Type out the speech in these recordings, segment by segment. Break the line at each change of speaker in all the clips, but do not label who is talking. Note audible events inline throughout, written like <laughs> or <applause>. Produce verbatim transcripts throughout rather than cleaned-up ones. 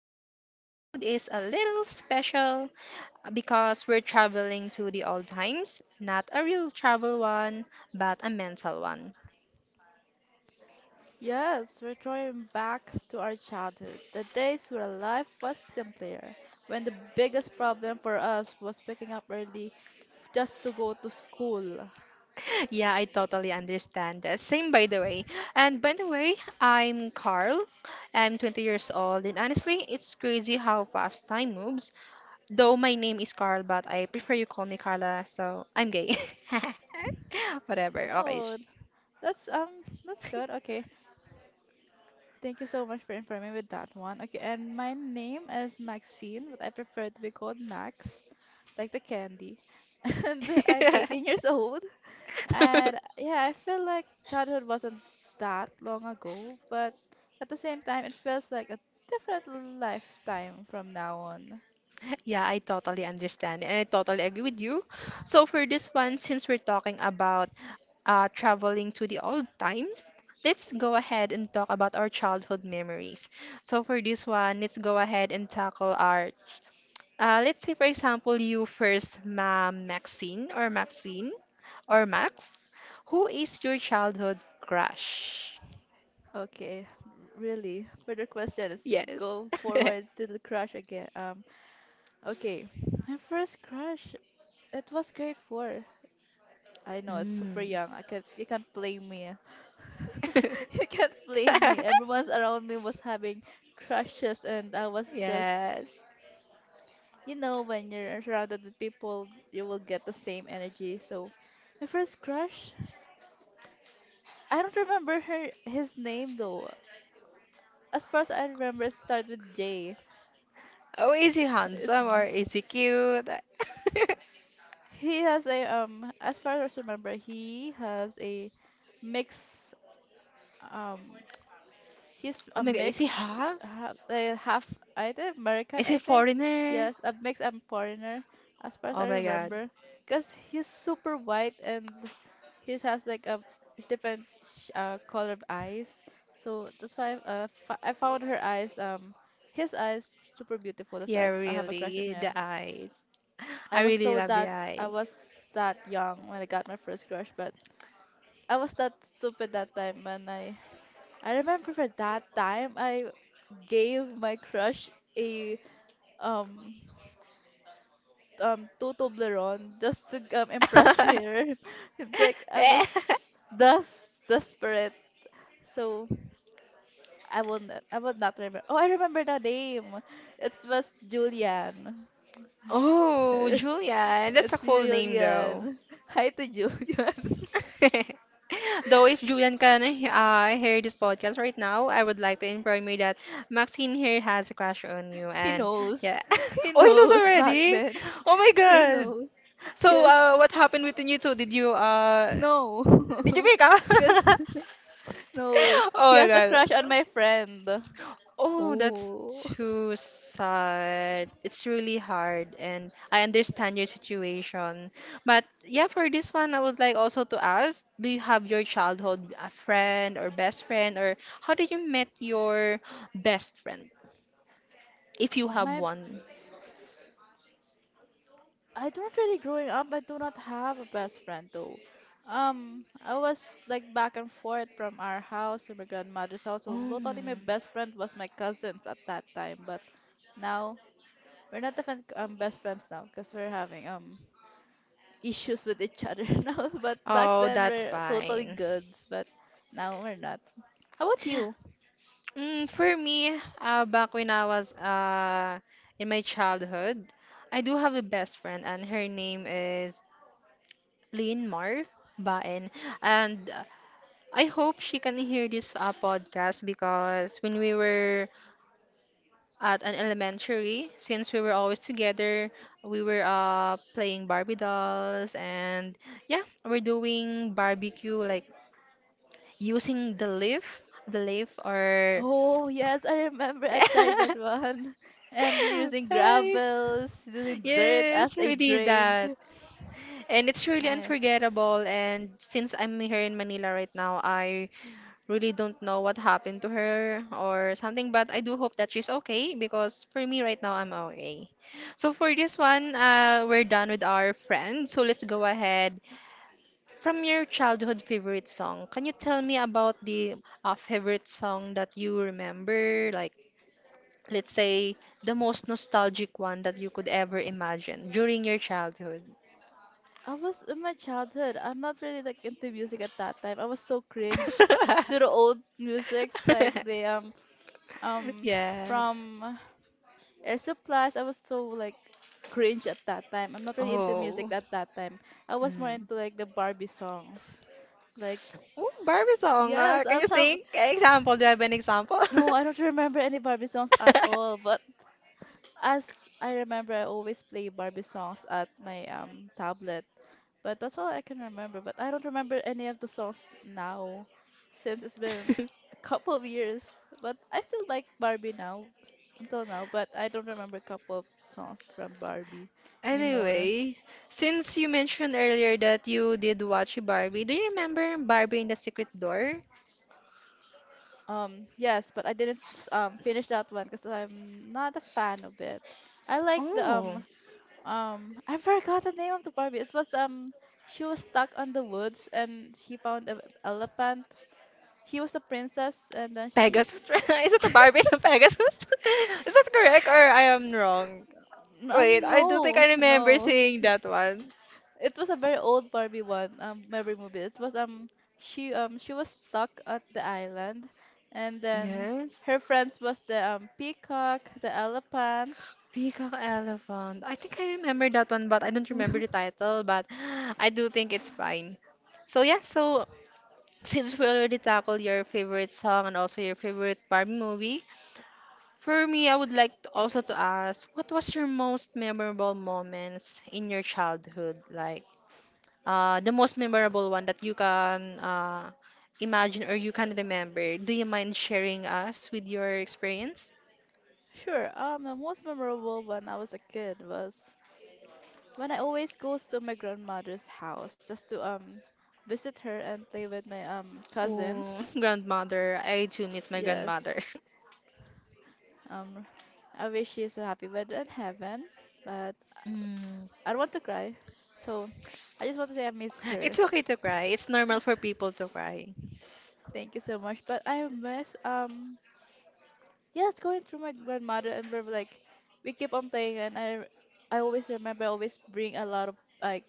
Today's episode is a little special uh, because we're traveling to the old times, not a real travel one, but a mental one.
Yes, we're going back to our childhood, the days where life was simpler, when the biggest problem for us was waking up early f- just to go to school.
<laughs> Yeah, I totally understand that. Same by the way. And by the way, I'm Carl. I'm twenty years old and honestly, it's crazy how fast time moves. Though my name is Carl, but I prefer you call me Carla, so I'm gay. <laughs> Whatever. Okay.
No, that's um, that's good. Okay, thank you so much for informing me with that one. Okay, and my name is Maxine, but I prefer to be called Max, like the candy. <laughs> And I'm eighteen years
<laughs>
old. And yeah, I feel like childhood wasn't that long ago, but at the same time, it feels like a different lifetime from now on.
Yeah, I totally understand and I totally agree with you. So for this one, since we're talking about uh, traveling to the old times, let's go ahead and talk about our childhood memories. So for this one, let's go ahead and tackle our, uh, let's say for example, you first, Ma'am Maxine or Maxine or Max, who is your childhood crush?
Okay, r- really. Further question is
Yes. <laughs>
go forward to the crush again. Um, okay, my first crush, it was grade four. I know it's super
Mm.
young. I can't, you can't blame me. <laughs> You can't blame me.
<laughs>
Everyone's around me was having crushes, and I was just
Yes.
you know, when you're surrounded with people, you will get the same energy. So, my first crush, I don't remember her his name though. As far as I remember, it starts with J.
Oh, is he
It's
handsome or
J.
is he cute? <laughs>
He has a um. As far as I remember, he has a mix. Um, he's
Oh
a
my god, is he
mix.
half?
Half, uh, half I think American,
Is he
I think.
foreigner?
Yes, a mix and foreigner. As far as
Oh
I
my god.
remember, cause he's super white and His has like a different sh- uh, color of eyes, so that's why uh, f- I found her eyes um his eyes super beautiful. That's
Yeah,
why I f- I have a crush on
really, the
him.
eyes.
I
I
was
really
so
love the
that I
eyes.
was that young when I got my first crush, but I was that stupid that time when I I remember for that time I gave my crush a um um two Toblerone just to um, impress her.
<laughs>
<laughs> Like I was thus desperate. So I will not, I will not remember. Oh, I remember the name. It was Julian. <laughs>
Oh,
It's,
Julian, that's a
it's
cool name though.
Julian. Hi to Julian.
<laughs> Though if Julian can uh, hear this podcast right now, I would like to inform you that Maxine here has a crush on you,
<laughs> He
and yeah,
knows. He
<laughs> oh he knows
knows back
already.
then.
Oh my
He
God!
knows.
So
Yes.
uh, what happened between you two? Did you uh
No.
did you pick up?
<laughs> Cause
<laughs>
<laughs> no.
Oh
He
my
has a
God!
crush on my friend.
Oh, that's
Oh.
too sad. It's really hard, and I understand your situation. But yeah, for this one, I would like also to ask, do you have your childhood a friend or best friend, or how did you met your best friend, if you have
My
one?
I don't really growing up. I do not have a best friend though. Um, I was like back and forth from our house to my grandmother's house. So
Oh,
totally, my best friend was my cousins at that time. But now we're not even um best friends now because we're having um issues with each other <laughs> now. But back
oh,
then
that's
we're totally
fine.
goods. But now we're not. How about you?
Mm, for me, uh, back when I was uh, in my childhood, I do have a best friend, and her name is Mar Baen. And uh, I hope she can hear this uh, podcast because when we were at an elementary, since we were always together, we were uh, playing Barbie dolls and yeah, we're doing barbecue like using the leaf, the leaf or
Oh yes, I remember. I tried that
<laughs>
one, <laughs> and using
Ay,
gravels, using dirt
yes,
as a
we did
drink.
that. And it's really
I
unforgettable. And since I'm here in Manila right now, I really don't know what happened to her or something, but I do hope that she's okay because for me right now, I'm okay. So for this one, uh, we're done with our friends. So let's go ahead. From your childhood favorite song, can you tell me about the uh, favorite song that you remember? Like, let's say the most nostalgic one that you could ever imagine during your childhood.
I was in my childhood. I'm not really like into music at that time. I was so cringe to the
<laughs>
old musics, like the um um
Yes.
from Air Supplies. I was so like cringe at that time. I'm not really into music
Oh.
at that time. I was more
Mm.
into like the Barbie songs. Like
Ooh, Barbie song. Uh,
yes, I
can you
love.
sing? Example, do you have an example? <laughs>
No, I don't remember any Barbie songs at all. But as I remember, I always play Barbie songs at my um tablet. But that's all I can remember. But I don't remember any of the songs now since it's been a couple of years. But I still like Barbie now until now, but I don't remember a couple of songs from Barbie anymore.
Anyway, since you mentioned earlier that you did watch Barbie, do you remember Barbie in the Secret Door?
Um, yes, but I didn't s- um finish that one because I'm not a fan of it. I like the
Oh,
um um I forgot the name of the Barbie. It was um she was stuck on the woods and she found an elephant. She was a princess and then she
Pegasus. <laughs> Is it a Barbie and a Pegasus? <laughs> Is that correct or I am wrong? Wait,
Um,
I do think
no,
I remember
no.
seeing that one.
It was a very old Barbie one, um, memory movie. It was um she um she was stuck at the island and then
Yes.
her friends was the um peacock, the elephant.
Peacock Elephant. I think I remember that one, but I don't remember the
<laughs>
title, but <gasps> I do think it's fine. So yeah, so Since we already tackled your favorite song and also your favorite Barbie movie, for me, I would like to also to ask, what was your most memorable moments in your childhood? Like, uh, the most memorable one that you can uh, imagine or you can remember. Do you mind sharing us with your experience?
Sure, um, the most memorable when I was a kid was when I always goes to my grandmother's house just to um visit her and play with my um
Oh,
cousins.
<laughs> grandmother, I too miss my grandmother.
Yes.
<laughs>
Um, I wish she's happy but in heaven. But
Mm.
I don't want to cry. So I just want to say I miss
It's
her.
okay to cry. It's normal for people to cry.
Thank you so much. But I miss um yeah, it's going through my grandmother and we're like we keep on playing and I I always remember I always bring a lot of like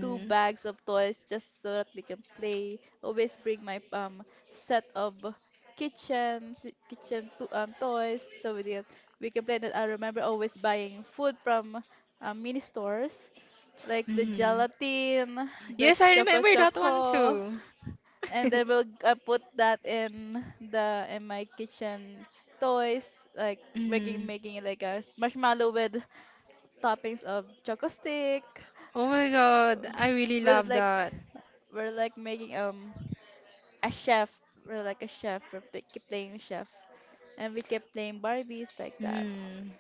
two bags of toys just so that we can play. Always bring my um set of kitchen si- kitchen to, um toys so we can we can play that I remember always buying food from um, mini stores like the
Mm.
gelatin, the
Yes, I
choco
remember that one
choco.
too.
And then we'll uh, put that in the in my kitchen toys like making
Mm.
making it like a s- marshmallow with toppings of choco stick
Oh my
uh,
God, I really
with
love
like
that.
we're like making um a chef we're like a chef we play, keep playing chef and we kept playing barbies like that,
Mm.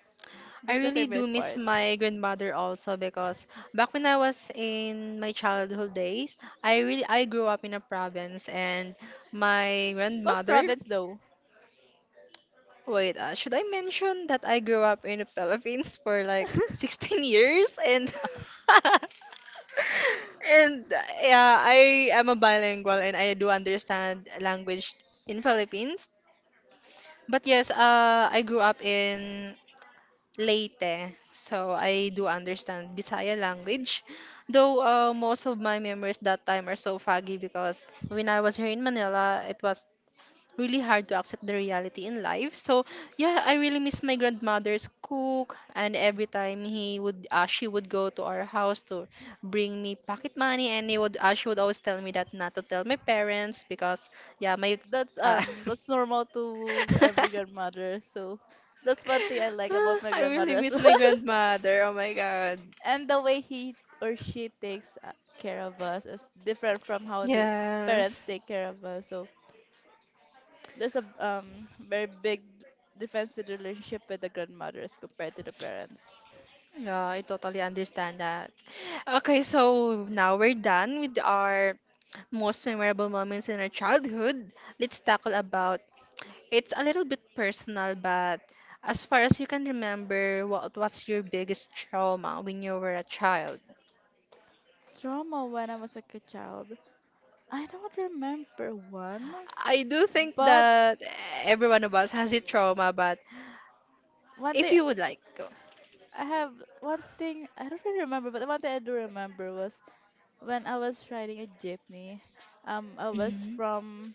I
that's my
really do
favorite
miss
part.
my grandmother also because back when I was in my childhood days, I really I grew up in a province and my
What
grandmother.
province though?
Wait, uh, should I mention that I grew up in the Philippines for like <laughs> sixteen years and <laughs> And uh, yeah, I am a bilingual and I do understand language in Philippines. But yes, uh, I grew up in Leyte, so I do understand Bisaya language. Though uh, most of my memories that time are so foggy because when I was here in Manila, it was really hard to accept the reality in life. So yeah, I really miss my grandmother's cook, and every time he would, uh, she would go to our house to bring me pocket money, and he would, uh, she would always tell me that not to tell my parents because yeah, my.
That's
Uh,
um that's normal to every
<laughs>
grandmother, so that's one thing I
<sighs>
like
Ah,
about my
I
grandmother
really
as <laughs>
miss
well.
my grandmother. Oh my god.
And the way he or she takes uh, care of us is different from how the parents
Yes.
take care of us, so there's a um very big d- difference with relationship with the grandmothers compared to the parents.
Yeah, I totally understand that. Okay, so now we're done with our most memorable moments in our childhood. Let's tackle about it's a little bit personal, but as far as you can remember, what was your biggest trauma when you were a child?
Trauma when I was like a child, I don't remember one,
I do think
but
that every one of us has a trauma, but
one
if
thing
you would like, go.
i have one thing I don't really remember but the one thing I do remember was when I was riding a jeepney um i was
Mhm.
from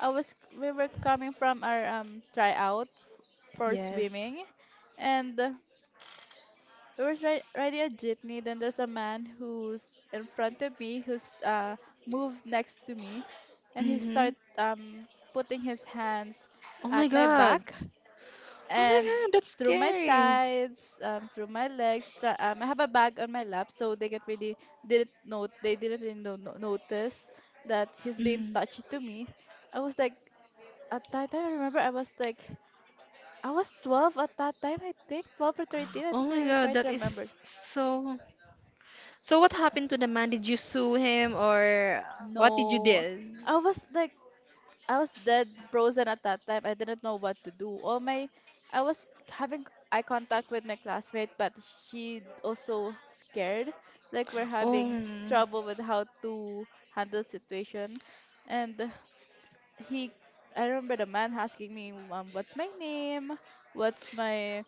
I was we were coming from our um tryout f- for
Yes.
swimming, and uh, we were ri- riding a jeepney. Then there's a man who's in front of me, who's uh moved next to me, and he
Mm-hmm.
start um putting his hands
Oh my
at my
god.
back
Oh my
and
god, that's
through my
scary.
sides, um, through my legs. Try, um, I have a bag on my lap, so they can't really didn't note they didn't really no- no- notice that he's being
Mm.
touchy to me. I was like, at that time, I remember I was like, I was twelve at that time, I think, twelve or thirteen. I
Oh
don't
my
really
god,
quite
that
remember.
is so. So what happened to the man? Did you sue him or what did you
No,
did?
I was like, I was dead frozen at that time. I didn't know what to do. All my, I was having eye contact with my classmate, but she also scared. Like we're having
Oh,
trouble with how to handle situation, and he, I remember the man asking me, um, what's my name? What's my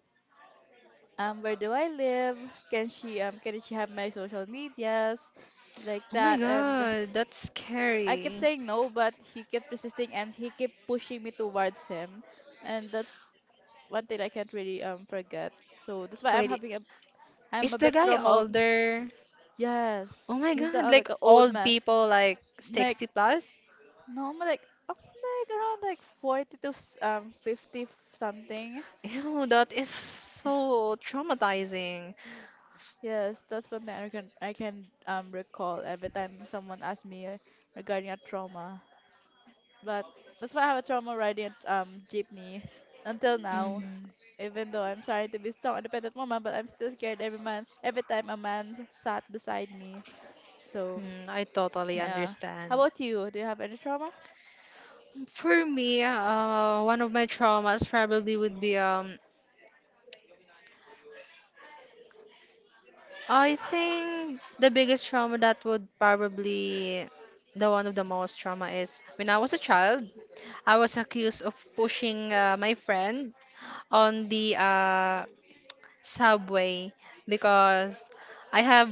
um, where do I live? Can she um can she have my social medias? Like
oh my
that. And
god, that's
I kept
scary.
saying no but he kept resisting and he kept pushing me towards him, and that's one thing I can't really um forget. So that's why I'm
Wait,
having a I'm
is
a
the
bit
guy
trauma of
older? Oh
yes,
my
he's
god,
a, like
like
an old
old
man.
people like
Like
sixty plus?
no I'm like I'm like around like forty to s- um fifty something.
Ew, that is so traumatizing.
Yes, that's one thing I can I can um recall every time someone asks me uh, regarding a trauma. But that's why I have a trauma riding a um jeepney until now.
Mm,
Even though I'm trying to be strong, independent woman, but I'm still scared every man every time a man sat beside me. So
mm, I totally
yeah. How
understand.
about you? Do you have any trauma?
For me, uh, one of my traumas probably would be um I think the biggest trauma that would probably the one of the most trauma is when I was a child, I was accused of pushing uh, my friend on the uh Subway because I have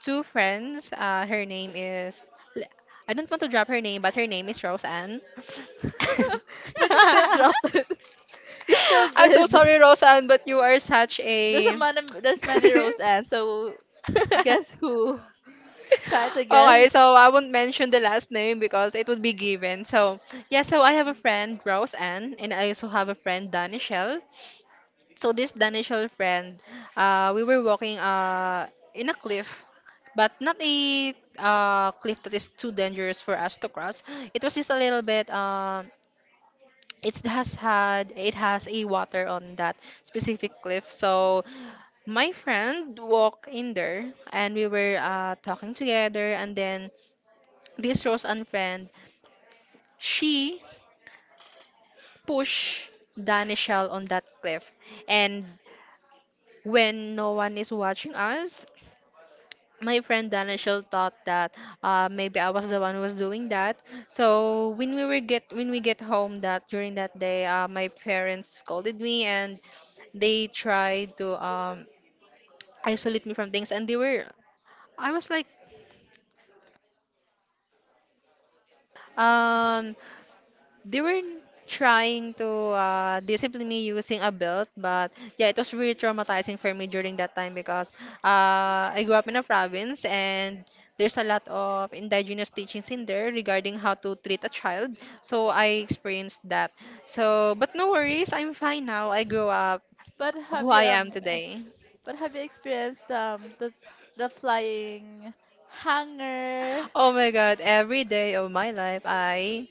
two friends. Uh, her name is I I don't want to drop her name, but her name is Roseanne.
<laughs> But you still dropped it. <laughs>
<laughs>
You still
I'm so
did.
sorry, Roseanne, but you are such
There's a
a
man. There's
<laughs>
many rows, and so guess who? <laughs> Try to
Okay,
guess.
so I won't mention the last name because it would be given. So yeah, so I have a friend Rose and I also have a friend Danishel. So this Danishol friend, uh, we were walking uh, in a cliff, but not a uh, cliff that is too dangerous for us to cross. It was just a little bit. Um, it has had it has a water on that specific cliff. So my friend walked in there, and we were uh, talking together. And then this Rose and friend, she pushed Danishel on that cliff, and when no one is watching us, my friend Danishel thought that uh, maybe I was the one who was doing that. So when we were get when we get home that during that day, uh, my parents scolded me and they tried to um, isolate me from things, and they were I was like. Um, they were trying to uh, discipline me using a belt, but yeah, it was really traumatizing for me during that time, because uh, I grew up in a province and there's a lot of indigenous teachings in there regarding how to treat a child, so I experienced that. So but no worries, I'm fine now. I grew up
But
who
have you
I am
um?
today.
But have you experienced um the the flying hanger,
Oh my god, every day of my life I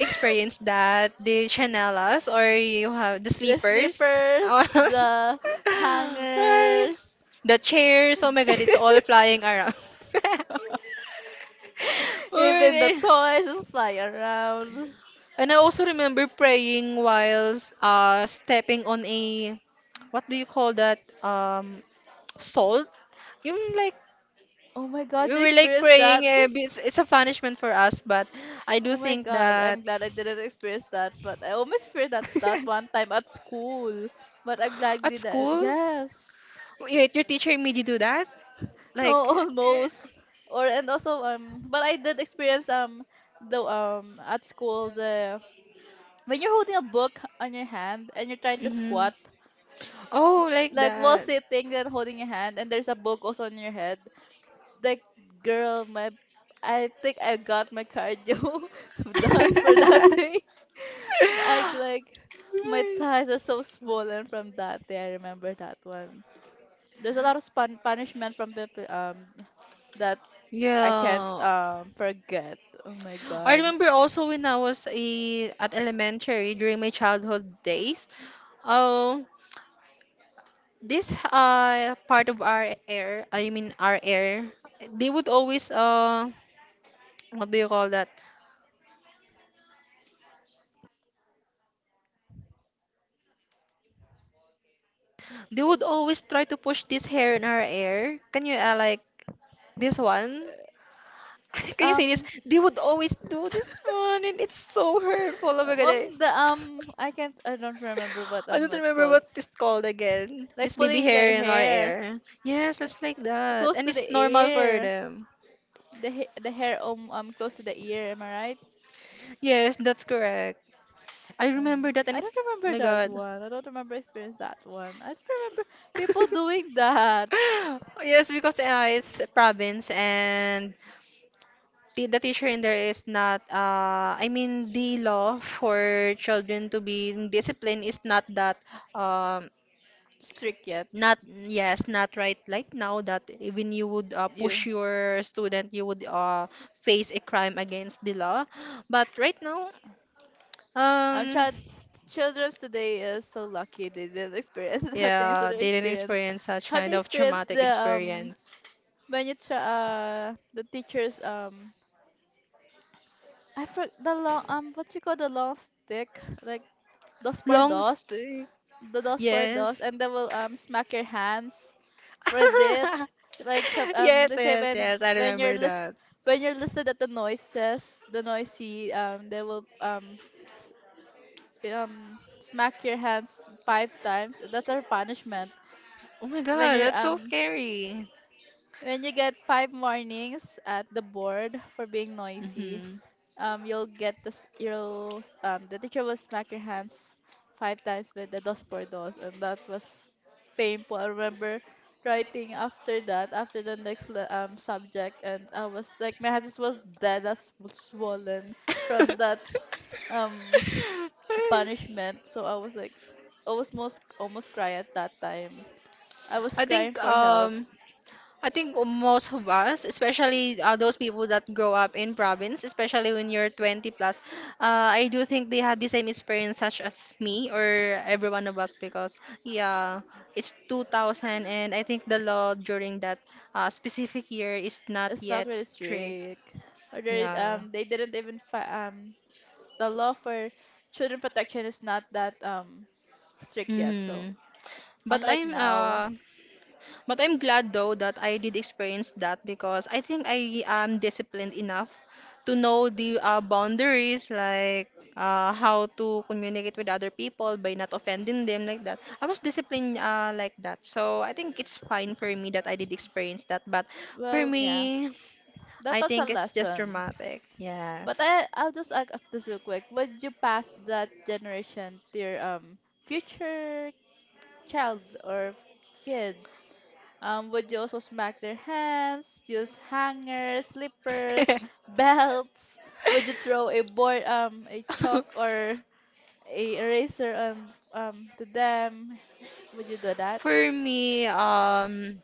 experienced that, the chanelas, or you have the
the
sleepers. Oh,
slippers,
<laughs>
the
Ay,
hangers,
the chairs, oh my god, it's all
<laughs>
flying around. <laughs>
even the
Uy,
toys just fly around.
and I also remember praying while uh stepping on a, what do you call that, um salt, you like.
Oh my
We
god, you
were like
experienced that?
praying, eh, it's, it's a punishment for us. But I do
Oh my
think
god,
that
I'm glad I didn't experience that, but I almost experienced that that one
<laughs>
time at school. But I'm glad we
at
that
school.
yes.
Wait, your teacher made you do that?
No, <laughs>
Like,
almost. Or and also um but I did experience um the um at school the when you're holding a book on your hand and you're trying to
mm-hmm.
squat,
Oh, like
like while
that.
sitting and holding your hand, and there's a book also on your head, like girl, my I think I got my cardio <laughs> done for that day.
<laughs>
<laughs> I like my thighs are so swollen from that day. I remember that one. There's a lot of spun- punishment from people um that I can't
Yeah.
um forget. Oh my
I
god.
remember also when I was a, at elementary during my childhood days. Oh, this uh part of our air, I mean our air, they would always uh what do you call that? They would always try to push this hair in our air. Can you uh, like this one? <laughs> Can you say this?
Um,
They would always do this one, and it's so hurtful. Oh my god. I,
um the
<laughs>
um I can't I don't remember what
I
um
don't
it
remember
called.
what it's called again.
Like
This baby
pulling their
hair in our
hair
hair. Yes, let's like that.
close
And
to the
it's normal for
ear,
them.
the ha- the hair um, um close to the ear. Am I right?
Yes, that's correct. I remember
Um,
that, and
I don't
it's oh
remember
my
that
god.
one. I don't remember experience that one. I don't remember people doing that.
<laughs> Yes, because uh, it's a province, and the, the teacher in there is not uh I mean the law for children to be in discipline is not that um
Strict yet?
not, yes, not right like now, that even you would uh,
You.
push your student, you would uh, face a crime against the law. But right now,
Um,
um,
child, children today is so lucky they didn't experience <laughs> that thing. So
yeah,
they
they didn't
experience.
experience such
Have
kind
you
of
experienced
traumatic
the um
experience.
when you try uh the teachers um I forgot the long um what you call the long stick like dos por
Long
dos,
story,
the dos for dos,
yes.
and they will um smack your hands for it.
<laughs>
Like so- um
Yes,
they say
yes,
when
yes, I
when you're
remember
list
that.
when you're listed at the noises, the noisy um they will um s- um smack your hands five times. That's our punishment.
Oh my
When
God,
you're
that's so
um
scary.
when you get five warnings at the board for being noisy,
Hmm
um, you'll get this. You'll s- um, the teacher will smack your hands five times with the dos por dos, and that was f- painful. I remember writing after that, after the next le- um subject, and I was like, my hands was dead as w- swollen from that sh- um
<laughs>
punishment. So I was like, I was most almost cry at that time. I was
I think
crying for help.
um I think most of us, especially uh, those people that grow up in province, especially when you're twenty plus, uh, I do think they had the same experience such as me or every one of us because yeah, it's two thousand and I think the law during that uh, specific year is not
It's not
yet
really
strict.
strict. Or they
Yeah.
um they didn't even fi- um the law for children protection is not that um strict yet. So
hmm But
unlike
I'm
now,
uh But I'm glad though that I did experience that because I think I am disciplined enough to know the uh, boundaries, like uh, how to communicate with other people by not offending them, like that. I was disciplined uh, like that. So I think it's fine for me that I did experience that. But for
well, yeah,
me,
that
I
that's a
think it's just
lesson.
dramatic.
But
Yes.
I I'll just ask this real quick. Would you pass that generation to your um future child or f- kids? Um, would you also smack their hands, use hangers, slippers, <laughs> belts? Would you throw
<laughs>
a board, um, a chalk or a eraser on um to them? Would you do that?
For me, um,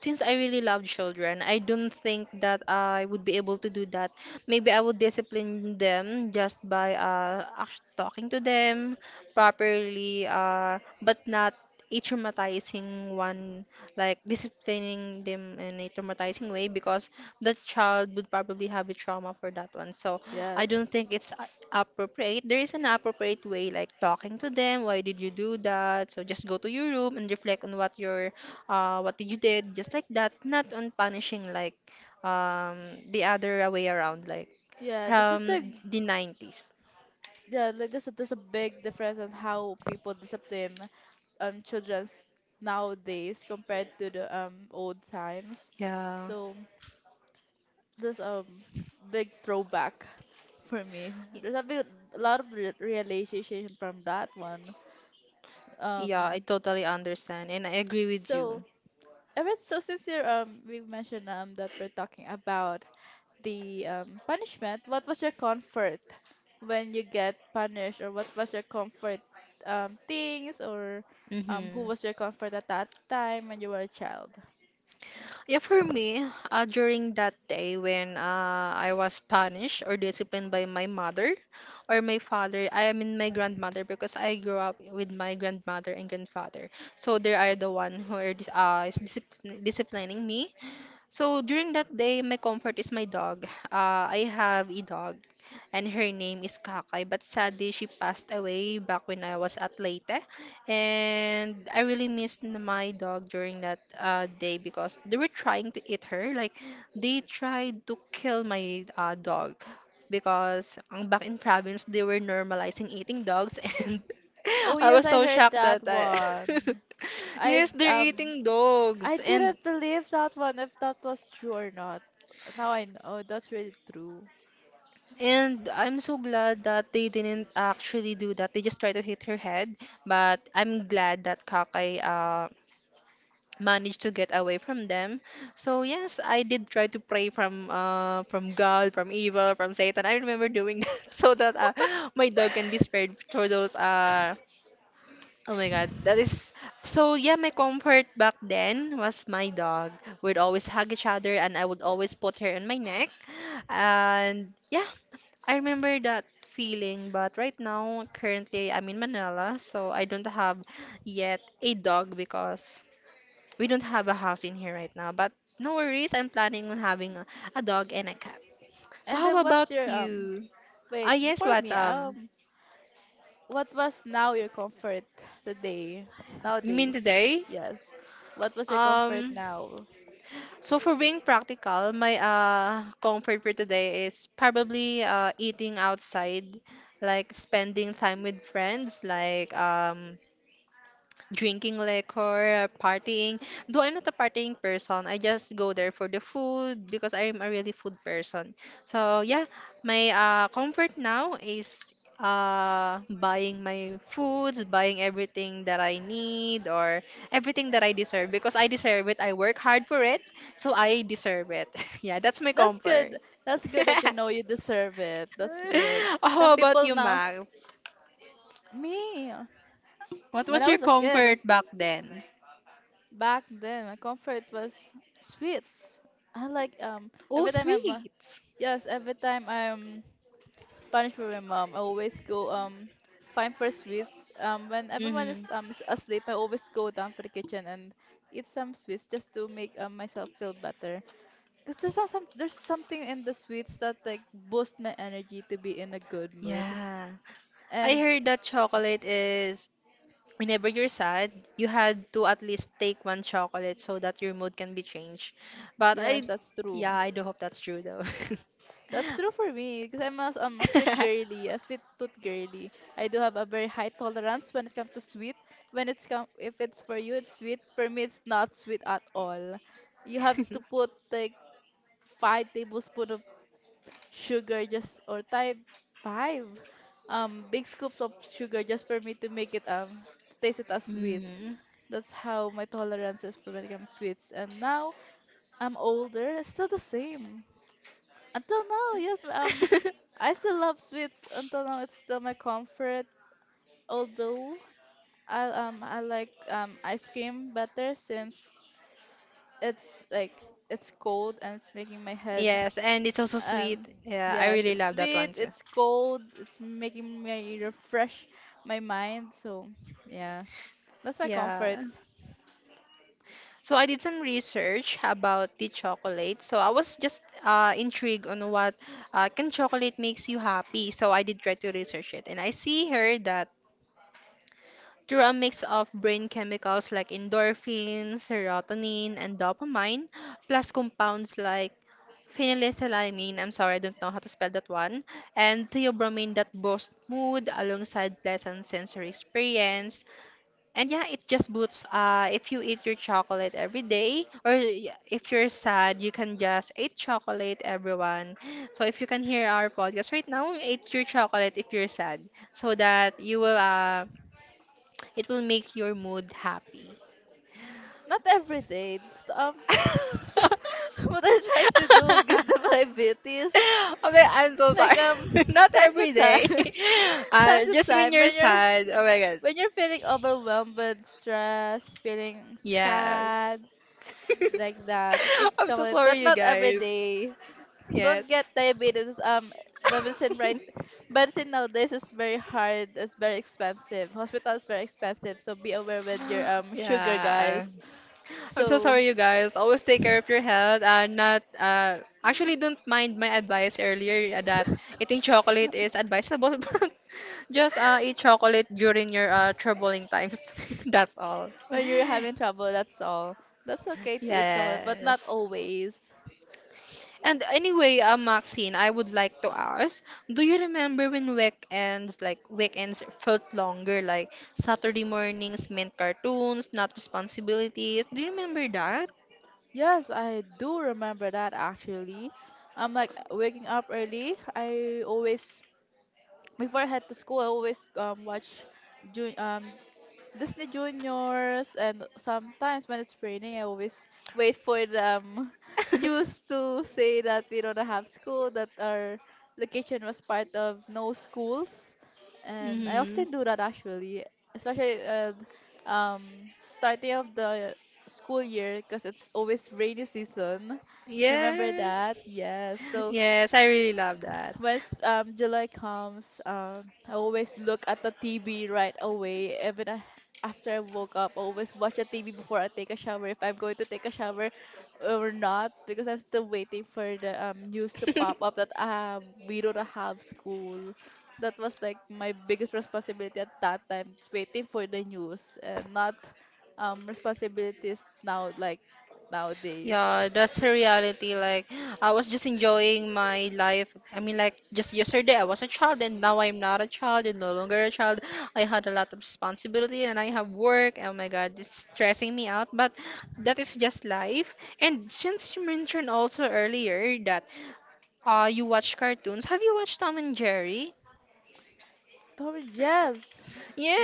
since I really love children, I don't think that I would be able to do that. Maybe I would discipline them just by uh act- talking to them properly, uh, but not a traumatizing one, like disciplining them in a traumatizing way because the child would probably have a trauma for that one. So I don't
Yes.
think it's a- appropriate. There is an appropriate way, like talking to them. Why did you do that? So just go to your room and reflect on what your uh, what you did, just like that, not on punishing like um, the other way around, like
Yeah, there's a
from
thing,
the nineties.
yeah, like there's a, there's a big difference in how people discipline um children's nowadays compared to the um old times.
Yeah,
So there's a big throwback for me.
Y-
There's a big a lot of re realization from that one.
yeah, I
Um,
totally understand and I agree with
so
you.
Evan, so since you're um we've mentioned um that we're talking about the um, punishment, what was your comfort when you get punished, or what was your comfort um, things, or um, who
Mm-hmm.
was your comfort at that time when you were a child?
Yeah, for me, uh, during that day when uh, I was punished or disciplined by my mother or my father, I mean my grandmother because I grew up with my grandmother and grandfather. So they are the one who are dis- uh, is discipl- disciplining me. So during that day, my comfort is my dog. Uh, I have a dog, and her name is Kakay. But sadly, she passed away back when I was at Leyte, and I really missed n- my dog during that uh, day because they were trying to eat her. Like they tried to kill my uh, dog because ang back in province they were normalizing eating dogs, <laughs> and
Oh
I
yes,
was
I
so
heard
shocked
that
that I. <laughs>
one. I
Yes, they're
um
eating dogs.
I
and
didn't believe that one if that was true or not. Now I know that's really true.
And I'm so glad that they didn't actually do that. They just tried to hit her head, but I'm glad that Kakai uh managed to get away from them. So yes, I did try to pray from uh from God, from evil, from Satan. I remember doing <laughs> that so that uh, my dog can be spared for those uh. Oh my god, that is so yeah, my comfort back then was my dog. We'd always hug each other and I would always put her on my neck. And yeah, I remember that feeling, but right now currently I'm in Manila, so I don't have yet a dog because we don't have a house in here right now. But no worries, I'm planning on having a, a dog and a cat. So
And
how
then what's
about
your um
you? Ah
wait
yes,
before
what
me
um.
um what was now your comfort today,
You mean
nowadays?
today?
Yes. What was your comfort
Um,
now?
so for being practical, my uh comfort for today is probably uh eating outside, like spending time with friends, like um drinking liquor, uh, partying. Though I'm not a partying person, I just go there for the food because I'm a really food person. So yeah, my uh, comfort now is uh buying my foods, buying everything that I need or everything that I deserve because I deserve it. I work hard for it, so I deserve it. <laughs> Yeah, that's my
That's
comfort.
good. That's good
<laughs>
that you know you deserve it. That's good. Some
How about
people
you,
now,
Max?
me,
What
when
was
I
your
was a kid,
comfort back then?
back then, my comfort was sweets. I like um
Oh,
every time I'm uh,
sweets.
yes, every time I'm punishment for my mom. I always go um find for sweets. Um, when everyone
Mm-hmm.
is um s- asleep, I always go down for the kitchen and eat some sweets just to make um, myself feel better. Cause there's some, some there's something in the sweets that like boost my energy to be in a good mood.
Yeah. I
And
heard that chocolate is whenever you're sad, you had to at least take one chocolate so that your mood can be changed. But
yes,
I,
that's
yeah,
true.
I do hope that's true though.
That's true for me because I'm a, I'm a sweet
<laughs>
girly, a sweet tooth girly. I do have a very high tolerance when it comes to sweet. When it's come, if it's for you, it's sweet. For me, it's not sweet at all. You have to put like five tablespoon of sugar just or type five, um, big scoops of sugar just for me to make it um to taste it as sweet.
Mm.
That's how my tolerance is for when it comes to sweets. And now I'm older, it's still the same. Until now, yes, um,
<laughs>
I still love sweets until now. It's still my comfort. Although I um I like um ice cream better since it's like it's cold and it's making my head
Yes, and it's also sweet.
um
Yeah, I
yes,
really
it's
love that
sweet,
one too.
it's cold, it's making me refresh my mind, so yeah, that's my comfort.
Yeah. So I did some research about the chocolate. So I was just uh, intrigued on what uh, can chocolate makes you happy. So I did try to research it, and I see here that through a mix of brain chemicals like endorphins, serotonin, and dopamine, plus compounds like phenethylamine, I'm sorry, I don't know how to spell that one, and theobromine that boost mood alongside pleasant sensory experience. And yeah, it just boosts. Uh, if you eat your chocolate every day, or y- if you're sad, you can just eat chocolate, everyone. So if you can hear our podcast right now, eat your chocolate if you're sad, so that you will uh it will make your mood happy.
Not every day. Just, um <laughs>
<laughs>
what I'm trying to do, give them diabetes
Okay, I'm so
like
sorry.
um
<laughs> Not
time to
every day.
time.
<laughs>
<laughs> Time
Uh,
to
just when
time
you're
when you're
sad. Oh my god.
when you're feeling overwhelmed with stress, feeling
Yeah.
sad,
<laughs>
like that, eat
I'm so
chocolate,
sorry,
but
you
not every
guys.
day. Don't
Yes.
get diabetes. Um, the medicine right,
<laughs>
medicine nowadays is very hard. It's very expensive. Hospital is very expensive, so be aware with your
<sighs>
um sugar,
Yeah.
guys.
I'm so
So
sorry, you guys. Always take care of your health. Uh, not uh, actually, don't mind my advice earlier uh, that eating chocolate is advisable, <laughs> but just uh, eat chocolate during your uh, troubling times. <laughs> That's all.
<laughs> when you're having trouble, that's all. That's okay to eat chocolate, but not
Yes.
always.
And anyway, uh, Maxine, I would like to ask, do you remember when weekends, like weekends felt longer, like Saturday mornings meant cartoons, not responsibilities? Do you remember that?
Yes, I do remember that actually. I'm like waking up early. I always before I head to school, I always um watch Ju- um Disney Juniors, and sometimes when it's raining, I always wait for the um, <laughs>
<laughs>
news to say that we don't have school, that our location was part of no schools, and I
hmm
often do that actually, especially uh, um starting of the school year because it's always rainy season. Remember
Yes.
that? Yes. So
Yes, I really love that.
when s- um, July comes, um, I always look at the T V right away. Even I, after I woke up, I always watch the T V before I take a shower. If I'm going to take a shower or not, because I'm still waiting for the um, news to pop
<laughs>
up that uh, we don't have school. That was like my biggest responsibility at that time, waiting for the news and not um, responsibilities now like nowadays.
Yeah, that's the reality. Like, I was just enjoying my life. I mean, like, just yesterday I was a child, and now I'm not a child and no longer a child. I had a lot of responsibility and I have work. Oh my God, it's stressing me out, but that is just life. And since you mentioned also earlier that uh, you watch cartoons, have you watched Tom and Jerry?
Tor, yes.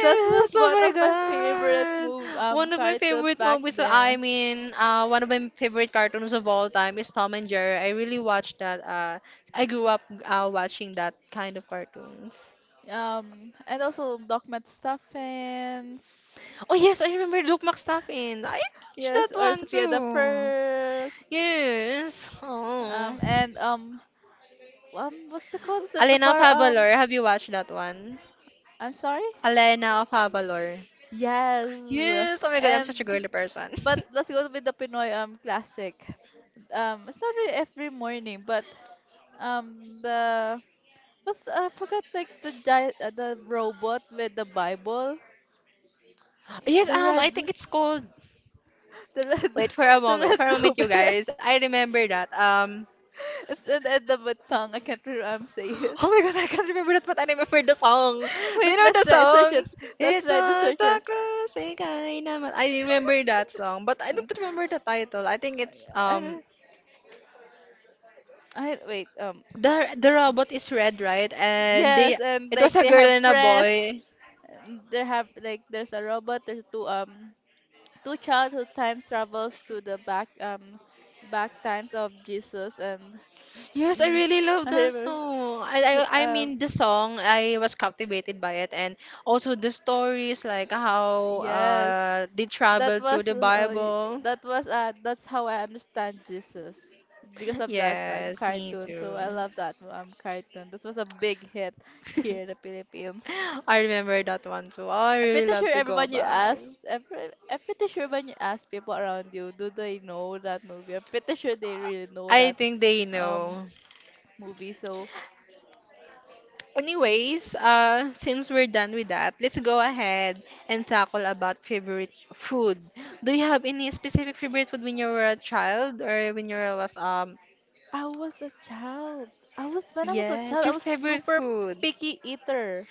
That was
oh
one
my
of my favorite
God.
move um
One of my
cartoons
favorite
back
movies, so I
then.
mean, uh, one of my favorite cartoons of all time is Tom and Jerry. I really watched that. Uh, I grew up uh, watching that kind of cartoons.
Um, and also Doc McStuffins.
Oh yes, I remember Luke McStuffins. I watched that
Yes, or
one
Sophia the
too.
First.
Yes.
Um
Oh.
and um um what's the code of the
Elena of
bar um
Avalor, have you watched that one?
I'm sorry?
Elena of Avalor.
Yes.
Yes, oh my God, I'm such a
And
girly person.
but
<laughs>
let's go with the Pinoy um classic. Um it's not really every morning, but um the what's I forgot, like the giant uh, the robot with the Bible.
Yes,
The
um,
red.
I think it's called.
The red,
Wait for a
<laughs> the
moment. For a
red
moment, you
robe. <laughs>
guys. I remember that. Um,
It's an end of my tongue. I can't remember saying
<gasps>
it.
oh my god, I can't remember that, but I remember the song.
<laughs>
Do
Wait,
you know
let's
the
try
song?
search it. Let's
It's
try to
just
search
a
it.
crazy guy naman. I remember that song, but I don't remember the title. I think it's
I,
um
don't- I wait. Um,
the the robot is red, right? And they
yes, and
it was
like
a
they
girl
have
and a
press.
boy.
and they have like there's a robot. There's two um two child who time travels to the back um back times of Jesus and
Yes, I
yeah.
really love
I
that
remember.
song. I,
<laughs>
I I
Um,
mean the song. I was captivated by it, and also the stories like how
yes.
uh they
that
traveled through
was
the
uh,
Bible.
that was uh, that's how I understand Jesus because of that um,
Yes, me
cartoon. So
too.
I love that um cartoon. This was a big hit here in the
<laughs>
Philippines.
I remember that one too. Oh, I
I'm
really
pretty sure
love to go
everyone you
back.
ask, every, I'm pretty sure when you ask people around you, do they know that movie? I'm pretty sure they really know
I
that
think they
um
know.
movie. So
Anyways, uh, since we're done with that, let's go ahead and tackle about favorite food. Do you have any specific favorite food when you were a child or when you was um.
I was a child. I was when I was a
Yes,
child, I
your
was
favorite
super
food?
picky eater.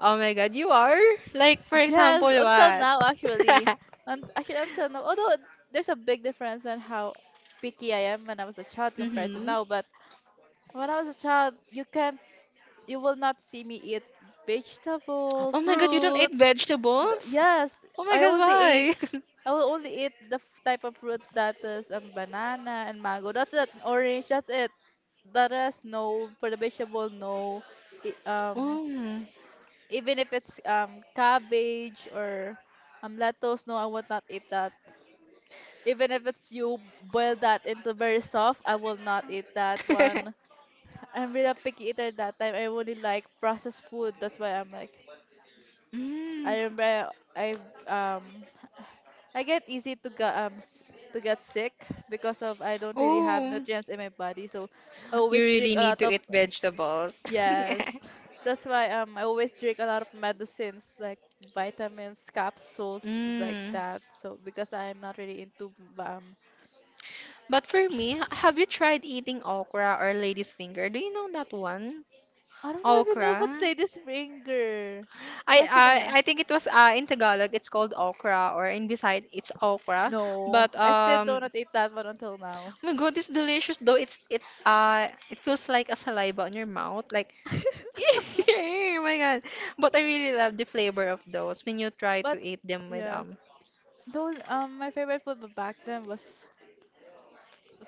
Oh my god, you are? Like for example,
Yes, until
what?
now actually.
<laughs>
And actually until now, although there's a big difference when how picky I am when I was a child compared to
Mm-hmm.
now, but when I was a child, you can't you will not see me eat vegetable,
Oh my god, you don't eat
fruits. th-
vegetables?
Yes,
Oh my
I
God,
only ate
why? <laughs>
I will only eat the f- type of fruit that is um, banana and mango. That's it, and orange, that's it. The rest no, for the vegetable no. I- um
Oh.
even if it's um cabbage or um lettuce, no, I would not eat that. Even if it's you boil that into very soft, I will not eat that one.
<laughs>
I'm really a picky eater that time. I only like processed food. That's why I'm like I
Mm.
remember i um i get easy to get um s- to get sick because of I don't really have
Oh,
nutrients in my body, so I
you
always drink
really
a lot
need to
of
eat vegetables.
yes,
<laughs>
that's why um I always drink a lot of medicines like vitamins, capsules, like
Mm.
that. So because I'm not really into um
But for me, have you tried eating okra or lady's finger? Do you know that one?
I don't even know what
Okra?
Lady's finger.
I
What's even
I,
that?
I think it was uh, in Tagalog it's called okra or in Bisayat it's okra.
No,
But
I still do
um
not eat that one until now.
oh my god, it's delicious though. It's it uh it feels like a saliva on your mouth. Like <laughs> Oh my god. But I really love the flavor of those when you try to
But
eat them with
yeah,
um.
though um my favorite food back then was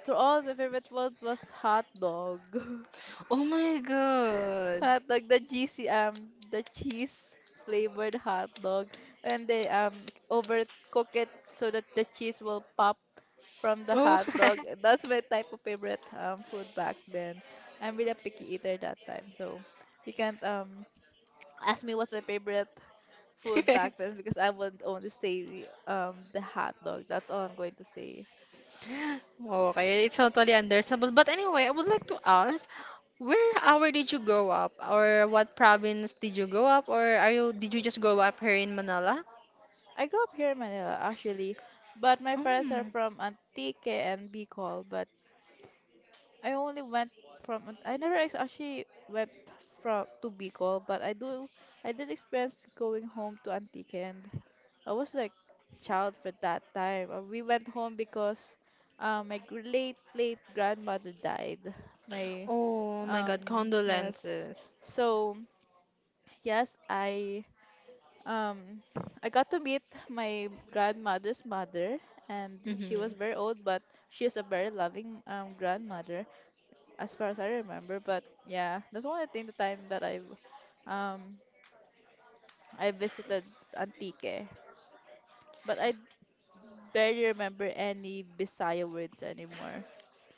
to all my favorite food was hot dog. <laughs>
Oh my god.
Hot dog, the G C, um, the cheese flavored hot dog, and they um overcook it so that the cheese will pop from the
Oh.
hot dog. That's my type of favorite um food back then. I'm really a picky eater that time, so you can't um ask me what's my favorite food back
<laughs>
then because I would only say the, um the hot dog. That's all I'm going to say.
Okay, it's totally understandable. But anyway, I would like to ask, where hour did you grow up? Or what province did you grow up? Or are you did you just grow up here in Manila?
I grew up here in Manila actually, but my friends are
Mm.
from Antique and Bicol, but I only went from I never ex- actually went from to Bicol, but I do I did experience going home to Antique and I was like child for that time. Uh, We went home because um my gr- late late grandmother died. My
Oh my god,
um yes.
condolences.
So yes, I um I got to meet my grandmother's mother, and
Mm-hmm.
she was very old, but she is a very loving um grandmother as far as I remember. But yeah, that's one thing the time that I've um I visited Antique. But I barely remember any Bisaya words anymore.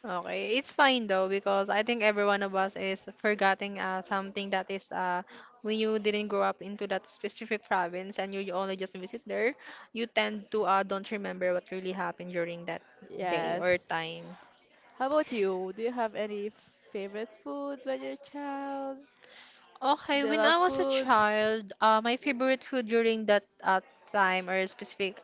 Okay, it's fine though because I think every one of us is forgetting uh, something that is uh, when you didn't grow up into that specific <laughs> province and you only just visit there, you tend to uh, don't remember what really happened during that day or
Yes.
time.
How about you? Do you have any favorite food when you're a child?
Okay,
Do you
when I
love
was a
foods?
child, uh, my favorite food during that uh, time or specific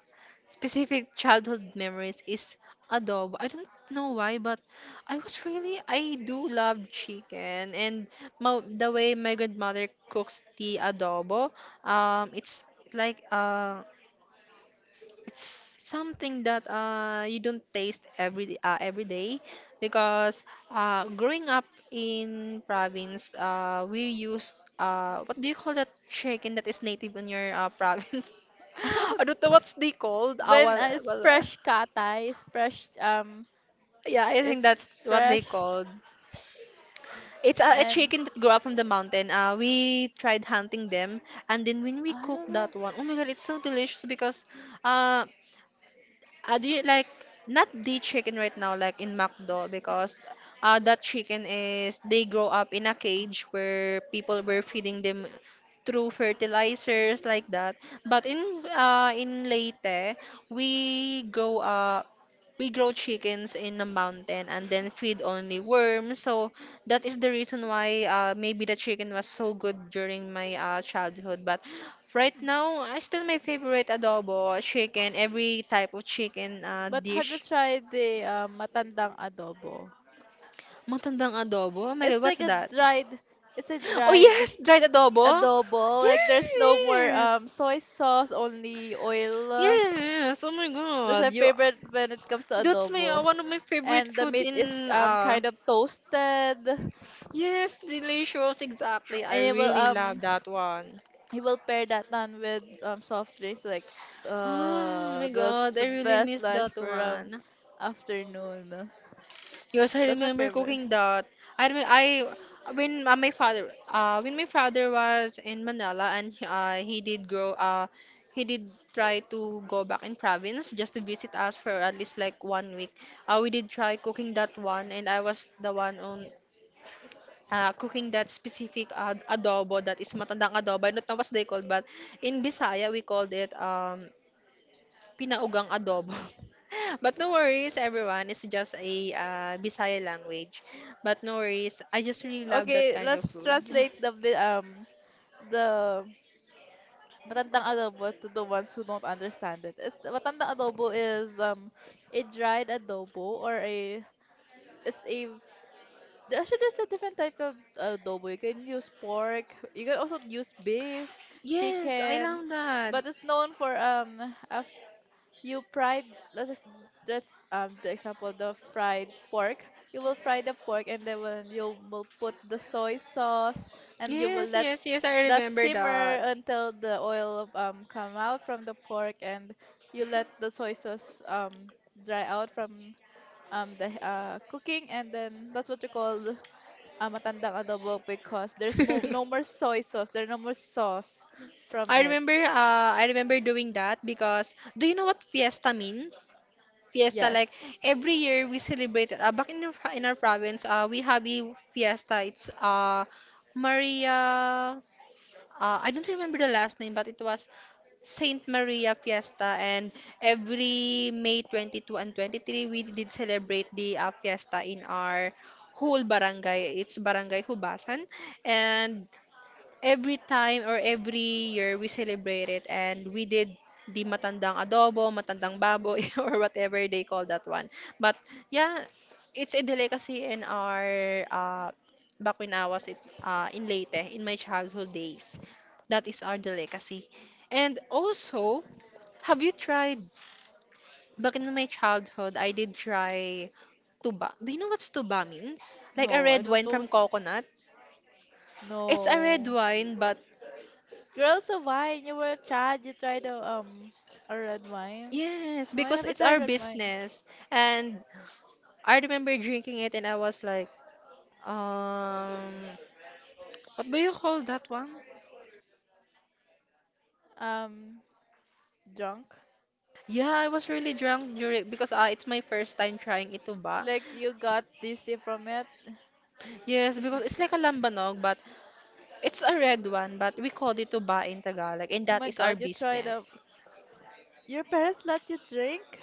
specific childhood memories is adobo. I don't know why, but I was really I do love chicken and my, the way my grandmother cooks the adobo, um, it's like uh, it's something that uh, you don't taste every uh, every day because uh, growing up in province uh, we used uh, what do you call that chicken that is native in your uh, <laughs> province.
<laughs> I don't.
I don't know what's they called our
When
well,
uh, it's
well, uh,
fresh katay, it's fresh. Um,
yeah, I think
it's
that's what they
fresh,
called. It's a, a
and
chicken that grew up from the mountain. Uh, we tried hunting them, and then when we
I don't
cooked
know.
that one, oh my god, it's so delicious because uh, I do you like not the chicken right now, like in McDo, because uh, that chicken is they grow up in a cage where people were feeding them through fertilizers like that. But in uh, in Leyte, we grow up we grow chickens in a mountain and then feed only worms. So that is the reason why uh, maybe the chicken was so good during my uh, childhood. But right now, I still my favorite adobo, chicken, every type of chicken uh,
But have you
dish.
tried the um, matandang adobo?
Matandang adobo? Oh my God,
It's
what's
like a
that?
dried, it's a
Oh
dried
yes, dried adobo.
adobo. Like there's no more
Yes,
um soy sauce, only oil.
yes. Oh my
That's
God,
my
you.
favorite when it comes to
That's my uh,
adobo.
one of my favorite
And the
food
meat is
in
um
uh
kind of toasted, and
Yes, delicious. Exactly. I
it will
really love
um
that one.
he will pair that down with um soft drinks. Like
Oh
uh
my
that's
god, I
the
really
best
miss
lunch
that
for um
one.
afternoon.
Yes, I
That's my
remember
favorite.
cooking that. I remember I when uh, my father uh when my father was in Manila and he- uh, he did grow uh he did try to go back in province just to visit us for at least like one week. Uh, we did try cooking that one, and I was the one on uh, cooking that specific ad- adobo that is matandang adobo. I don't know what they called, but in Bisaya, we called it um, pinaugang adobo. <laughs> But no worries, everyone. It's just a uh, Bisaya language. But no worries. I just really love that
Okay,
kind of
let's
food.
translate the vi- um the Matandang adobo to the ones who don't understand it. It's matandang adobo is um a dried adobo or a it's a there- actually there's a different type of adobo. You can use pork. You can also use beef,
Yes, I
chicken,
love that.
but it's known for um a, you fried let's ex- let's um the example the fried pork. You will fry the pork and then will you will put the soy sauce and you will
Yes,
let
yes, yes. I
that
remember that.
simmer until the oil um come out from the pork, and you let the soy sauce um dry out from um the uh, cooking, and then that's what you call uh, matandang adobo because there's mo- no
<laughs>
more soy sauce, there's no more sauce from
I
it.
remember uh, I remember doing that because do you know what fiesta means? Fiesta like
Yes.
every year we celebrate it. Uh, back in, our- in our province uh, we have a fiesta. It's uh, maria uh, I don't remember the last name, but it was Saint Maria fiesta, and every May twenty-two and twenty-three we did celebrate the uh, fiesta in our whole barangay. It's Barangay Hubasan. And every time or every year we celebrate it, and we did the matandang adobo, matandang baboy, <laughs> or whatever they call that one. But yeah, it's a delicacy in our uh, back when I was it, uh, in Leyte in my childhood days. That is our delicacy. And also, have you tried back in my childhood, I did try tuba. Do you know what tuba means? Like a
no i
red
don't
wine
know
from
s-
coconut. It's a red
no
wine, but
Girls of wine you were a child you tried a, um a red wine.
yes,
No, I
because
never
it's
tried
our
red wine.
business. And I remember drinking it, and I was like, um, what do you call that one?
um Drunk.
Yeah, I was really drunk during because uh, it's my first time trying ituba.
Like you got dizzy from it.
Yes, because it's like a lambanog, but it's a red one, but we call it tuba in Tagalog, and
Oh
that
my
is our
god, you tried a.
business.
Your parents let you drink?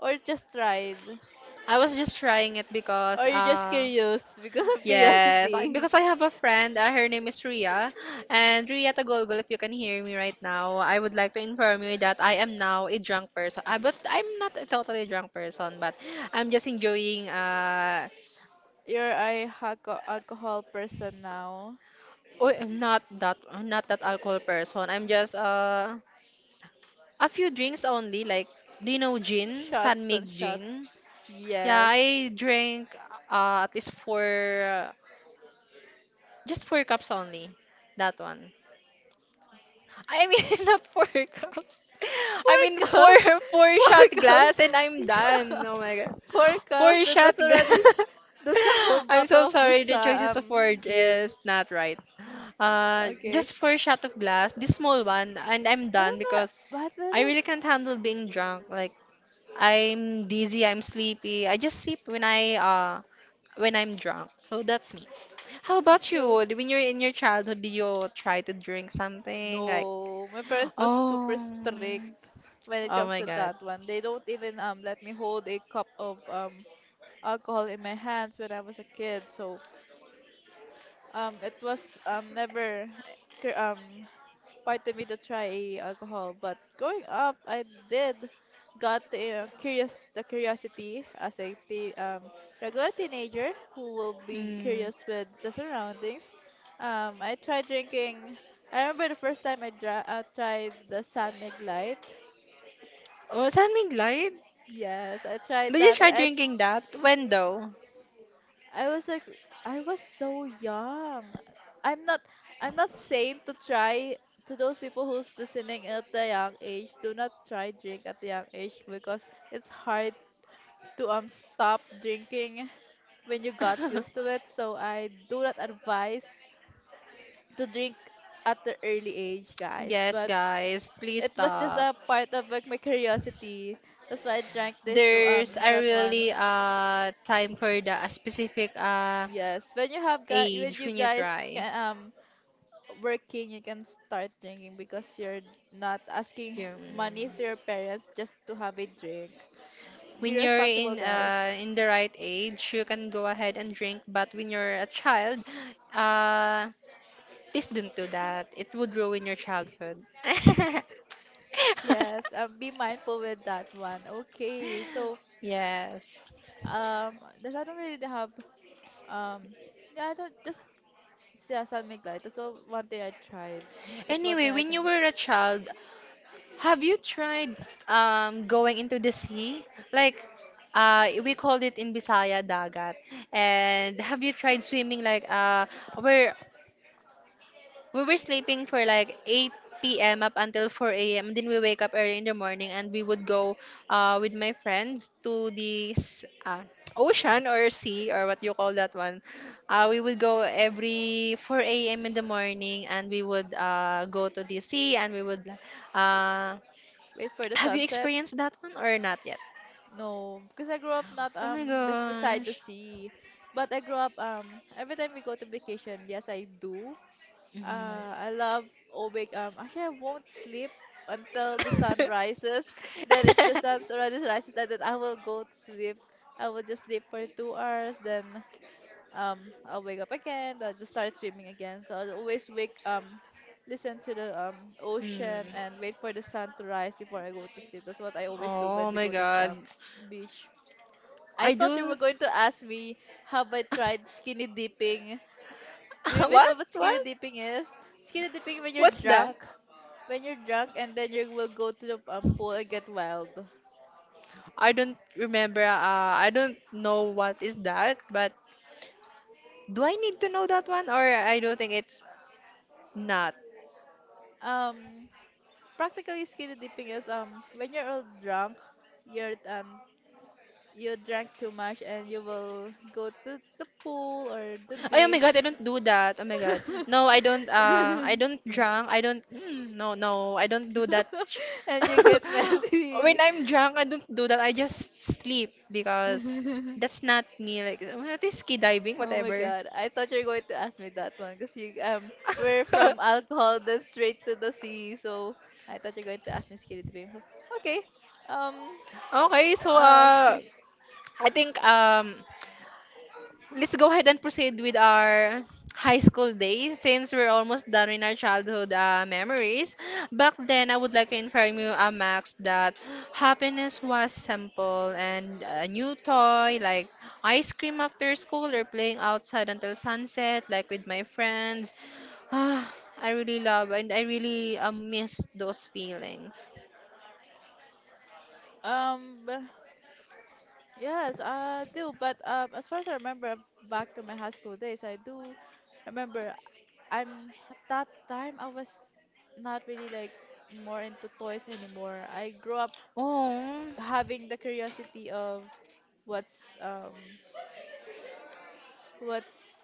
Or just tried?
I was just trying it because
Or you're just
uh,
curious because of
yes, I,
curiosity?
because I have a friend, uh, her name is Ria. And Ria Tagolgol, if you can hear me right now, I would like to inform you that I am now a drunk person. Uh, but I'm not a totally drunk person, but I'm just enjoying uh
You're a haco- alcohol person now.
Oh, I'm not that I'm not that alcohol person. I'm just uh a few drinks only, like do you know gin? San
Shots and
Mig
shots.
gin? Yeah,
Yes.
I drank uh, at least four, just four cups only. That one. I mean, <laughs> not four cups. I mean,
Four
four
cups! <laughs>
four
Four
shot
cups!
glass, and
<laughs>
I'm done.
Yeah!
Oh my god,
Four
four
cups! That,
shot
that's already.
glass.
That's a whole
<laughs> I'm
bottle
so
of the
sorry. The
sa-
choices of
um,
word
gin.
is not right. Uh,
Okay.
just four shot of glass, this small one, and I'm
But,
done
uh,
because
but,
I
uh,
really can't handle being drunk. Like I'm dizzy, I'm sleepy. I just sleep when I uh when I'm drunk. So that's me. How about
so.
you? When you're in your childhood, do you try to drink something like
No, my parents was super
oh.
strict when it
Oh
comes
my
to
god.
that one. They don't even um let me hold a cup of um alcohol in my hands when I was a kid. So um it was um never eh, cur- um part of me to try alcohol. But growing up, I did got the uh, curious the curiosity as a te- um, regular teenager who will be
Mm.
curious with the surroundings. Um, I tried drinking. I remember the first time I, dra- I tried the San Mig Light.
Oh, saan may glide?
Yes, I tried
Did you
that one.
try
I
drinking that? When though?
I was like I was so young. I'm not I'm not saying to try, to those people who's listening at the young age, do not try drink at the young age because it's hard to um stop drinking when you got used to
<laughs>
it. So I do not advise to drink at the early age, guys.
Yes,
But
guys, please
it was just
stop.
a part of like my curiosity. That's why I drank this to
There's
um
a
that one.
really uh time for the a specific uh
Yes, when you have guy when
age
you
when you
guys
try.
can um working, you can start drinking because you're not asking
Yeah.
money to your parents just to have a drink. Be
When you're
responsible,
in
guys.
uh, in the right age, you can go ahead and drink. But when you're a child, uh, please don't do that. It would ruin your childhood. <laughs>
Yes, um, be mindful with that one. Okay, so
Yes.
um, does I don't really have um, yeah, I don't just yeah, sun make light. That's all one thing I tried. That's one
Anyway,
thing I
when you
didn't
were a child, have you tried um going into the sea? Like uh we called it in Bisaya dagat. And have you tried swimming like uh where we were sleeping for like eight p m up until four a m. Then we wake up early in the morning, and we would go uh, with my friends to this uh, ocean or sea or what you call that one. Uh, we would go every four a m in the morning, and we would uh, go to the sea, and we would. Uh,
wait for the
have you
sunset.
experienced that one or not yet?
No, because I grew up not
Oh my
um bes- beside the
gosh.
sea, but I grew up um every time we go to vacation. Yes, I do. Uh, I love awake. Um, actually, I won't sleep until the sun
Mhm.
rises. Then, if the sun
<laughs>
already rises, then, then I will go to sleep. I will just sleep for two hours. Then, um, I'll wake up again. I'll just start swimming again. So I'll always wake. Um, listen to the um ocean
Hmm.
and wait for the sun to rise before I go to sleep. That's what I always do when
Oh
we
my
go to the
god.
um, beach. I
I
thought you
do.
were going to ask me have I tried skinny dipping. Do you
<laughs>
even know
What?
what skinny
What?
dipping is? Skinny dipping when you're
What's that?
drunk, when you're drunk, and then you will go to the um, pool and get wild.
I don't remember. Uh, I don't know what is that, but do I need to know that one, or I don't think it's not.
Um, practically skinny dipping is um when you're all drunk, you're um you drank too much and you will go to the pool or the
Ay, oh, my god,
beach,
I don't do that. Oh my god. No, I don't uh I don't drunk. I don't mm, no, no. I don't do that. sh-
<laughs> and you get
<laughs> When
messy.
I'm drunk, I don't do that. I just sleep because
<laughs>
that's not me. Like what is ski diving,
Oh my
whatever.
god. I thought you were going to ask me that one because you um we're from
<laughs>
alcohol then straight to the sea. So I thought you're going to ask me Skitty Bim. So okay. Um
Okay, so
uh,
uh
okay. <laughs>
I think um let's go ahead and proceed with our high school days, since we're almost done with our childhood uh, memories. Back then, I would like to inform you, uh, Max, that happiness was simple and a new toy like ice cream after school or playing outside until sunset, like with my friends. Ah, I really love and I really uh, miss those feelings.
Um, b- yes, I do. But um, as far as I remember back to my high school days, I do remember I'm at that time I was not really like more into toys anymore. I grew up
Oh,
having the curiosity of what's um what's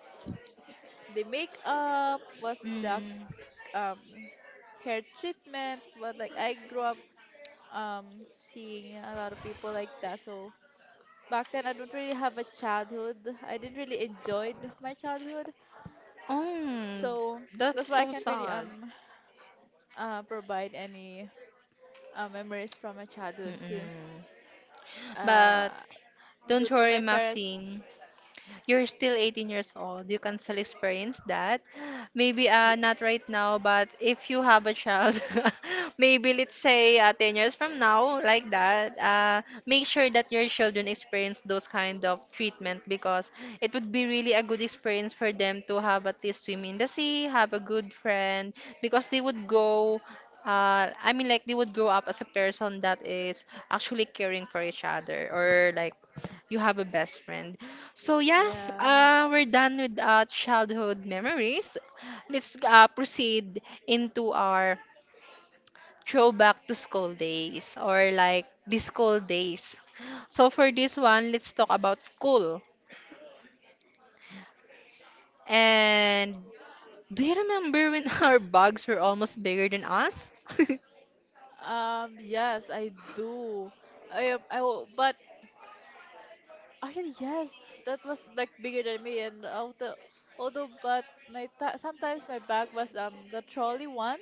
the makeup, what's the
mm,
um, hair treatment. But like I grew up um, seeing a lot of people like that. So back then I don't really have a childhood. I didn't really enjoy my childhood.
oh,
So
that's
that's why I
so
can't really
sad.
um uh, provide any uh, memories from my childhood since
Mm-mm. But
uh, due
don't
to my
worry,
parents.
Maxine. You're still eighteen years old. You can still experience that. Maybe uh, not right now, but if you have a child, <laughs> maybe let's say uh, ten years from now, like that, uh, make sure that your children experience those kind of treatment, because it would be really a good experience for them to have at least swim in the sea, have a good friend, because they would go uh, I mean, like they would grow up as a person that is actually caring for each other, or like you have a best friend. So yeah,
Yes.
uh, we're done with uh, childhood memories. Let's uh, proceed into our throwback to school days, or like the school days. So for this one, let's talk about school. And do you remember when <laughs> our bugs were almost bigger than us? <laughs>
Um. Yes, I do. I, I, will- but Actually, yes, that was like bigger than me, and although, although, but my ta- sometimes my bag was um the trolley one.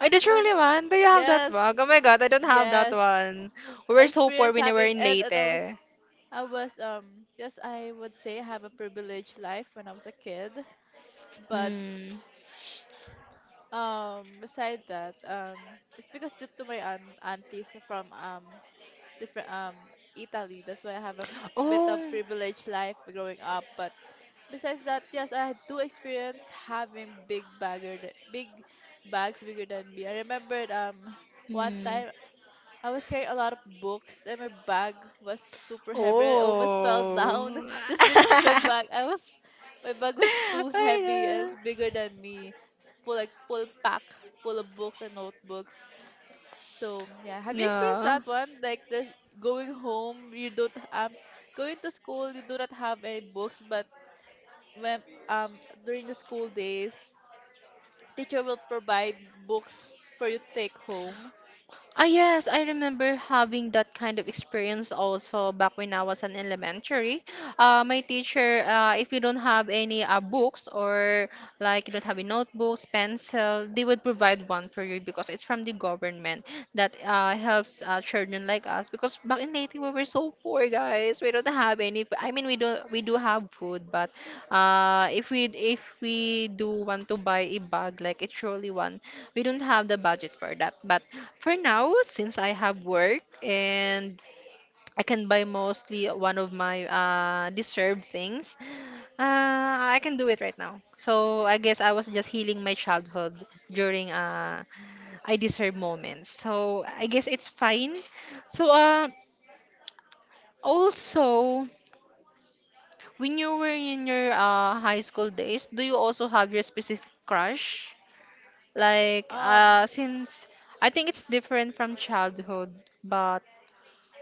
I did
The one,
really one. Do you have that
yes,
one? Oh my god, I don't have that
yes,
one. We
I
were so poor
experienced
when we were
having,
in
and, and I was,
Leyte.
I was um yes, I would say I have a privileged life when I was a kid, but
Hmm.
um beside that um it's because due to my aunt aunties from um different um Italy, that's why I have a bit of
Oh.
privileged life growing up, but besides that, yes, I do experience having big bagger, th- big bags bigger than me. I remembered um one
Hmm.
time I was carrying a lot of books and my bag was super heavy. I almost fell down
Oh.
<laughs> just because my bag
<laughs>
I was my bag was
Oh
too heavy and
my
it's
god.
bigger than me. It's full like full pack full of books and notebooks. So yeah, have you experienced
Yeah.
that one? Like there's going home, you don't um going to school, you do not have any books, but when um during the school days, teacher will provide books for you to take home.
Ah, yes, I remember having that kind of experience also back when I was in elementary. Uh, my teacher, uh, if you don't have any uh, books or like you don't have a notebooks, pencil, they would provide one for you because it's from the government that uh, helps uh, children like us, because back in Leyte we were so poor, guys. We don't have any f- I mean, we do not we do have food, but uh if we, if we do want to buy a bag like a trolley one, we don't have the budget for that. But for now, since I have work and I can buy mostly one of my uh, deserved things. Uh, I can do it right now. So I guess I was just healing my childhood during uh, I deserve moments. So I guess it's fine. So uh, also, when you were in your uh, high school days, do you also have your specific crush? Like
Um,
uh, since I think it's different from childhood, but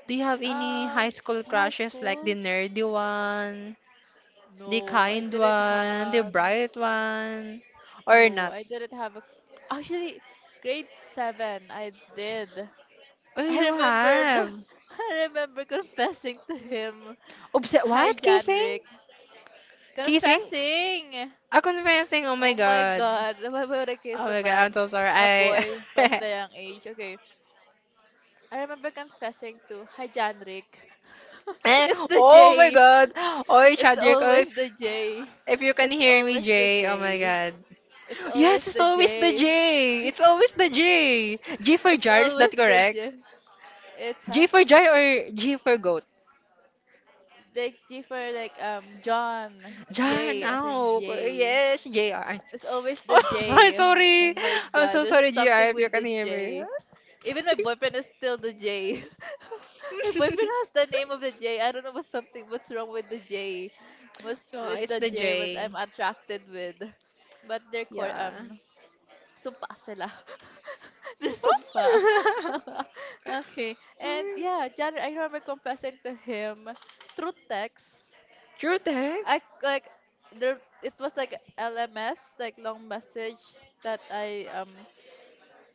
do you have any
um,
high
s-
school
High
crushes like the
school?
nerdy one? The
No, I
kind
didn't
one, the
have.
bright one, or
No,
not?
I didn't have a. Actually, grade seven, I did.
Oh,
I
you
remembered. <laughs>
have.
I remember confessing to him.
Obs-
Hi,
what? Kissing?
Janrick.
Kissing?
Confessing.
A confessing? Oh my
Oh my
god.
God. <laughs> Why why would I
Oh
kiss a
my god, I'm
man,
so sorry.
a
I.
boy, at
<laughs>
the young age? Okay. I remember confessing to, hi Janrick. <laughs>
Eh,
It's the
oh my
J.
god. Oy,
It's
Chadrick, oh, if,
always the J.
if you can
It's
hear me,
always the
Jay. Oh my
J.
god.
It's
Yes,
always
it's
the
always the
J.
J. It's always the J. G for
It's
jar, is that
always the
correct?
J. It's huh?
G for jar or G for goat?
Like G for like um John.
Yeah,
J as in
now.
J.
Yes, junior.
It's always the
<laughs> I'm
J. Oh
sorry.
my
I'm
god,
so
there's
sorry, J R,
something
if you
with
can
the
hear me.
J. Even my boyfriend is still the J. <laughs>
<laughs>
My boyfriend has the name of the J. I don't know what's something what's wrong with the J. What's
No,
with
it's
the
the
J what
J.
I'm attracted with. But they're called
Yeah.
um sumpa sila. <laughs> They're sumpa. <laughs> Okay. And yeah,
<laughs>
John, I remember confessing to him through text.
True
I
text?
like there it was like L M S, like long message that I um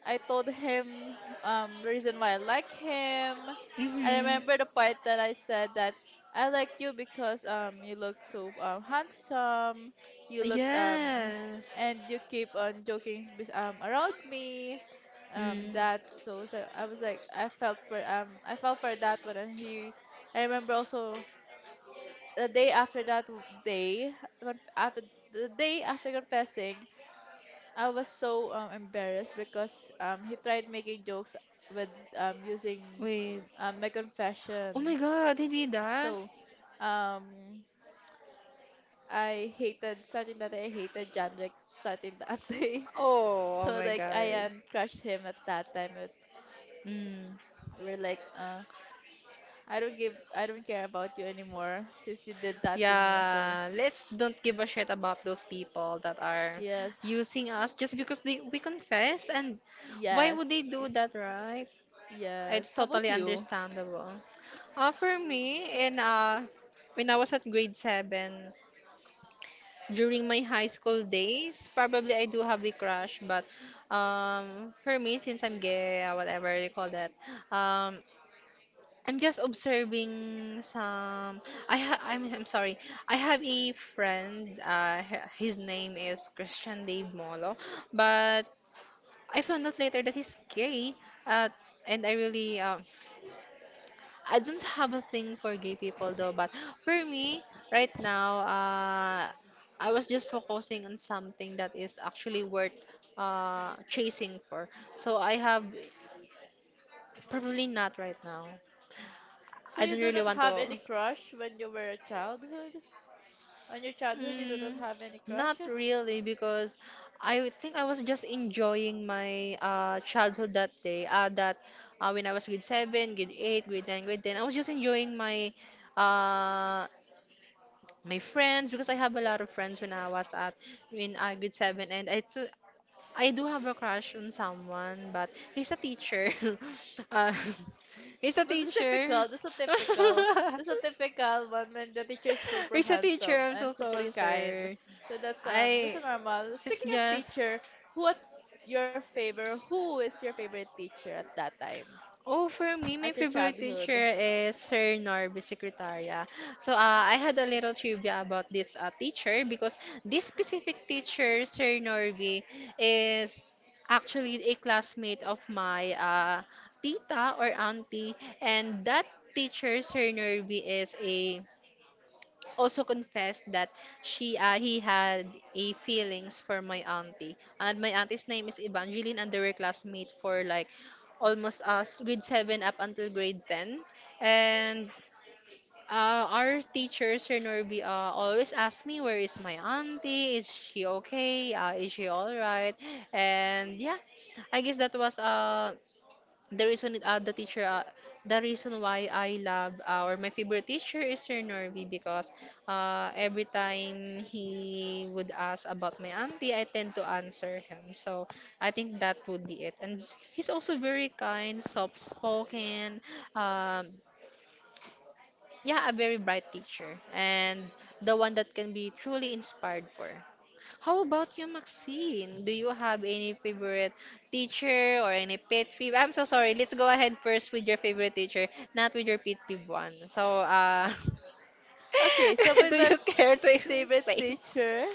I told him um, the reason why I like him. I
Mm-hmm.
remember the part that I said that I like you because um, you look so um, handsome. You look um,
Yes.
and you keep on joking with, um, around me. Um,
Mm.
that so, so I was like I felt for um I felt for that one, and he I remember also the day after that w- day conf- after the day after confessing I was so um, embarrassed because um, he tried making jokes with um, using
Wait.
um, my
Oh my
confession.
god, they did that?
So, um, I hated starting that day. I hated Janrick starting that <laughs> day.
Oh, oh
So
my
like I
god.
um, crushed him at that time. But
Mm.
we're like, uh, I don't give, I don't care about you anymore since you did that to me. So
Yeah, let's don't give a shit about those people that are
yes,
using us, just because they we confess. And why would
yes,
they do that, right?
yes.
It's
How about
totally
you?
understandable. Uh, for me, in uh, when I was at grade seven, during my high school days, probably I do have a crush, but um, for me, since I'm gay, uh, whatever you call that, um, I'm just observing some. I ha- I'm I'm sorry. I have a friend. Uh, h- his name is Christian Dave Molo, but I found out later that he's gay. Uh, and I really um, I don't have a thing for gay people though. But for me, right now, uh, I was just focusing on something that is actually worth uh chasing for. So I have probably not right now.
So
I
you
don't
do
really
not
want
have
to.
any crush when you were a childhood? On your childhood, you do not
Mm,
have any
not
crushes?
really because I think I was just enjoying my uh, childhood that day. Uh, that uh, when I was grade seven, grade eight, grade nine, grade ten, I was just enjoying my uh, my friends because I have a lot of friends when I was at in uh, grade seven, and I too, I do have a crush on someone, but he's a teacher. <laughs> uh, <laughs> he's a
But that's
teacher. <laughs>
typical. That's a typical. That's a typical one when the teacher is super
He's a teacher.
handsome
I'm
and
so
super
sorry,
kind.
sir.
So that's um that's
I
a normal.
It's
Speaking of
just,
teacher, what's your favorite? Who is your favorite teacher at that time?
oh, for me, my
At your
favorite
childhood?
teacher is Sir Norby Secretaria. So, uh, I had a little trivia about this uh, teacher because this specific teacher, Sir Norby, is actually a classmate of my uh, tita or auntie. And that teacher, Sir Norby, is a also confessed that she uh, he had a feelings for my auntie, and my auntie's name is Evangeline, and they were classmates for like almost us grade seven up until grade ten. And uh, our teacher Sir Norby uh, always asked me, where is my auntie, is she okay, uh, is she all right? And yeah, I guess that was uh the reason uh, the teacher uh, the reason why I love, uh, or my favorite teacher is Sir Norby, because uh, every time he would ask about my auntie, I tend to answer him. So I think that would be it. And he's also very kind, soft spoken, um yeah, a very bright teacher, and the one that can be truly inspired for. How about you, Maxine? Do you have any favorite teacher or any pet peeve? I'm so sorry, let's go ahead first with your favorite teacher, not with your pet peeve one. So, uh,
Okay, so
<laughs> do
with my
you care to ex-
favorite
explain?
teacher,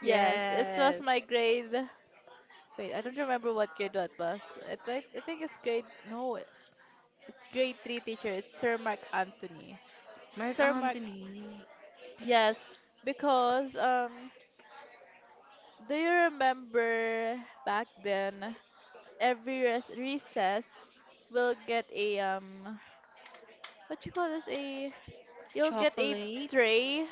yes, it was
Yes.
my grade. Wait, I don't remember what grade what was. It, I I think it's grade. No, It's grade three teacher. It's Sir Mark Anthony.
Mark
Sir Mark,
Anthony.
yes, because um, do you remember back then every res- recess will get a um, what you call this a you'll get a
Chocolate.
tray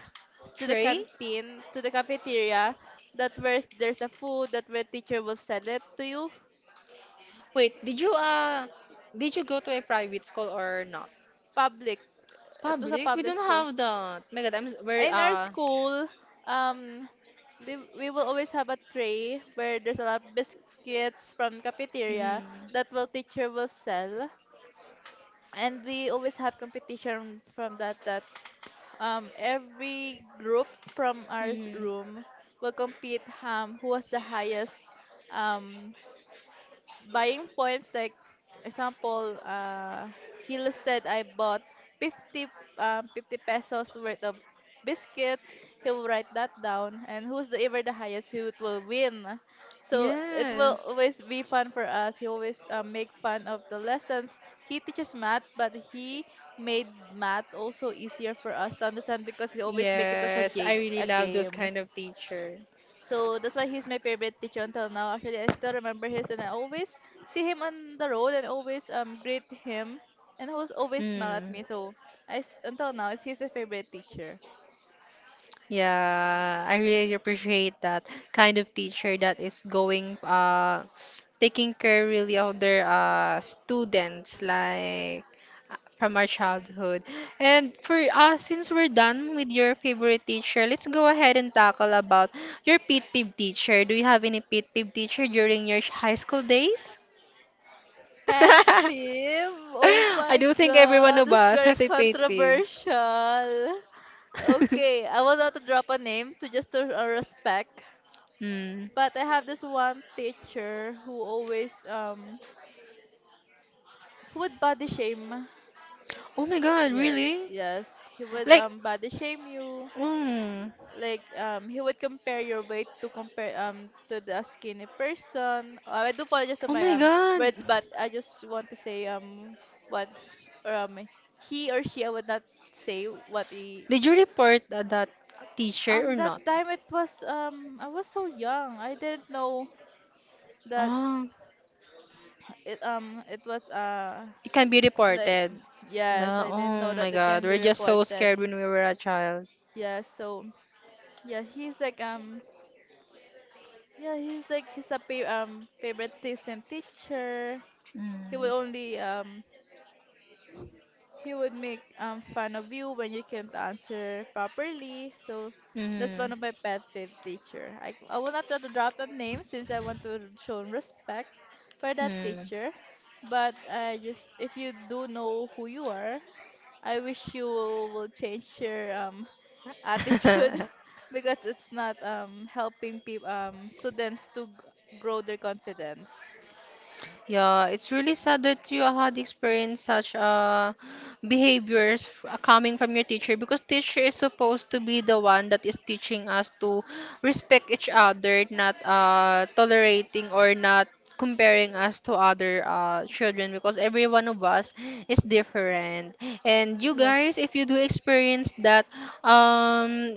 to the
Trey?
canteen to the cafeteria that where there's a food that where teacher will sell it to you
Wait, did you uh did you go to a private school or not?
public. It was a
Public? We
public
don't
school.
have that. My God, I'm s- we're
In our
uh.
school, um, they, we will always have a tray where there's a lot of biscuits from cafeteria
Mhm,
that will teacher will sell. And we always have competition from that that um, Every group from our s-
mhm.
room will compete, um, who was the highest um, buying points. Like, example, uh he listed I bought fifty, um, fifty pesos worth of biscuits. He will write that down, and who's the ever the highest, who it will win. So it will
Yes.
always be fun for us. He always, uh, make fun of the lessons. He teaches math, but he made math also easier for us to understand because he always make it as a
Yes,
jig,
I really
a
love those
game.
kind of teacher.
So that's why he's my favorite teacher until now. Actually, I still remember his, and I always see him on the road and always um greet him, and he was always smile at
Mm.
me. So I s- until now, it's he's my favorite teacher.
Yeah, I really appreciate that kind of teacher that is going uh taking care really of their uh students, like, uh, from our childhood. And for us, since we're done with your favorite teacher, let's go ahead and tackle about your pet peeve teacher. Do you have any pet peeve teacher during your sh- high school days?
Pet
<laughs>
peeve? Oh
I
my
do think every one
God,
of
that's
us
very
has a pet peeve.
controversial. Okay,
<laughs>
I will not drop a name to just to uh, respect,
Hmm.
but I have this one teacher who always um who would body shame.
Oh my God,
Yeah,
really?
yes, he would
Like.
um body shame you,
Mm.
like, um he would compare your weight to compare um to the skinny person. Uh, I do apologize to
Oh
my
my
um
God.
words, but I just want to say um what he, or, um, he or she. I would not say what he.
Did you report uh, that teacher or
Um that
not?
time, it was, um I was so young, I didn't know that
Oh,
it, um it was uh
it can be
like,
reported.
yes,
No,
I didn't know
oh
that
my
it
God,
can be
we're just
reported.
so scared when we were a child.
Yeah, so yeah, he's like, um, yeah, he's like, he's a pa- um favoritism teacher. He would
Mm.
only um he would make um fun of you when you can't answer properly. So that's one of my pet peeve teacher. I I will not try to drop a name since I want to show respect for that
Mm.
teacher. But I just, if you do know who you are, I wish you will change your um attitude <laughs>
Mm. <laughs>
because it's not um helping people, um students to g- grow their confidence.
Yeah, it's really sad that you had experienced such uh, behaviors, f- uh, coming from your teacher, because teacher is supposed to be the one that is teaching us to respect each other, not uh, tolerating or not comparing us to other uh, children, because every one of us is different. And you guys,
Yes.
if you do experience that, um,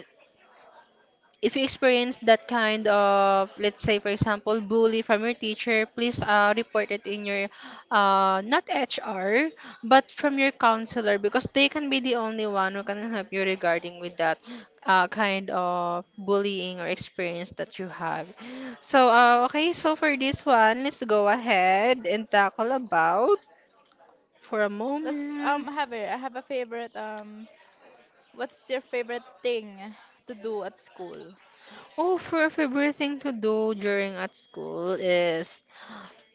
if you experience that kind of, let's say for example, bully from your teacher, please uh, report it in your, uh, not H R, but from your counselor, because they can be the only one who can help you regarding with that uh, kind of bullying or experience that you have. So uh, okay, so for this one let's go ahead and tackle about, for a
Let's um
moment.
have a, I have a favorite um. What's your favorite thing to do at school?
Oh, for favorite thing to do during at school is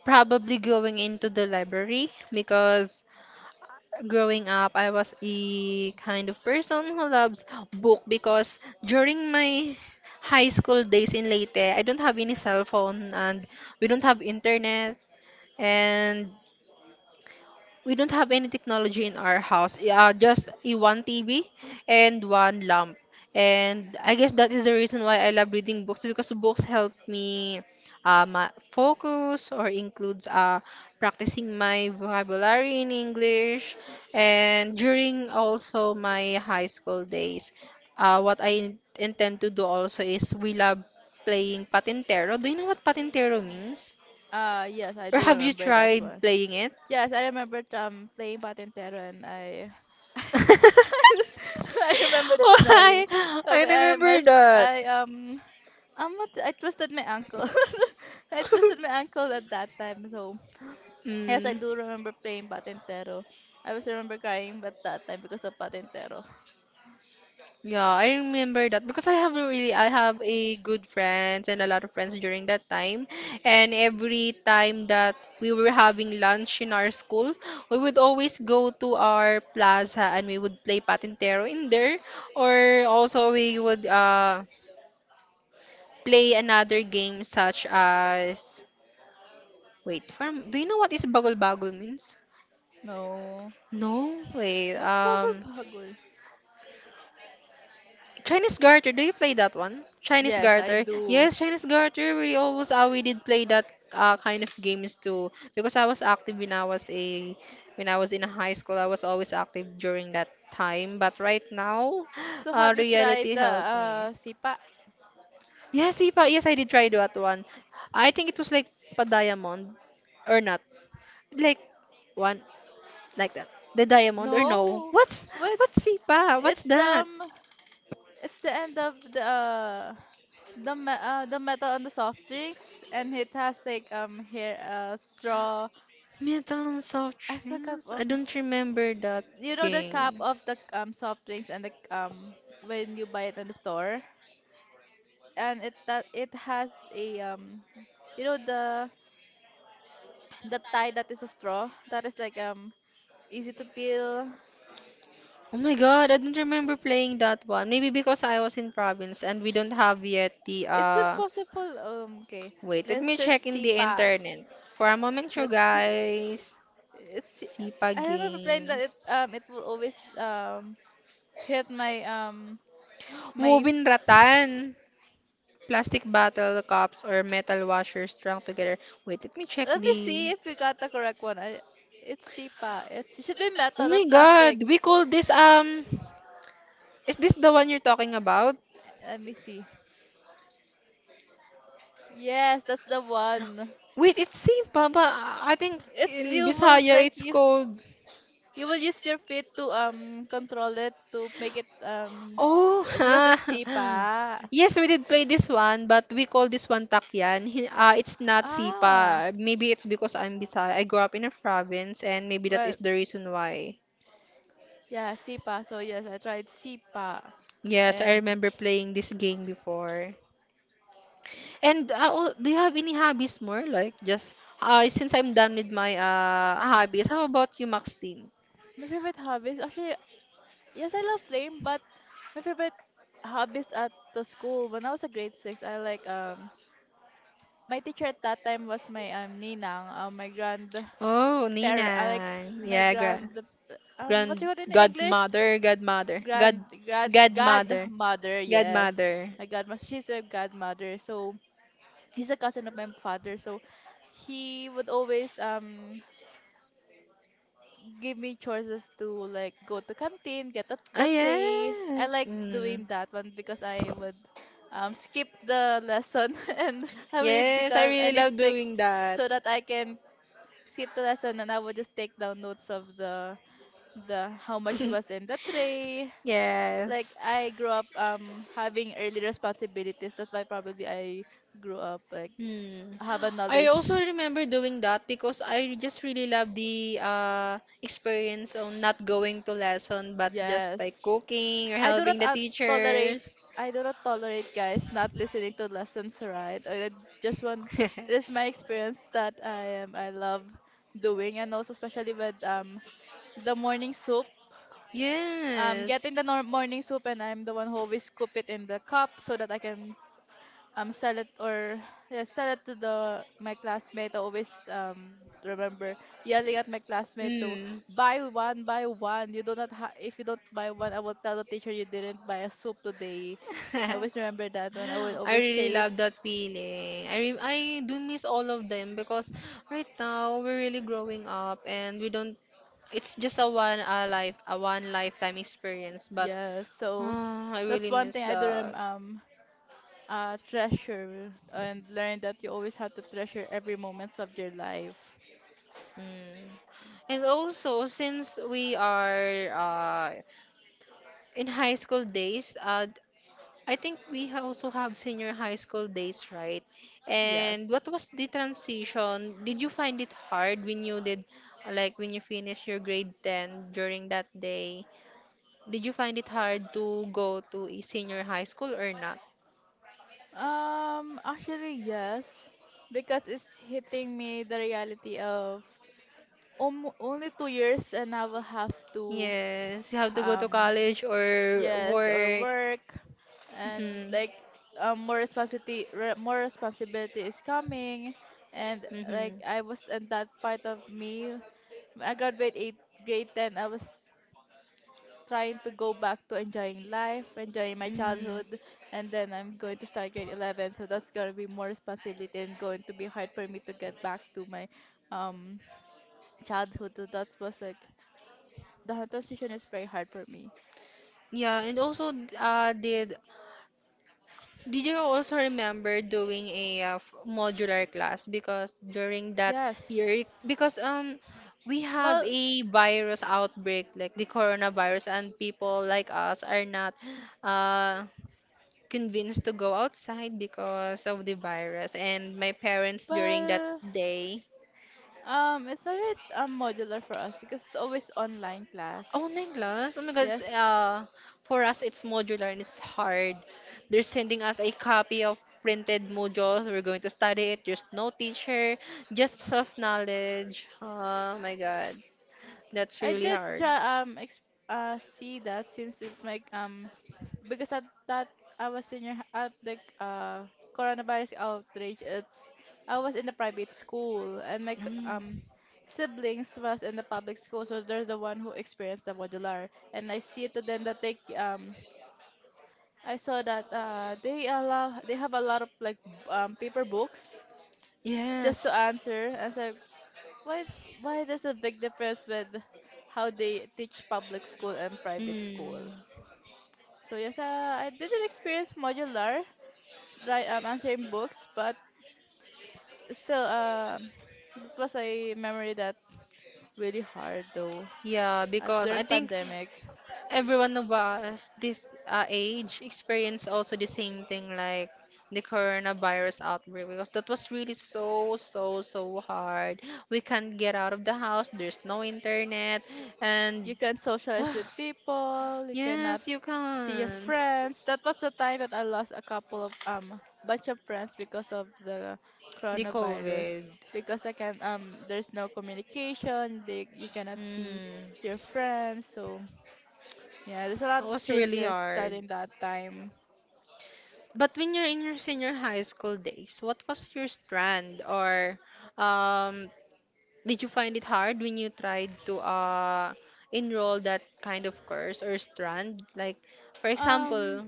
probably going into the library, because growing up I was a kind of person who loves book, because during my high school days in Leyte I don't have any cell phone, and we don't have internet, and we don't have any technology in our house. Yeah, Uh, just a one T V and one lamp. And I guess that is the reason why I love reading books, because books help me, uh, ma- focus, or includes uh, practicing my vocabulary in English. And during also my high school days, uh, what I intend to do also is we love playing patintero. Do you know what patintero means?
Uh, yes, I
Or
do
have you
remember that
tried
one.
playing it?
Yes, I remember um playing patintero, and I <laughs>
<laughs>
I remember the
Oh,
scenario.
I,
Oh,
I
but I my,
remember that.
I um, um, what, I twisted my ankle. <laughs> I twisted my ankle at that time. So yes, I
Mm,
do remember playing patintero. I was remember crying at that time because of patintero.
yeah, I remember that, because I have a really, I have a good friends and a lot of friends during that time. And every time that we were having lunch in our school, we would always go to our plaza and we would play patintero in there, or also we would uh play another game such as, wait, from do you know what is bagol bagol means?
No,
No, way.
what's bagul
Um,
bagul?
Chinese Garter. Do you play that one? Chinese
Yes, I
Garter.
do.
Yes, Chinese Garter. We always uh, we did play that uh, kind of games too, because I was active when I was a when I was in high school. I was always active during that time. But right now, <gasps>
So
uh,
have you tried
reality
the
helps me.
uh, sipa?
Yes, Ipa. Yes, I did try that one. I think it was like pa diamond or not. Like one like that. The diamond or no?
No.
What's what's
What's,
Sipa? What's
it's
that?
um, it's the end of the uh, the me uh, the metal on the soft drinks, and it has like, um, here, uh, straw.
Metal and Soft
I forgot
Drinks? I
um,
don't remember that
you know the cap
game.
of the um soft drinks, and the um, when you buy it in the store, and it that it has a um, you know, the the tie that is a straw, that is like um, easy to peel.
Oh my god, I don't remember playing that one. Maybe because I was in province and we don't have yet the
It's
uh
impossible. Um, okay,
wait, let
let's
me
search
check in the
Sipa.
internet. For a moment, you
Let's see.
guys.
It's. Si-.
Sipa
I remember playing that. It
games.
um, it will always um hit my um my.
Moving
f-.
Ratan. Plastic bottle cups or metal washers strung together. Wait, let me check
Let me see
the
if we got the correct one. I, it's Sipa. It's, it should be
oh
metal,
my
not
god,
plastic.
we call this, um is this the one you're talking about?
Let me see. Yes, that's the one.
Wait, it's Sipa, but I think
It's,
in
you will
Bisaya
like
it's
you,
called.
you will use your feet to um control it to make it um y-,
Oh,
eh, because
<laughs>
it's
ha.
sipa.
Yes, we did play this one, but we call this one takyan. Hi- Uh, it's not
Ah,
sipa. Maybe it's because I'm Bisaya, I grew up in a province, and maybe that
well,
is the reason why.
yeah, sipa. So yes, I tried sipa,
Yes, I
and
remember playing this game before. And, uh, oh, do you have any hobbies more? Like, just, uh, since I'm done with my uh hobbies, how about you, Maxine?
my favorite hobbies actually, yes, I love playing, but my favorite hobbies at the school when I was a grade six, I like um my teacher at that time was my um ninang, uh, my grandparent.
Oh,
I like
Nina.
my
Yeah, gra
grand, um what
grand
do you call it in English?
godmother, godmother, god
Grand grad
godmother,
Godmother. Yes,
godmother.
my godmother. She's a godmother. So he's a cousin of my father. So he would always um give me choices to, like, go to canteen, get the,
Ah
the tray. I
yes.
like
Mm.
doing that one because I would, um, skip the lesson <laughs> and I need to
Yes, I
come, I
really
need to
love
take,
doing that.
so that I can skip the lesson, and I would just take down notes of the the how much
<laughs>
was in the tray. Like,
yes.
I grew up um having early responsibilities. That's why probably I grew up like
Hmm.
have a
I also
knowledge.
remember doing that, because I just really love the uh experience of not going to lesson but just like
Yes.
cooking or
I do not
helping the
uh, tolerate.
teachers.
I do not tolerate guys not listening to lessons, right? I just want. This is my experience that I am. I love doing, and also especially with um the morning soup.
<laughs>
Um,
yes.
getting the nor- morning soup, and I'm the one who always scoop it in the cup so that I can um sell it, or yeah, sell it to the my classmate. I always um remember yelling at my classmate to
Mm.
buy one, buy one. You do not ha-, if you don't buy one, I will tell the teacher you didn't buy a soup today. I always
<laughs>
remember that one. I will
I
always
really
say,
love that feeling. I re- I do miss all of them, because right now we're really growing up and we don't, it's just a one a life a one lifetime experience, but
yeah. So
ah, I really
that's one
miss
thing I do rem-
that.
um uh treasure and learn, that you always have to treasure every moments of your life.
Mm. And also, since we are uh in high school days, uh I think we ha- also have senior high school days, right? And
Yes.
what was the transition? Did you find it hard when you did, like when you finished your grade ten during that day? Did you find it hard to go to a senior high school or not?
Um, actually, yes, because it's hitting me the reality of, um, only two years and I will have to,
Yes, you have to go to
um,
college or
yes, or
work.
work, and like,
Mm-hmm.
um, more responsibility, re more responsibility is coming, and like,
Mm-hmm.
I was in that part of me. When I graduate eight, grade ten. I was trying to go back to enjoying life, enjoying my
Mm-hmm.
childhood, and then I'm going to start grade eleven. So that's going to be more responsibility and going to be hard for me to get back to my um childhood. So that was like, the transition is very hard for me.
Yeah, and also, uh, did Did you also remember doing a uh, f- modular class, because during that
Yes.
year, because um we have
Well,
a virus outbreak like the coronavirus, and people like us are not uh convinced to go outside because of the virus, and my parents during that
well,
day.
um, it's not really, um, modular for us because it's always online
Oh,
class.
Neglas. Oh my God. It's,
Yes,
Uh, for us, it's modular and it's hard. They're sending us a copy of printed modules. We're going to study it. There's no teacher, just self-knowledge. Oh my God. That's
I
really
did
hard.
try um ex- uh see that, since it's like, um, because at that, I was in your at the uh coronavirus outrage, it's, I was in the private school, and my c-
Mm.
um siblings was in the public school, so they're the one who experienced the modular, and I see to them that they um, I saw that uh, they allow they have a lot of like b- um paper books just to
Yes.
answer. And so why why there's a big difference with how they teach public school and private school?
Mm.
So yes, uh, I didn't experience modular right, um, answering books, but still um, that was a memory that really hard though
Yeah,
at
because I
during
think
pandemic.
everyone of us this uh, age experience also the same thing, like the coronavirus outbreak, because that was really so so so hard, we can't get out of the house, there's no internet, and
You can't
<sighs>
socialize with people, you cannot
yes you
see your
can't,
friends. That was the time that I lost a couple of um bunch of friends because of the
the
coronavirus.
covid,
Because I can um, there's no communication, they, you cannot see
mm,
your friends. So yeah, there's a lot
it
of
was really
changes
hard.
starting that time.
But when you're in your senior high school days, what was your strand, or um did you find it hard when you tried to uh enroll that kind of course or strand? Like, for
Um
example,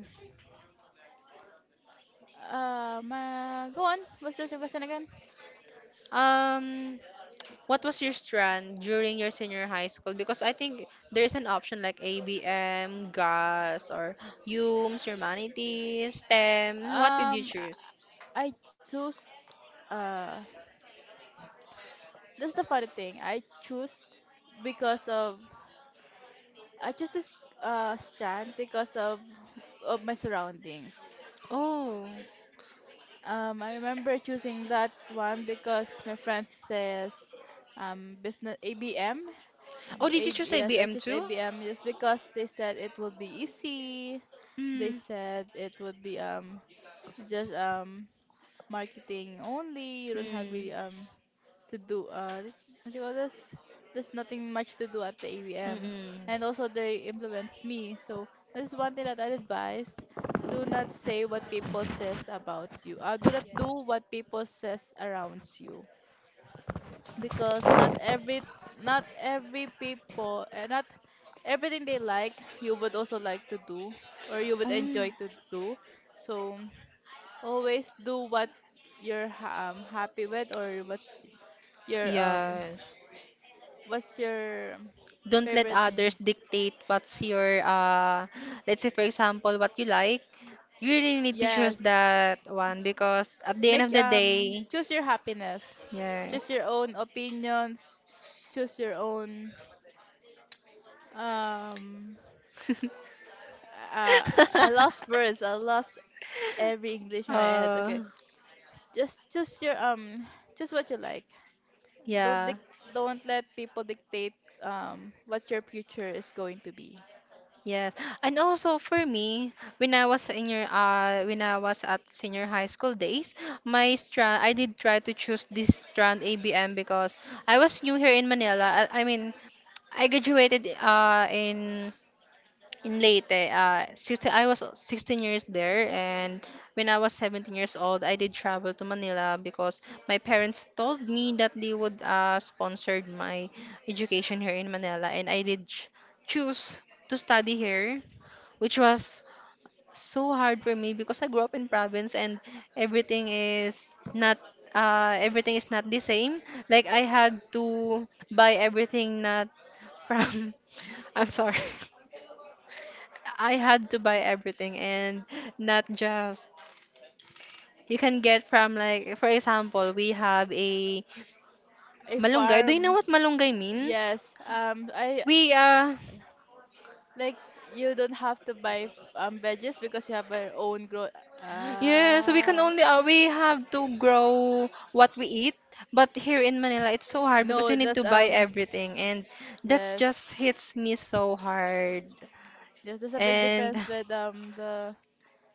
um uh, go on. What's your question again?
um, what was your strand during your senior high school? Because I think there is an option, like ABM, GAS, or U M S, Humanities, STEM. What did you
Um I
choose?
I choose, uh that's the funny thing. I choose because of, I chose this, uh, strand because of of my surroundings.
Oh,
Um, I remember choosing that one because my friend says, um, business A B M.
oh, did you choose
Yes, I
A B M
chose
too?
A B M just because they said it would be easy. They
Mm,
said it would be, um, just, um, marketing only. You don't have
mm,
really, um, to do uh th- what you call this, there's nothing much to do at the
mm,
A V M, and
mm.
also they influenced me. So this is one thing that I advise, do not say what people says about you, uh, do not do what people says around you, because not every, not every people, uh, not everything they like, you would also like to do or you would
Oh,
enjoy to do. So always do what you're ha- um, happy with, or what's your um.
yes.
What's your
Don't let
favorite thing?
others dictate what's your uh let's say, for example, what you like. You really need to choose
Yes.
that one because at the end of
Make,
the
um,
day.
choose your happiness. Choose
Yes.
your own opinions. Choose your own, um, uh, I lost words. I lost every English in my head. Okay.
uh
Just choose your um choose what you like. Don't
yeah.
dic- don't let people dictate um what your future is going to be.
Yes. And also for me, when I was in your uh when I was at senior high school days, my strand, I did try to choose this strand ABM because I was new here in Manila. I, I mean I graduated uh in in Leyte, uh, sixteen, I was sixteen years there, and when I was seventeen years old, I did travel to Manila because my parents told me that they would uh, sponsor my education here in Manila, and I did ch- choose to study here, which was so hard for me because I grew up in province, and everything is not uh, everything is not the same. Like, I had to buy everything, not from <laughs> I'm sorry. I had to buy everything, and not just you can get from, like, for example, we have a
A
malunggay. Do you know
farm.
what malunggay means?
Yes. Um, I.
We uh
Like, you don't have to buy f- um veggies because you have your own grow.
yeah, so we can
Ah,
only uh, we have to grow what we eat, but here in Manila it's so hard because we
no,
need
that's
to buy
um,
everything, and that
yes,
just hits me so hard.
yes. There's a big
And
difference with um the,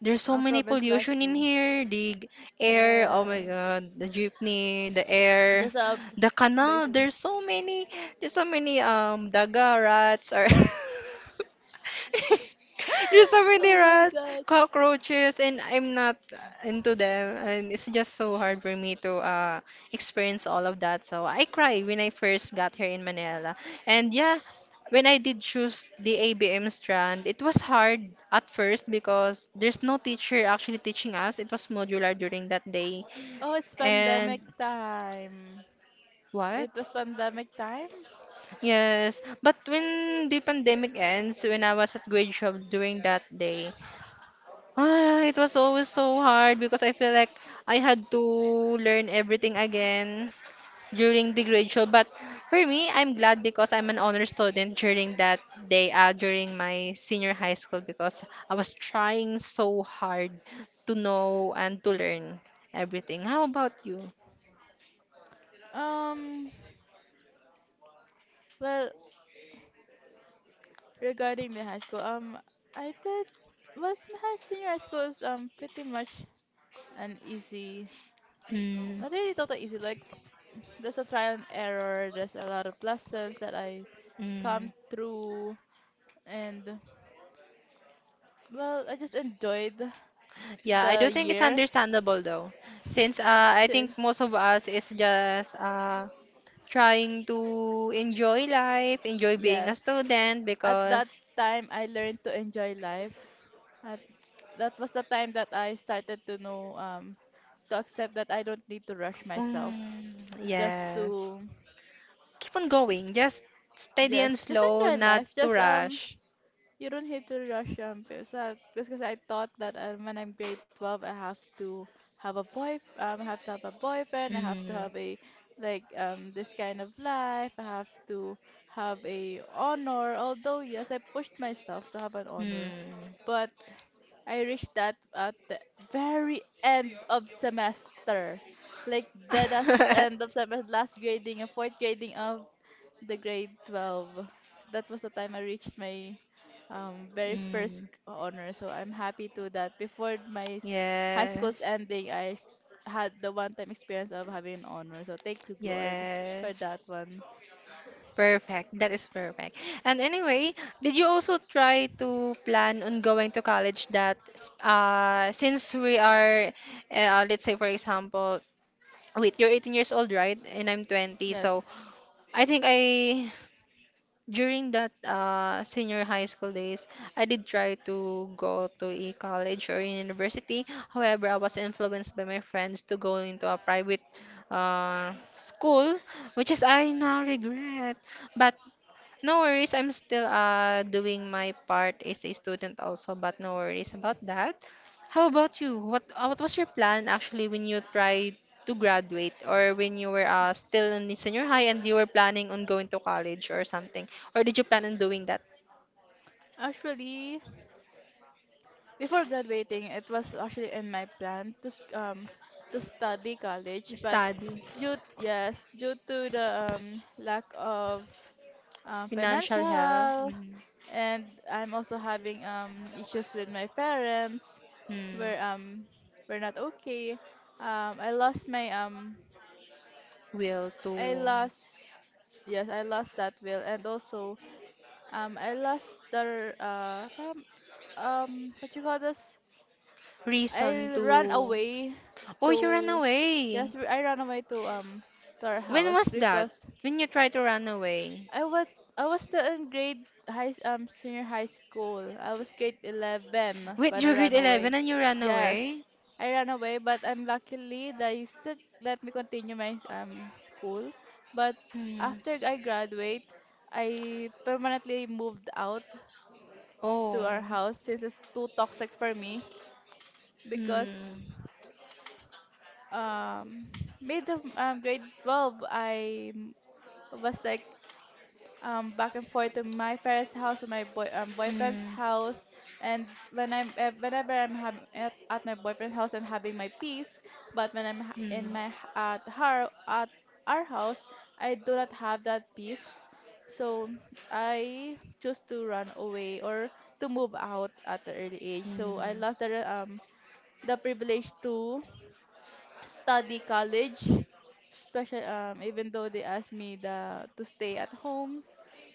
there's so
uh,
many
province life
pollution in
too.
here. The g- air, oh my
Yes,
God, the jeepney, the air,
there's a b-
the
big
canal. There's
difference.
so many, there's so many um daga rats, or
<gasps>
<laughs> there's so
<laughs>
many
Oh my
rats,
God.
cockroaches, and I'm not into them. And it's just so hard for me to uh experience all of that. So I cried when I first got here in Manila. And yeah, when I did choose the A B M strand, it was hard at first because there's no teacher actually teaching us. It was modular during that day.
Oh, it's
And
pandemic time.
what?
It was pandemic time.
Yes. But when the pandemic ends, when I was at grade twelve during that day, ah, it was always so hard because I feel like I had to learn everything again during the grade show. But for me, I'm glad because I'm an honor student during that day, uh, during my senior high school, because I was trying so hard to know and to learn everything. How about you?
Um, well, regarding the high school, um, I did. Well, my high- senior high school is, um, pretty much and easy.
Mm,
Not really total easy. Like, there's a trial and error. There's a lot of lessons that I come
mm.
through, and well, I just enjoyed
Yeah, I do
the
think it's
year
understandable though, since uh, I
since,
think most of us is just uh, trying to enjoy life, enjoy being a
yes.
student
At that
because,
time, I learned to enjoy life. At, that was the time that I started to know um to accept that I don't need to rush myself
mm,
just
yes.
to,
Keep on going. Just steady and
just just
slow,
enjoy
not
life.
to
Just, um
rush.
you don't have to rush, um, because I, because I thought that uh, when I'm grade twelve, I have to have a boy, um, I have to have a boyfriend, I have to
Mm.
have a like um this kind of life, I have to have a honor. Although yes, I pushed myself to have an honor,
Mm.
but I reached that at the very end of semester, like the last end
<laughs>
of semester, last grading and fourth grading of the grade twelve. That was the time I reached my um, very first
Mm.
honor. So I'm happy to that. Before my s- high school's
Yes.
ending, I ex- had the one-time experience of having an honor. So thank you, Lord, for
Yes.
that one.
Perfect. That is perfect. And anyway, did you also try to plan on going to college that s- uh, since we are uh, let's say, for example, wait, you're eighteen years old, right? And I'm twenty, so
Yes.
I think I during that uh, senior high school days, I did try to go to a college or university. However, I was influenced by my friends to go into a private uh, school, which is I now regret. But no worries. I'm still uh doing my part as a student also, but no worries about that. How about you? What uh, what was your plan actually when you tried to graduate, or when you were uh still in senior high and you were planning on going to college or something? Or did you plan on doing that?
Actually, before graduating, it was actually in my plan to s- um to study college, but
Study,
due yes due to the um, lack of um,
financial help,
financial.
mm,
And I'm also having um issues with my parents
mm,
where um we're not okay. Um I lost my um
will
I
to,
lost yes, I lost that will, and also um I lost the uh parang, um, what you call this? I
reason
ran
to.
away
Oh, you ran
to
away.
yes, I ran away to um to our
When was
house
that?
because
When you tried to run away?
I was I was still in grade high s- um senior high school. I was grade eleven
Wait,
when I
you're grade
ran away.
eleven and you ran away?
Yes, I ran away, but I'm luckily they still let me continue my um school. But
Hmm.
after I graduate, I permanently moved out to
Oh.
our house since it's too toxic for me, because
Hmm,
um mid of um, grade twelve I m- was like, um, back and forth to my parents' house to my boy, um, boyfriend's
hmm,
house. And when I'm, uh, whenever I'm having at, at my boyfriend's house, I'm having my peace. But when I'm ha-
hmm,
in my h- at her at our house, I do not have that peace. So I choose to run away or to move out at the early age. So I
hmm,
lost the re- um the privilege to study college, especially um even though they asked me the to stay at home.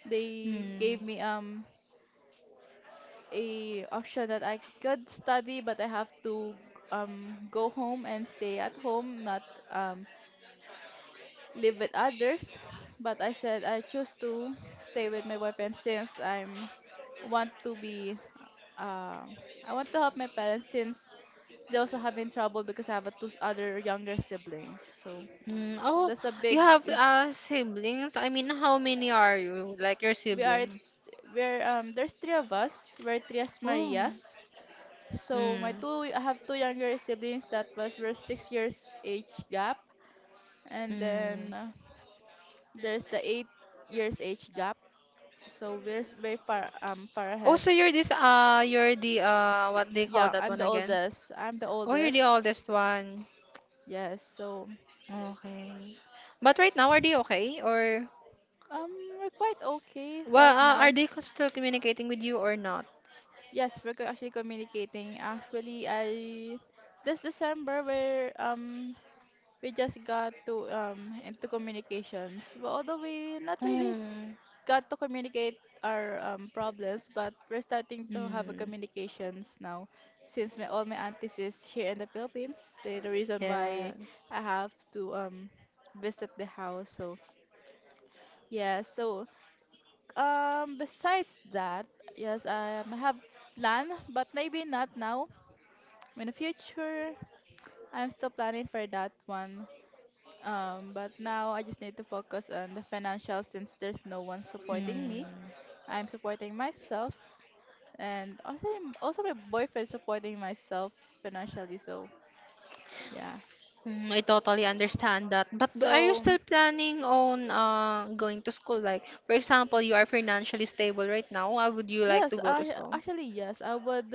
They
hmm.
gave me um a option that I could study, but I have to um go home and stay at home, not um live with others. But I said I choose to stay with my boyfriend, since I'm want to be uh, I want to help my parents since they also having trouble because I have a two other younger siblings. So
Mm. Oh,
that's a
you
big—
have uh, siblings? I mean, how many are you? Like, your
we are
siblings?
we're um there's three of us. We're Trias
Oh.
Marias. So
Hmm.
my two, I have two younger siblings that was were six years age gap, and then
Mm.
uh, there's the eight years age gap. So we're s- very far um far
Oh,
ahead.
so you're this uh you're the uh, what they call
Yeah,
that
I'm
one
the
again?
oldest. I'm the
Oh, you're
oldest.
the oldest one.
Yes. So
Okay. But right now, are they okay? Or
um we're quite okay
well,
right
uh,
now.
are they co- still communicating with you or not?
Yes, we're co- actually communicating. Actually, I this December, where um we just got to um into communications. Well, although we not really
Hmm.
got to communicate our um, problems, but we're starting to have a
Mm,
communications now. Since my, all my aunties is here in the Philippines, they the reason why
yes.
I have to um visit the house. So yeah, so um besides that, yes, I, um, have plan, but maybe not now. In the future, I'm still planning for that one. Um, but now I just need to focus on the financial since there's no one
Mm.
supporting me. I'm supporting myself, and also also my boyfriend supporting myself financially, so yeah.
Mm, I totally understand that. But d- are you
So
still planning on uh, going to school? Like, for example, you are financially stable right now. Why would you like to
yes,
go
I
to school?
actually yes, I would,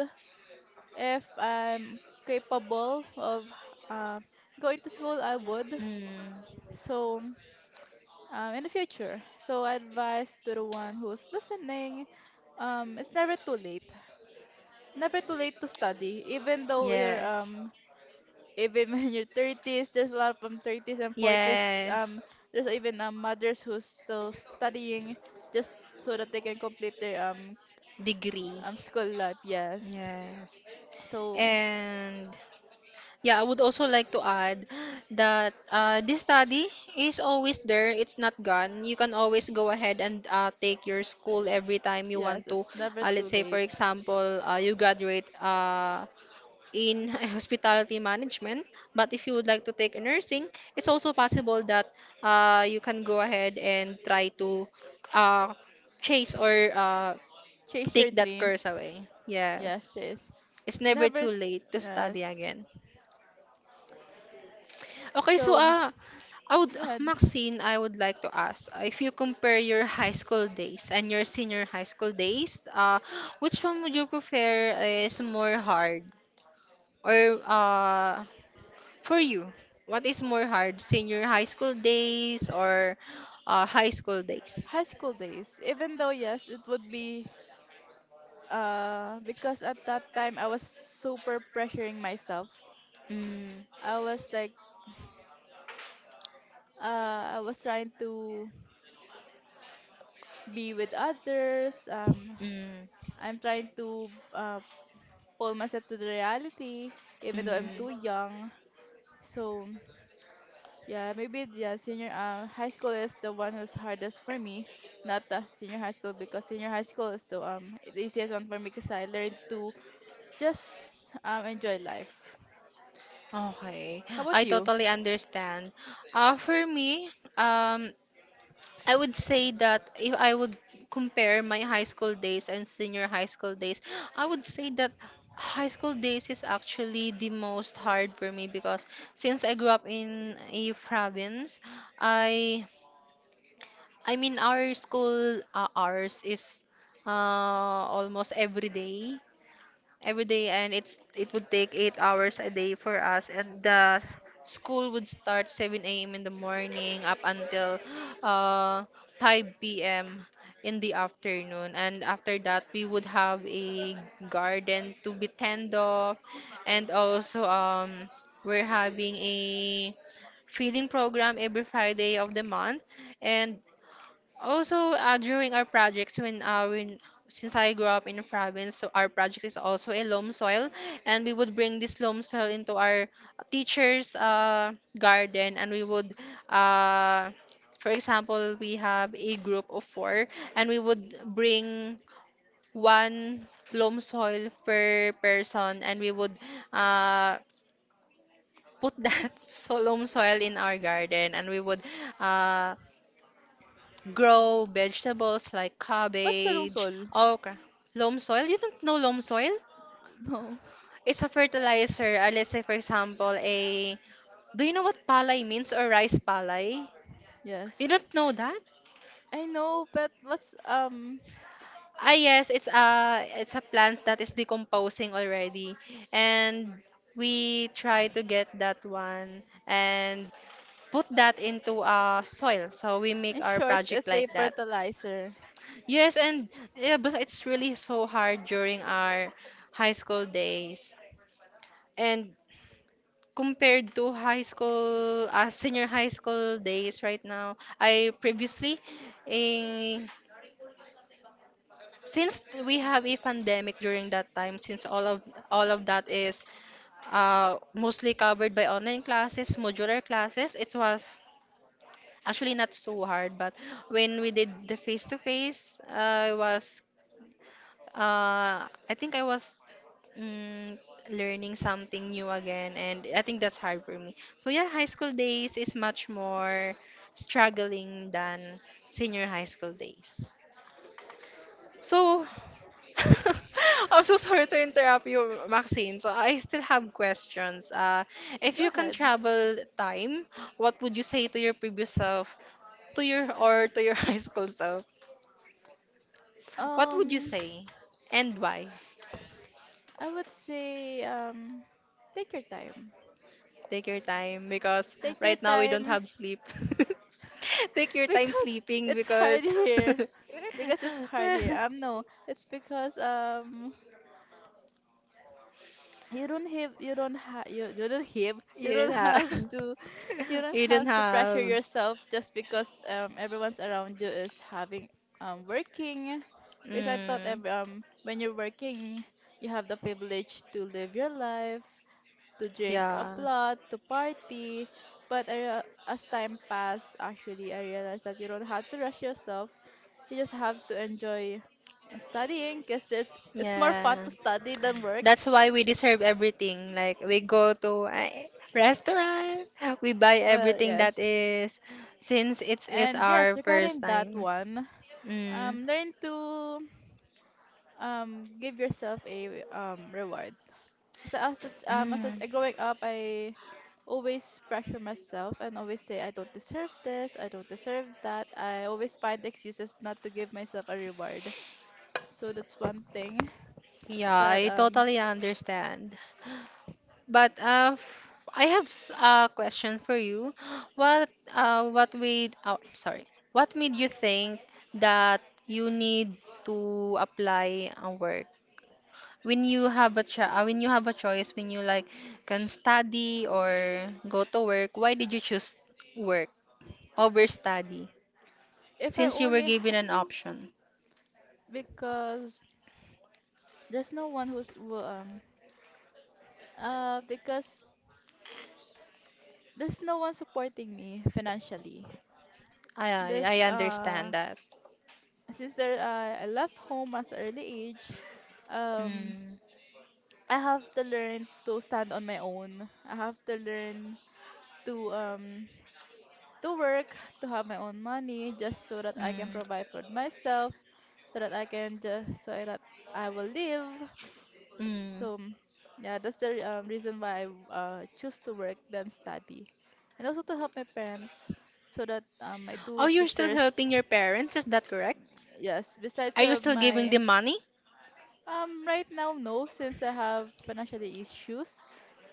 if I'm capable of uh, going to school, I would.
Mm,
So, um, in the future, so advice to the one who's listening, um, it's never too late, never too late to study, even though you're
yes.
um even <laughs> when you're thirties, there's a lot of um, thirties and forties,
Yes.
um there's even, um, mothers who's still studying, just so that they can complete their um,
Degree.
um school life, yes.
Yes.
So
And yeah, I would also like to add that uh, this study is always there. It's not gone. You can always go ahead and uh, take your school every time you
yes,
want to.
it's never
Uh, let's
too
say, for
late.
example, uh, you graduate uh, in <laughs> hospitality management, but if you would like to take a nursing, it's also possible that uh, you can go ahead and try to uh, chase or uh,
Chase your
take that
dreams,
course away.
yes,
Yes,
chase.
it's never
Never
too
t-
late to study
Yes.
again. Okay, so
So,
uh, I would,
go ahead.
Maxine, I would like to ask uh, if you compare your high school days and your senior high school days, uh, which one would you prefer is more hard or uh, for you? What is more hard, senior high school days or uh, high school days?
High school days, even though yes it would be, uh because at that time I was super pressuring myself.
Mm,
I was like uh I was trying to be with others. Um,
mm,
I'm trying to, uh, pull myself to the reality, even though I'm
mm.
too young. So yeah, maybe yeah, senior, uh, high school is the one who's hardest for me. Not the senior high school, because senior high school is the um the easiest one for me, because I learned to just um enjoy life.
Okay,
How about
I
you?
totally understand. Uh, for me, um, I would say that if I would compare my high school days and senior high school days, I would say that high school days is actually the most hard for me because since I grew up in a province, I I mean, our school uh, hours is uh almost every day every day, and it's it would take eight hours a day for us, and the school would start seven a m in the morning up until uh, five p m in the afternoon, and after that we would have a garden to be tend of, and also um, we're having a feeding program every Friday of the month, and also, uh, during our projects, when uh, when since I grew up in a province, so our project is also a loam soil, and we would bring this loam soil into our teacher's uh, garden, and we would, uh, for example, we have a group of four, and we would bring one loam soil per person, and we would uh, put that <laughs> so loam soil in our garden, and we would. Uh, grow vegetables like
What's Solong
cabbage,
Sol? <laughs>
okra, loam soil. You don't know loam soil?
No.
It's a fertilizer. Uh, let's say, for example, a. Do you know what palay means, or rice palay? You
Yes.
don't know that?
I know, but what's um
Ah, yes, it's a it's a plant that is decomposing already, and we try to get that one and put that into uh, soil. So we make
in
our
short,
project
it's a
like that.
fertilizer.
Yes, and yeah, but it's really so hard during our high school days. And compared to high school, uh, senior high school days right now, I previously, eh, since we have a pandemic during that time, since all of all of that is uh, mostly covered by online classes, modular classes, it was actually not so hard. But when we did the face to face, I was uh, I think I was mm, learning something new again, and I think that's hard for me. So yeah, high school days is much more struggling than senior high school days. So <laughs> I'm so sorry to interrupt you, Maxine. So I still have questions. Uh, if
Go
you can
ahead.
travel time, what would you say to your previous self, to your or to your <laughs> high school self? What would you
Um,
say, and why?
I would say, um take your time.
Take your time because
Take your
right now we don't
time
have sleep. <laughs> Take your
<laughs>
time
because
sleeping
it's
because
hard here.
<laughs>
Because it's hard here. Um no, it's because, um you don't have you don't have you, you don't have
you
you
didn't
don't have
have
to you
<laughs>
don't
you
have
didn't
to pressure
have
yourself, just because um everyone's around you is having um working, because I thought,
mm,
every, um when you're working, you have the privilege to live your life, to drink up
yeah,
a lot, to party. But I, rea- as time passed, actually, I realized that you don't have to rush yourself. You just have to enjoy studying, because it's, it's more fun
yeah,
to study than work.
that's why we deserve everything. Like, we go to a restaurant, we buy
Well,
everything that
yes.
is since it is
And yes,
our first
regarding that
time.
one,
Mm,
um, learn to, um, give yourself a, um, reward. So, as a, um as a,
mm,
uh, growing up, I always pressure myself and always say I don't deserve this, I don't deserve that. I always find excuses not to give myself a reward. So that's one thing
yeah,
that,
I
um
totally understand. But uh, f- I have s- a question for you. What uh, what made oh, sorry, what made you think that you need to apply a work when you have a cho- uh, when you have a choice when you like can study or go to work? Why did you choose work over study
if I
since you were
only
given
ha-
an option?
because there's no one who's will, um uh because there's no one supporting me financially.
I I I
There's uh
understand that.
Since there I I left home as early age, um
Mm,
I have to learn to stand on my own. I have to learn to um to work, to have my own money, just so that I can
mm,
provide for myself, so that I can just so that I will live.
mm.
So, mm, yeah, that's the re- um, reason why I, uh, choose to work than study, and also to help my parents, so that, um, my
Oh,
two
you're still
sisters.
helping your parents, is that correct?
Yes, besides
Are you
of
still giving
my
them money?
um right now, no, since I have financial issues.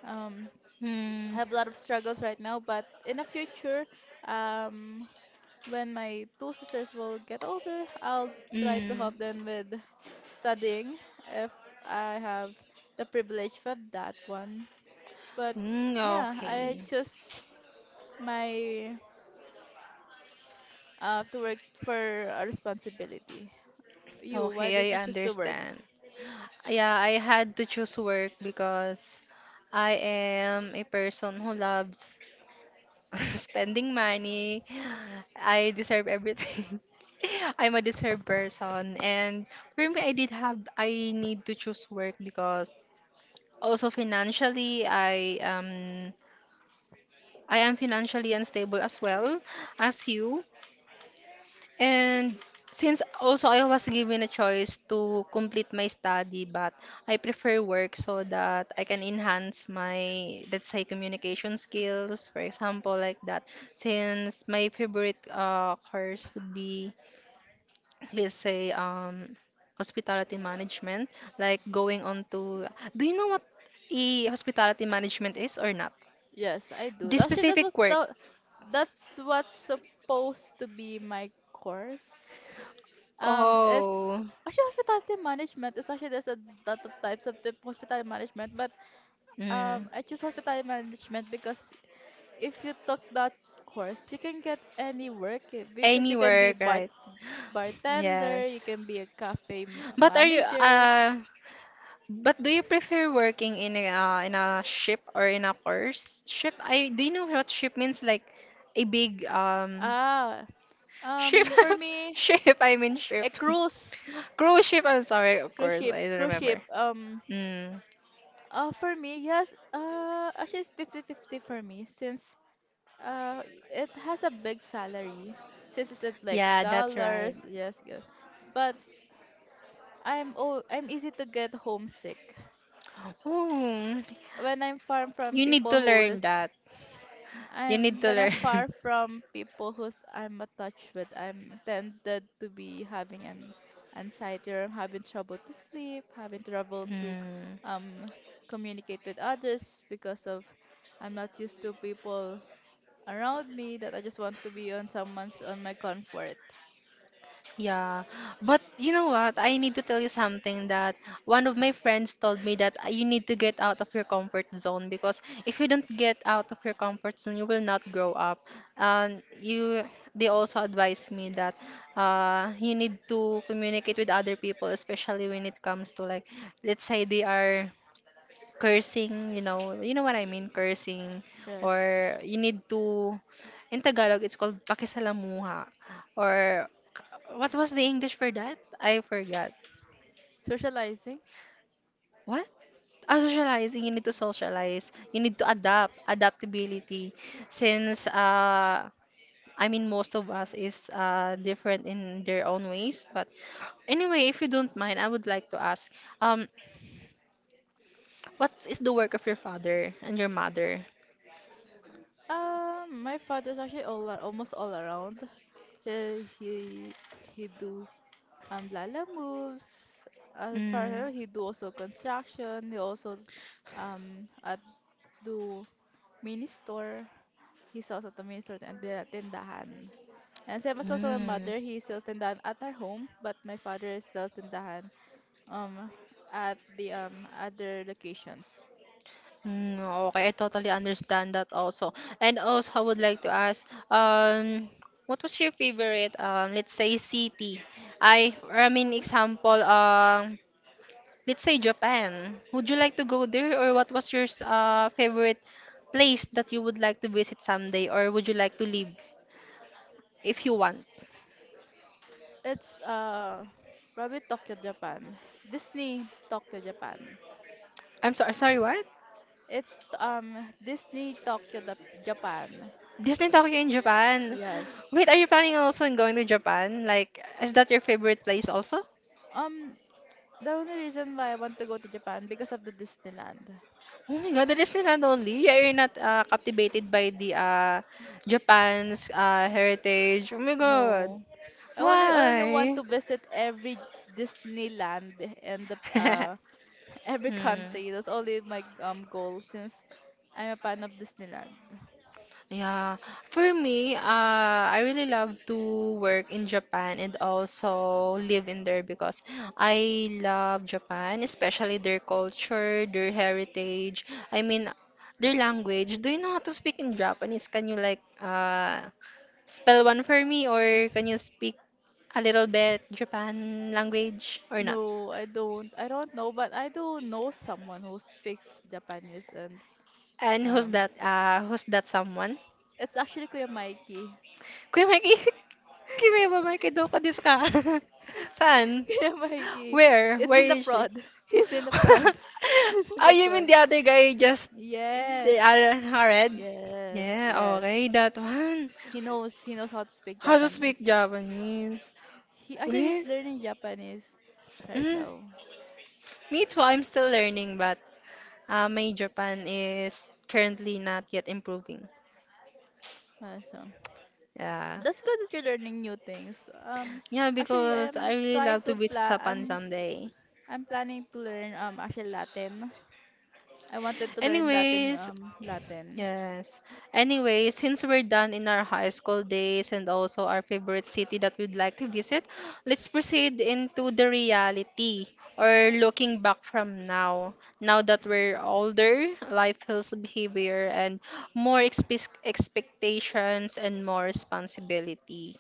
Um,
Hmm.
have a lot of struggles right now, but in the future, um, when my two sisters will get older, I'll try to
Mm.
help them with studying if I have the privilege of that one. But
Mm,
yeah, I
okay.
choose my uh, to work for a responsibility. You, why
Okay,
did
I
you choose to work?
understand. Yeah, I had to choose work because I am a person who loves <laughs> spending money. I deserve everything. <laughs> I'm a deserved person. And for me, I did have, I need to choose work because also financially, I um, I am financially unstable as well as you. And since also I was given a choice to complete my study, but I prefer work so that I can enhance my, let's say, communication skills, for example, like that. Since my favorite uh, course would be, let's say, um, hospitality management, like going on to, do you know what e hospitality management is or not?
Yes, I do.
This
Actually, that's
specific
what
work.
the, that's what's supposed to be my course. Um, it's
Oh,
actually hospitality management. It's actually There's a lot of types of the hospitality management, but, um,
mm,
I choose hospitality management because if you took that course, you can get any work eh, because
any
you can be
work,
bar
right?
bartender, you
Yes.
can be a cafe m-
But are you
manager.
uh, but do you prefer working in a uh, in a ship, or in a course? Ship, I do you know what ship means, like a big um
Ah,
ship?
um, for
<laughs>
me,
Ship, I mean ship.
a cruise,
<laughs> Cruise ship, I'm sorry, of
cruise
course.
ship,
I don't
cruise ship.
remember.
Um,
Mm.
uh, for me, yes. Uh, actually, it's fifty-fifty for me since, Uh, it has a big salary since it's at like
Yeah, that's right.
dollars. Yes, yes. But I'm oh, I'm easy to get homesick.
Ooh,
When I'm far from
you need
people
to
who
learn
is
that. You need
I'm
to
when I'm
learn.
far from people who's I'm attached with, I'm tended to be having an anxiety, or I'm having trouble to sleep, having
<laughs>
trouble to c-
Mm.
um communicate with others because of I'm not used to people around me, that I just want to be on someone's on my comfort.
Yeah, but you know what? I need to tell you something that one of my friends told me that uh, you need to get out of your comfort zone because if you don't get out of your comfort zone, you will not grow up. And you, they also advised me that uh, you need to communicate with other people, especially when it comes to like, let's say they are cursing, you know, you know what I mean, cursing,
Yes.
or you need to, in Tagalog, it's called pakisalamuha, or what was the English for that? I forgot.
Socializing.
What? Ah, socializing, you need to socialize, you need to adapt, adaptability, since, uh, I mean, most of us is uh, different in their own ways, but anyway, if you don't mind, I would like to ask, um, what is the work of your father and your mother?
Um, my father's actually all ar- almost all around. He he he do um lala moves. As for
Mm.
him, he do also construction. He also um at do mini store. He sells at the mini store and the tindahan. And same as also my
Mm.
mother, he sells tindahan at our home, but my father sells tindahan um at the um other locations.
Mm, okay, I totally understand that also. And also, I would like to ask, um, what was your favorite, um, let's say, city? I, I mean, example, um, let's say Japan. Would you like to go there, or what was your s- uh, favorite place that you would like to visit someday, or would you like to live if you want?
It's uh probably Tokyo, Japan. Disney Tokyo, Japan.
I'm sorry, sorry, what?
It's um Disney Tokyo, Dap- Japan.
Disney Tokyo in Japan.
Yes.
Wait, are you planning also on going to Japan? Like, is that your favorite place also?
Um, the only reason why I want to go to Japan because of the Disneyland.
Oh my God, that is still not only. Yeah, you're not uh, captivated by the uh, Japan's uh, heritage. Oh my God.
No, I only I only want
Why?
to visit every Disneyland and the uh
<laughs>
<laughs> every country.
Hmm.
That's only my um goal since I'm a fan of Disneyland.
Yeah, for me, uh, I really love to work in Japan and also live in there because I love Japan, especially their culture, their heritage. I mean, their language. Do you know how to speak in Japanese? Can you like uh spell one for me, or can you speak a little bit Japan language or not?
No, I don't. I don't know, but I do know someone who speaks Japanese, and,
And who's
um,
that? Uh, who's that someone?
it's actually Kuya Mikey.
Kumaki Kimimamakido ko desu <laughs> ka? <laughs> Saan?
<laughs> Kuya Mikey,
Where?
it's
Where
in the
is she?
prod. <laughs> He's in the prod.
<laughs>
<laughs> He's in
Oh,
the
you mean
prod.
the other guy, just the
Yes,
other huh, red?
yes,
Yeah,
yes.
okay, that one.
He knows. He knows how to speak
How to speak
Japanese.
Japanese?
He actually he's
Wait.
learning Japanese right
Mm,
now.
me too. I'm still learning, but uh, my Japan is currently not yet improving.
Uh, So,
Yeah.
that's good that you're learning new things. Um,
Yeah,
Actually,
because
I'm
I really
trying
love to
to
visit
plan. I'm
Japan someday.
I'm planning to learn um actually Latin. I wanted to learn Latin,
Anyways,
um, Latin.
yes. Anyways, since we're done in our high school days and also our favorite city that we'd like to visit, let's proceed into the reality or looking back from now. Now that we're older, life feels heavier and more expe expectations and more responsibility.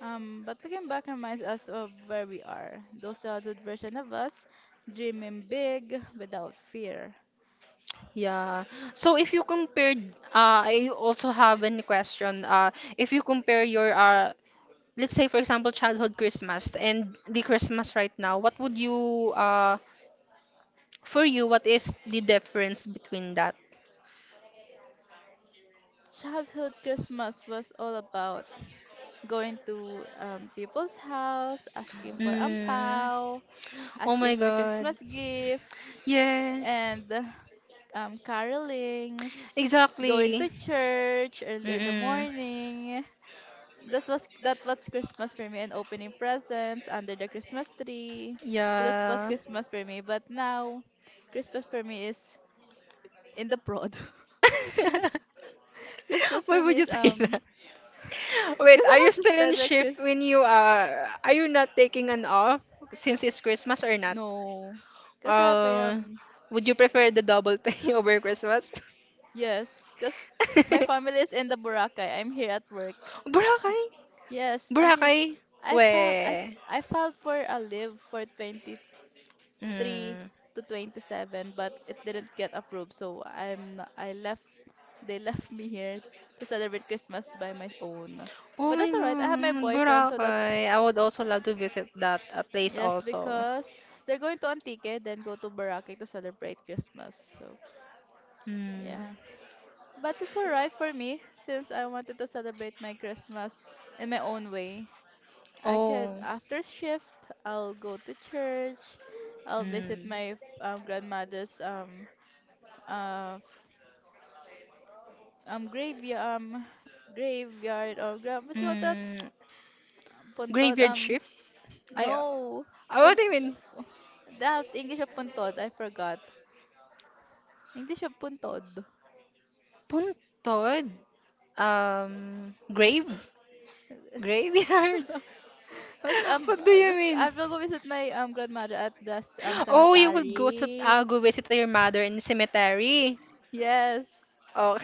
Um, but looking back reminds us of where we are. Those childhood version of us, dreaming big without fear.
Yeah. So if you compared, uh, I also have a question. Uh, if you compare your uh, let's say for example childhood Christmas and the Christmas right now, what would you uh for you, what is the difference between that?
Childhood Christmas was all about going to um, people's house, asking for
Mm.
ampao,
Oh
asking
my
for
God.
Christmas gift,
Yes.
and um, carolings, going
Exactly.
to church early in the
Mm-mm.
morning. That was that was Christmas for me and opening presents under the Christmas tree. So that was
Yeah. <laughs>
Christmas for me. But now, Christmas for me is in the prod. <laughs> Christmas
Why
for me
would you
is
say
um
that? Wait,
because
are
I
you
have to
still in
spend my Chris.
shift when you uh are you not taking an off since it's Christmas or not?
No, because I have a
Uh
um
would you prefer the double pay <laughs> over Christmas?
yes, because my
<laughs>
family is in the Boracay. I'm here at work. Ah,
Boracay?
yes, actually,
Boracay?
I filed I
Weh.
I filed for a leave for 20 three
Mm.
to 27, but it didn't get approved. So I'm n- I left, they left me here to celebrate Christmas by my own.
Oh
But
my
that's alright. I have my
god,
boyfriend, so that's
Boracay. I would also love to visit that uh, place
yes,
also.
because they're going to Antique, then go to Boracay to celebrate Christmas. So
Mm.
yeah, but it's alright for me since I wanted to celebrate my Christmas in my own way. I could
Oh.
after shift, I'll go to church. I'll visit
Mm.
my um, grandmother's um uh, um graveyard um graveyard or gra- what you call that?
Mm.
Um, puntot
Graveyard
um
ship?
no,
I, I what
punt,
do you mean?
that English of puntod I forgot, English of puntod.
Puntod? Um, grave?
<laughs>
Graveyard? <laughs>
Was um
What do
uh,
you
was, I
mean?
will go visit my um grandmother at the s- um
Oh, you would go to uh,
cemetery,
go visit to your mother in the cemetery.
yes,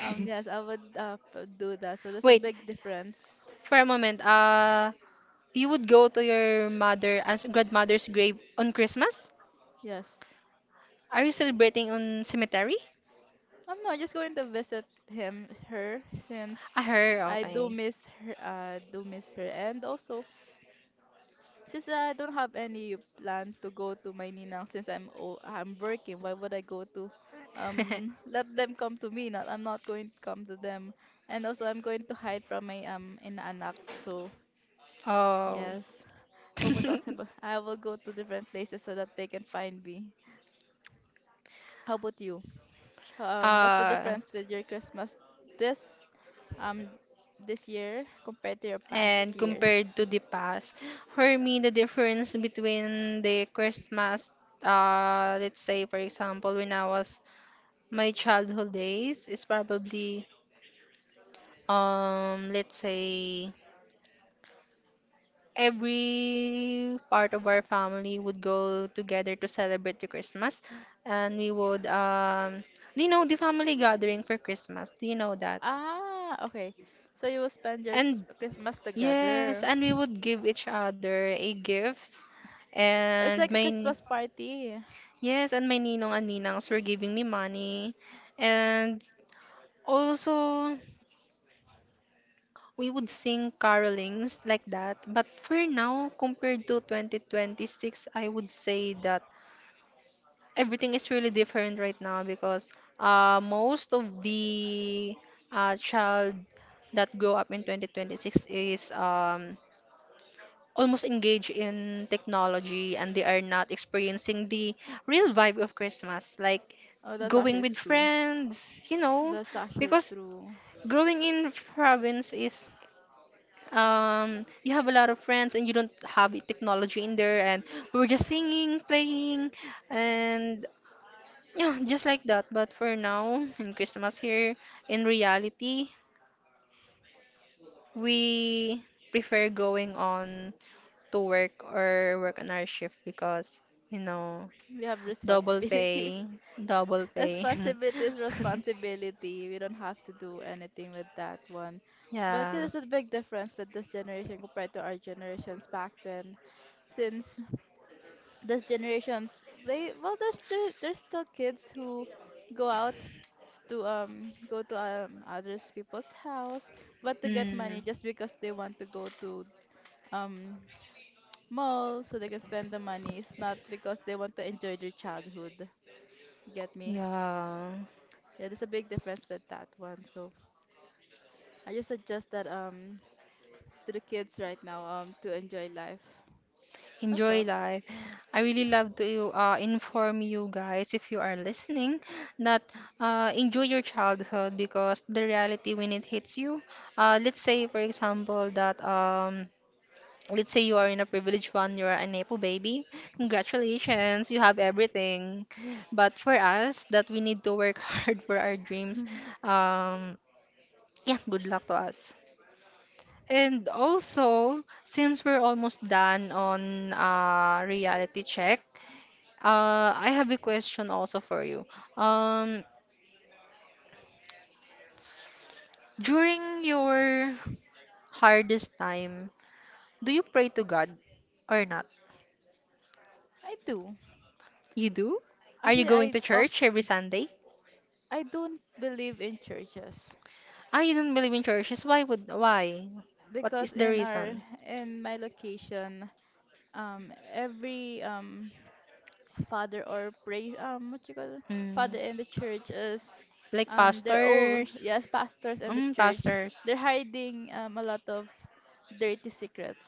um yes, I would uh p- do that, so
<laughs>
there's a
Wait,
big difference.
for a moment, uh, you would go to your mother as grandmother's grave on Christmas?
Yes.
Are you celebrating on cemetery?
Um no, I'm not just going to visit him, her, since
Ah, her,
I do
okay.
miss her, uh do miss her, and also since I don't have any plan to go to my ninang since I'm o I'm working, why would I go to um
<laughs>
let them come to me? Not, I'm not going to come to them. And also I'm going to hide from my um inaanak. So
Oh.
yes.
<laughs>
Pupunta ako sa iba- I will go to different places so that they can find me. How about you? Um what's the
uh,
difference with your Christmas this um this year compared to your past
and
years?
compared to the past, for me, the difference between the Christmas, uh, let's say, for example, when I was my childhood days, is probably, um, let's say, every part of our family would go together to celebrate the Christmas, and we would um, you know, the family gathering for Christmas. Do you know that?
Ah, okay. So you will spend your s-
And
Christmas
yes,
together.
and we would give each other a gifts,
It's
and
like a
my
Christmas party.
yes, and my ninong and ninangs were giving me money, and also. We would sing carolings like that. But for now, compared to twenty twenty-six, I would say that everything is really different right now because uh, most of the uh, child that grow up in twenty twenty-six is um, almost engaged in technology and they are not experiencing the real vibe of Christmas, like
Oh, that's
going
actually
with
true.
friends, you know,
That's actually
because
true.
growing in province is um, you have a lot of friends and you don't have technology in there and we were just singing, playing, and yeah, just like that. But for now, in Christmas here, in reality, we prefer going on to work or work on our shift because, you know,
We have
double
responsibility.
pay, double
<laughs>
pay.
Responsibility is responsibility. We don't have to do anything with that one.
<laughs>
But yeah,
Yeah.
there's a big difference with this generation compared to our generations back then. Since this generations, they, well, there's still there's still kids who go out s- to um go to um others people's house, but to get money
Mm,
just because they want to go to um mall so they can spend the money. It's not because they want to enjoy their childhood. You get me?
yeah.
Yeah, there's a big difference with that one. So I just suggest that um to the kids right now um to enjoy life. That's
Enjoy
all.
life. I really love to uh, inform you guys, if you are listening, that uh, enjoy your childhood because the reality when it hits you, uh, let's say, for example, that um, let's say you are in a privileged one, you are a Nepo baby. Congratulations, you have everything. But for us, that we need to work <laughs> hard for our dreams, um, yeah, good luck to us. And also, since we're almost done on uh, reality check, uh, I have a question also for you. Um, during your hardest time, do you pray to God or not?
I do.
You do? Are you
Actually,
going
I
to
of
church every Sunday?
I don't believe in churches
Ah, you don't believe in churches. Why would why? What is
because
the
in our
reason?
in my location um every um father or praise, um what you call it?
Mm,
Father in the church is,
like
um they're all,
pastors.
yes, pastors in the
Mm,
church,
pastors.
they're hiding um a lot of dirty secrets,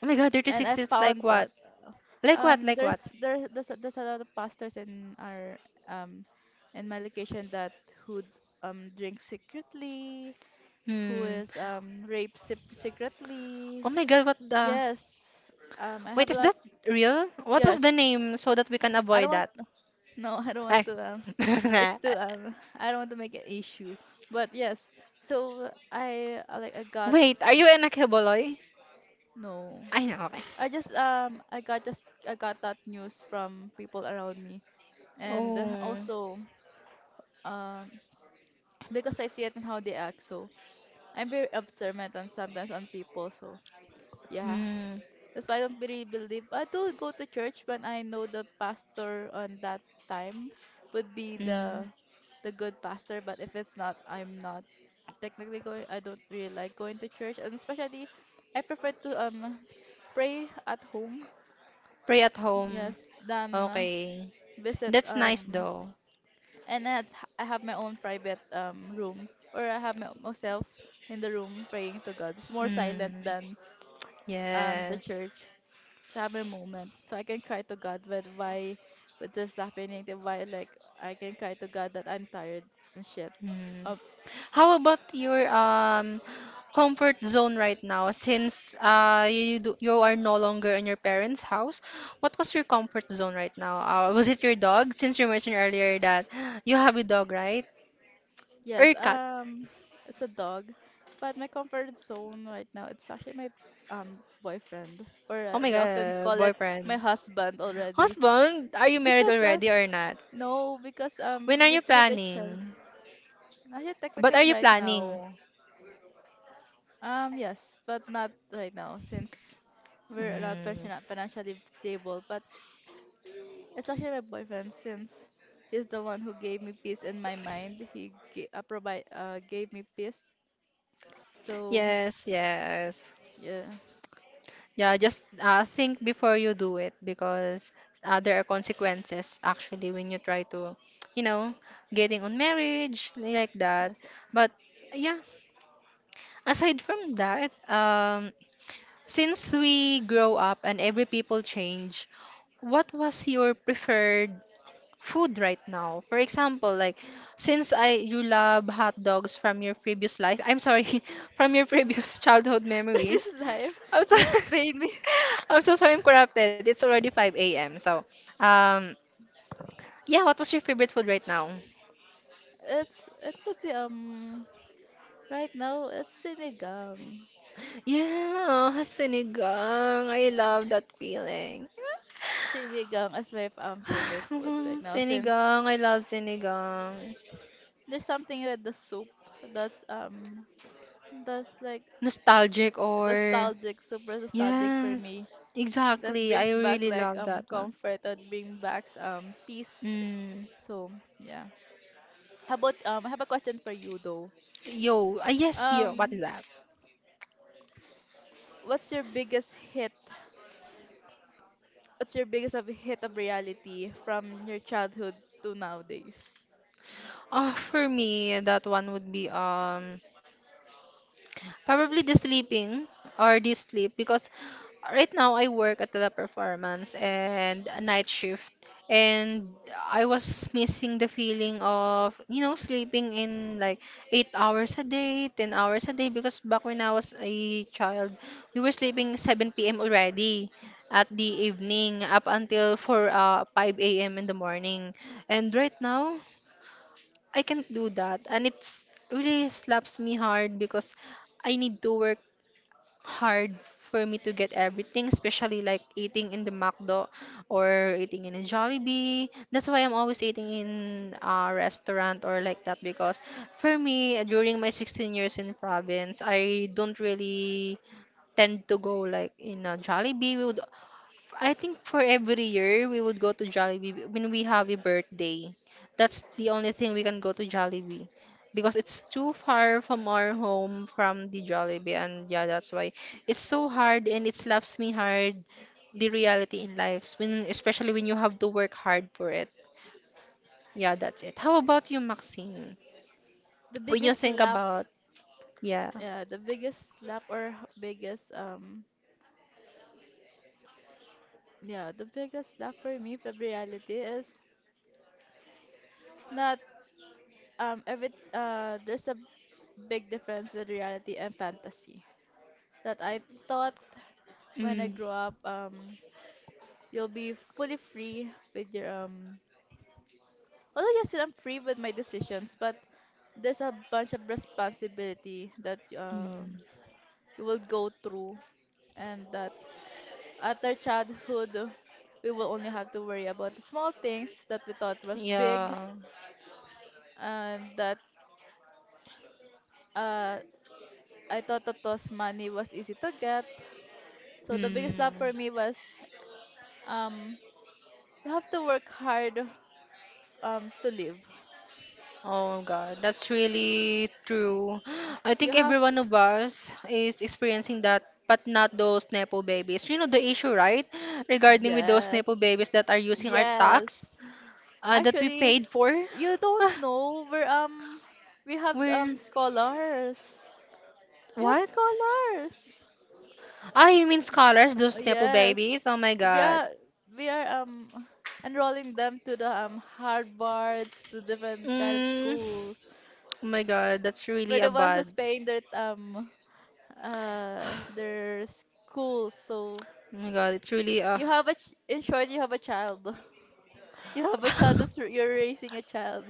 Oh my God,
and I
thirty-six is like
found
what?
that
Like what?
um
Like what?
there's there there's a, there's a lot of pastors in our um in my location that who um drink secretly, who
Hmm.
is um raped sec- secretly,
Oh my god, what the?
yes, um I
Wait,
have a
is
lot.
that real? What was the
Yes,
name so that we can
I don't
avoid
want,
that?
no, I don't want
Ay.
to. Um,
<laughs>
it's too. Um, I don't want to make an issue. But yes, so I uh, like I got
Wait, are you an akeboloy?
no.
I know, okay.
I just um I got just, I got that news from people around me, and
Oh.
also um <clears throat> because I see it and how they act. So I'm very observant on sometimes on people. So yeah,
Hmm.
that's why I don't really believe. I do go to church when I know the pastor on that time would be
Hmm.
the the good pastor. But if it's not, I'm not technically going. I don't really like going to church, and especially I prefer to um pray at home,
Pray at home.
yes, than uh,
Okay.
visit
That's nice
um
though.
and I had, I have my own private um room, or I have my, myself in the room praying to God. It's more silent
Hmm.
than um the
Yes.
church, so I have a moment so I can cry to God with why, with this happening, then why, like I can cry to God that I'm tired and shit.
Mm. How about your um comfort zone right now? Since uh you do, you are no longer in your parents' house, what was your comfort zone right now? Uh, was it your dog? Since you mentioned earlier that <gasps> you have a dog, right? Or
Yes,
a cat?
um, it's a dog, but my comfort zone right now it's actually my um boyfriend, or
Oh
uh,
my
they often
God,
call it my
boyfriend,
husband already,
husband, are you married
because uh,
already or not?
no, because um
When are
we
you
treat each other.
planning?
Actually,
But
technically
are you
right
planning?
now, um, yes, but not right now since we're not
Mm.
finan- financially stable. But it's actually my boyfriend since he's the one who gave me peace in my mind. He ga- uh, provide uh gave me peace, so
Yes, yes.
yeah.
Yeah, just uh, think before you do it because uh, there are consequences actually when you try to, you know, getting on marriage like that.
Yes,
But yeah, aside from that, um, since we grow up and every people change, what was your preferred food right now? For example, like since I you love hot dogs from your previous life, I'm sorry, <laughs> from your previous <laughs> childhood memories.
previous life,
I'm so
you'd pay me.
<laughs> I'm so sorry I'm corrupted. It's already five a m. So, um yeah, what was your favorite food right now?
It's it would be um right now it's sinigang.
Yeah, sinigang. I love that feeling.
Sinigang is my um favorite food right
<sighs>
now since
Sinigang, I love sinigang.
there's something with the soup that's um that's like
Nostalgic or
nostalgic, super nostalgic for
yes,
me. That
exactly. I
brings back
really
like
love
um
that one.
comfort. That brings back um peace.
Mm.
So yeah. How about um I have a question for you though.
Yo, ah, yes, yo. What is
Um,
that?
what's your biggest hit? What's your biggest of hit of reality from your childhood to nowadays?
Oh, for me, that one would be um probably the sleeping or the sleep because right now I work at the performance and a night shift and I was missing the feeling of you know sleeping in like eight hours a day, ten hours a day because back when I was a child we were sleeping seven p m already at the evening up until four uh, five a m in the morning and right now I can't do that and it's really slaps me hard because I need to work hard for me to get everything, especially like eating in the McDo or eating in a Jollibee. That's why I'm always eating in a restaurant or like that because for me, during my sixteen years in province, I don't really tend to go like in a Jollibee. We would I think for every year we would go to Jollibee when we have a birthday. That's the only thing we can go to Jollibee because it's too far from our home from the Jollibee and yeah that's why it's so hard and it slaps me hard the reality in life when especially when you have to work hard for it. Yeah, that's it. How about you, Maxine?
The
When you
biggest
think
slap,
about yeah.
yeah, the biggest slap or h- biggest um yeah, the biggest slap for me from reality is not um every, uh there's a big difference with reality and fantasy. That I thought when I
Mm,
grow up um you'll be fully free with your um although yes I'm free with my decisions, but there's a bunch of responsibility that um
mm,
we will go through, and that at our childhood we will only have to worry about the small things that we thought was big,
yeah.
and that uh, I thought that was, money was easy to get. So the biggest
Mm.
love for me was um, you have to work hard um, to live.
Oh God, that's really true. I
You
think every
have,
one of us is experiencing that, but not those nepo babies. You know the issue, right? Regarding with those
yes,
nepo babies that are using our
yes.
tax, uh, that we
Actually,
paid for.
you don't
Ah,
know we're um we have um
where?
scholars. We have
What?
scholars.
Ah, you mean scholars,
Uh,
those nepo
yes,
babies? Oh my
we
God.
are we are um enrolling them to the um Harvards, to different kind of
Mm,
schools.
oh my God, that's really
We're
a
the one
bad.
who's paying their um uh their school. So
Oh my God, it's really a.
you have a ch- in short, you have a child. <laughs> You have a child. That's,
<laughs>
you're raising a child.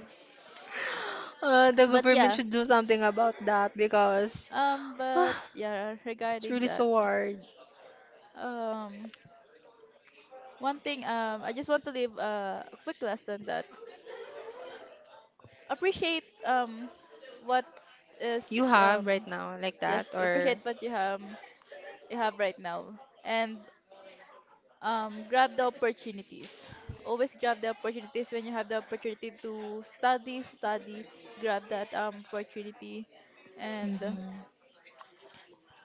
Uh, the
But
government
yeah,
should do something about that because.
um,
<sighs>
but yeah,
It's
regarding
really
that,
so hard.
um, one thing um I just want to leave uh, a quick lesson that appreciate um what
You
is
have right
um
now like that
just
or
appreciate what you have, you have right now, and um, grab the opportunities. Always grab the opportunities. When you have the opportunity to study, study, grab that um, opportunity, and
mm-hmm.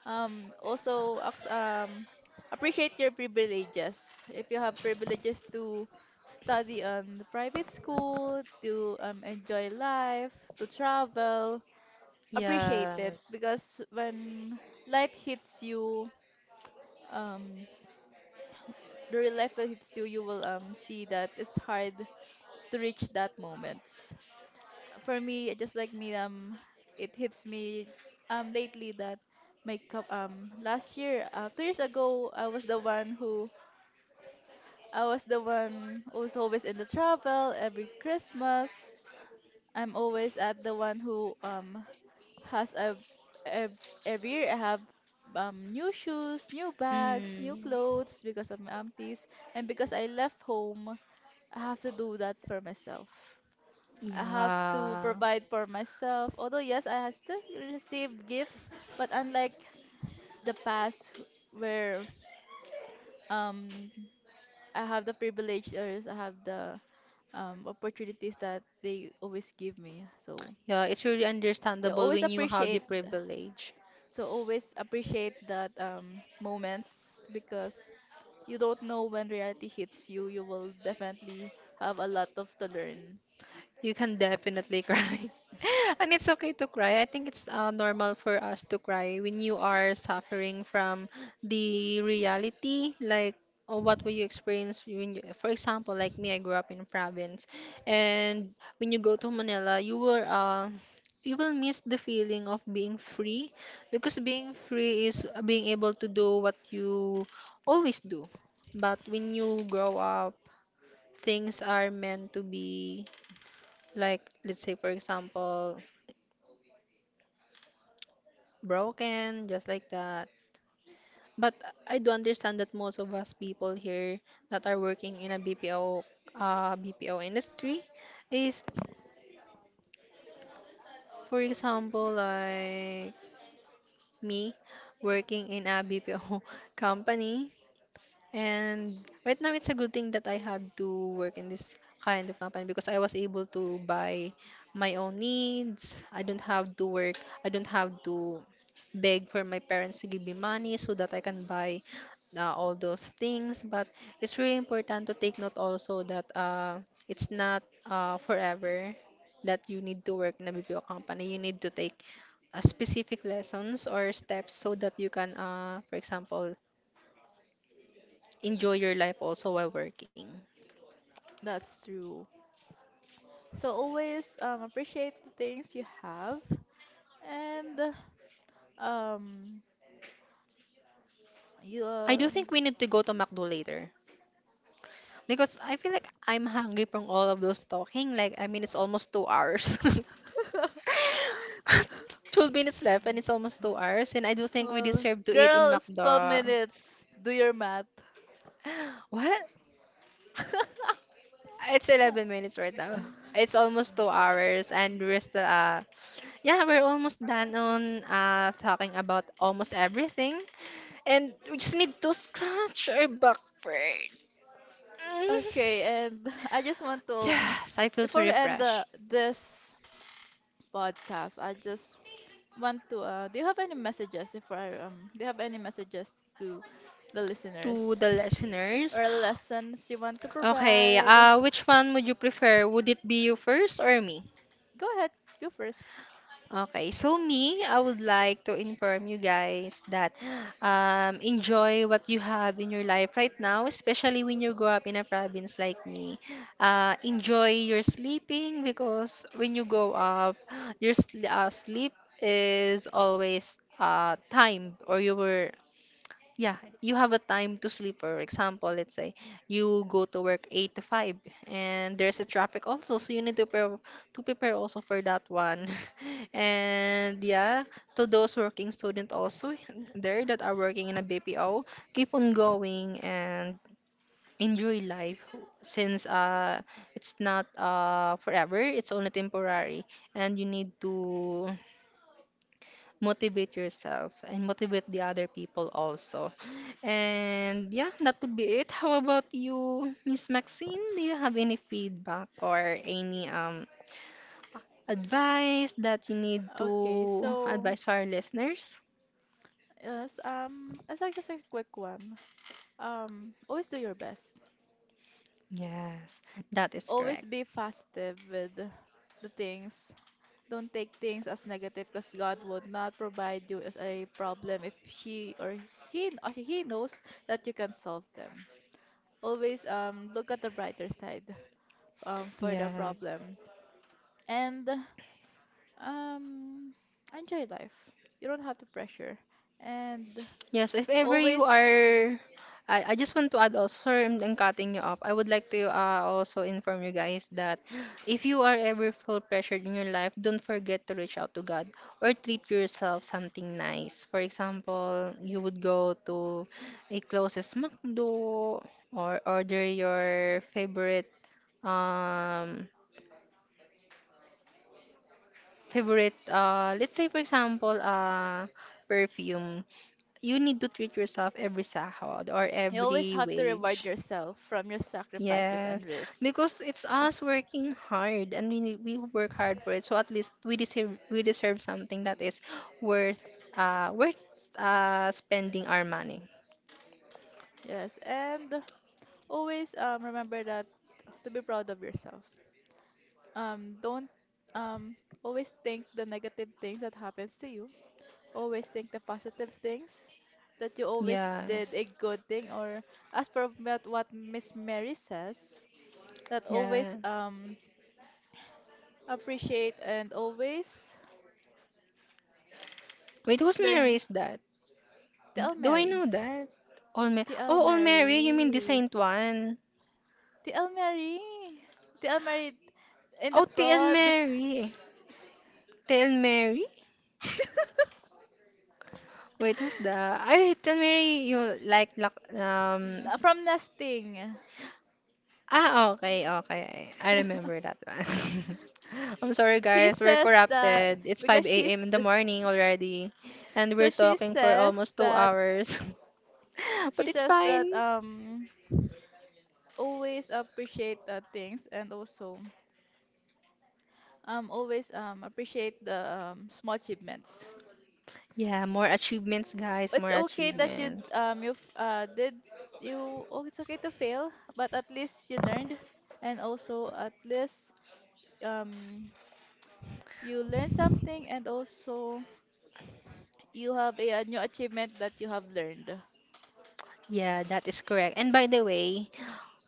um, also ac- um, appreciate your privileges. If you have privileges to study on the private school, to um, enjoy life, to travel, appreciate it
Yes.
because when life hits you, um the real life will hits you, you will um see that it's hard to reach that moment. For me, just like me, um, it hits me um lately that my cup um last year, uh, two years ago, I was the one who, I was the one who was always in the travel every Christmas. I'm always at the one who um has a ev- every year I have um new shoes, new bags, new
Mm.
clothes because of my aunties, and because I left home, I have to do that for myself. I have to
Yeah.
provide for myself. Although yes, I have still received gifts, but unlike the past where um I have the privilege, or I have the um opportunities that they always give me. So
Yeah, it's really
yeah,
understandable
always
when you have the
appreciate.
privilege.
So always appreciate that um moments because you don't know when reality hits you. You will definitely have a lot of to learn.
You can definitely <laughs> cry. And it's okay to cry. I think it's uh, normal for us to cry when you are suffering from the reality, like or what will you experience when you, for example, like me, I grew up in province, and when you go to Manila, you will uh, you will miss the feeling of being free, because being free is being able to do what you always do. But when you grow up, things are meant to be, like, let's say for example, broken just like that. But I do understand that most of us people here that are working in a bpo uh bpo industry is, for example, like me, working in a bpo <laughs> company. And right now, it's a good thing that I had to work in this kind of company because I was able to buy my own needs. I don't have to work. I don't have to beg for my parents to give me money so that I can buy uh, all those things. But it's really important to take note also that uh, it's not uh, forever that you need to work in a B P O company. You need to take uh, specific lessons or steps so that you can, uh, for example, enjoy your life also while working.
That's true. So always um, appreciate the things you have, and um, you
I do
um,
think we need to go to McDo later because I feel like I'm hungry from all of those talking. Like, I mean, it's almost two hours. <laughs>
<laughs>
twelve minutes left and it's almost two hours. And I do think we
well,
deserve to eat in
girl, it's twelve
McDo.
minutes. Do your math.
<gasps> What? It's eleven minutes right now. It's almost two hours and we're still, uh, yeah, we're almost done on uh, talking about almost everything. And we just need to scratch our back first. Mm,
Okay, and <laughs> I just want to um,
Yes, I feel so
before we end
refreshed.
the this podcast, I just want to, uh, do you have any messages if I um do you have any messages to the
To
listeners
the listeners,
or lessons you want to
okay,
provide?
uh, which one would you prefer? Would it be you first or me?
Go ahead, go first.
Okay, so me, I would like to inform you guys that, um, enjoy what you have in your life right now, especially when you grow up in a province like me. Uh, enjoy your sleeping because when you go up, your sl- uh, sleep is always uh, timed, or you were. Yeah, you have a time to sleep. For example, let's say you go to work eight to five and there's a traffic also, so you need to prepare to prepare also for that one. <laughs> And yeah, to those working student also there that are working in a B P O, keep on going and enjoy life since uh it's not uh forever, it's only temporary, and you need to motivate yourself and motivate the other people also. And yeah, that would be it. How about you, Miss Maxine? Do you have any feedback or any um advice that you need
Okay,
to
so,
advise our listeners?
yes, um, it's like just a quick one. Um, always do your best.
Yes, that is
Always
correct.
be positive with the things. Don't take things as negative because God would not provide you as a problem if she or he or he knows that you can solve them. Always um look at the brighter side um for the
Yes.
problem, and um enjoy life. You don't have to pressure, and
Yes, if ever you
always,
are, I, I just want to add also. Sorry, I'm, I'm cutting you off. I would like to uh, also inform you guys that if you are ever feel pressured in your life, don't forget to reach out to God or treat yourself something nice. For example, you would go to a closest McDo or order your favorite um favorite uh let's say for example uh perfume. You need to treat yourself every sahod or
you always
every
have to reward
wage.
yourself from your sacrifices and
Yes,
risk.
because it's us working hard and we we work hard for it. So at least we deserve we deserve something that is worth uh worth uh spending our money.
Yes, and always um, remember that, to be proud of yourself. Um, don't, um, always think the negative things that happens to you. Always think the positive things, that you always did
Yes.
a good thing, or as per what what Miss Mary says, that
Yeah.
always um, appreciate and always
Wait, whose Mary
learn.
is that? D-
Tell
Do I
Mary.
know that? All Mary.
Tell
Oh, All Mary, you mean the
Mary.
Saint one?
The Almarie. The Almarie in the
Oh, T L
prod
Mary. T L Mary? Wait, who's the? Ay, T L Mary, you like, like um
from nesting.
ah, okay, okay. I remember
<laughs>
that one. <laughs> I'm sorry,
He
guys. We're
says that
corrupted. It's
because
five a m
she's
in the morning already, and
so
we're
she
talking for
says
almost two
that
hours. <laughs>
she
But it's
says that
fine.
um always appreciate the things and also um always um appreciate the um, small achievements.
Yeah, more achievements, guys.
It's
More
okay that you
achievements.
um you f- uh did you oh it's okay to fail, but at least you learned, and also at least um you learn something, and also you have a, a new achievement that you have learned.
Yeah, that is correct. And by the way,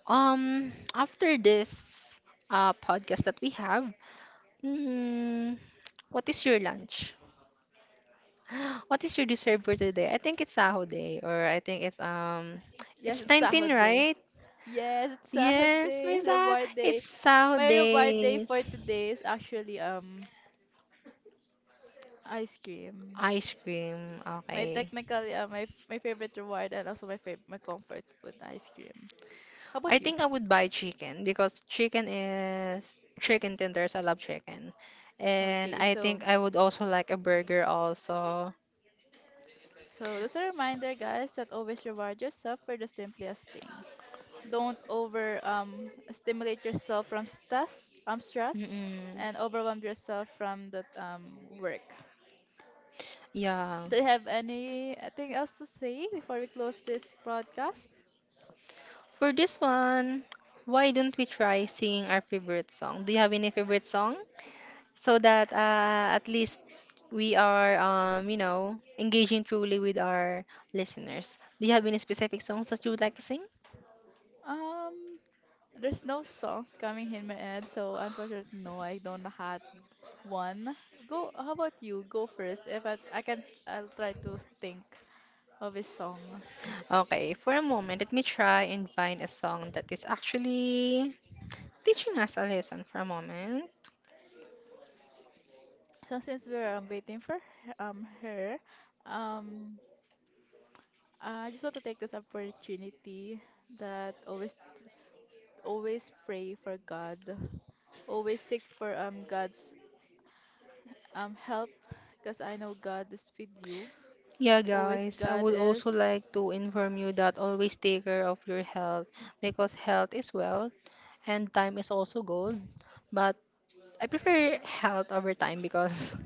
um, after this uh podcast that we have, mm, what is your lunch? <laughs> What is your dessert for today? I think it's Saho Day, or I think it's um,
Yes,
it's
it's
nineteen,
sahod day.
right?
Yes, it's sahod
Yes,
day. It's
Misa,
reward day.
it's Saho
My reward day
Days.
for today is actually um ice cream.
Ice cream,
My
okay.
technically uh, my f- my favorite reward, and also my fav- my comfort food ice cream. How
I
about you?
think I would buy chicken, because chicken is chicken tenders. I love chicken, and
Okay,
I
so
think I would also like a burger also.
So that's a reminder, guys, that always reward yourself for the simplest things. Don't over um, stimulate yourself from stress, um, stress,
Mm-mm.
and overwhelm yourself from the um, work.
Yeah.
Do you have anything else to say before we close this broadcast?
For this one, why don't we try singing our favorite song? Do you have any favorite song? So that uh, at least we are, um you know, engaging truly with our listeners. Do you have any specific songs that you would like to sing?
Um, there's no songs coming in my head, so unfortunately, no, I don't have one. Go. How about you? Go first. If I, I can, I'll try to think of a song.
Okay, for a moment let me try and find a song that is actually teaching us a lesson for a moment.
So since we're um, waiting for h- um her, um I just want to take this opportunity that always always pray for God, always seek for um God's um help, because I know God is with you.
Yeah,
Always
guys, I
God
would also
is
like to inform you that always take care of your health, because health is wealth and time is also gold. But I prefer health over time because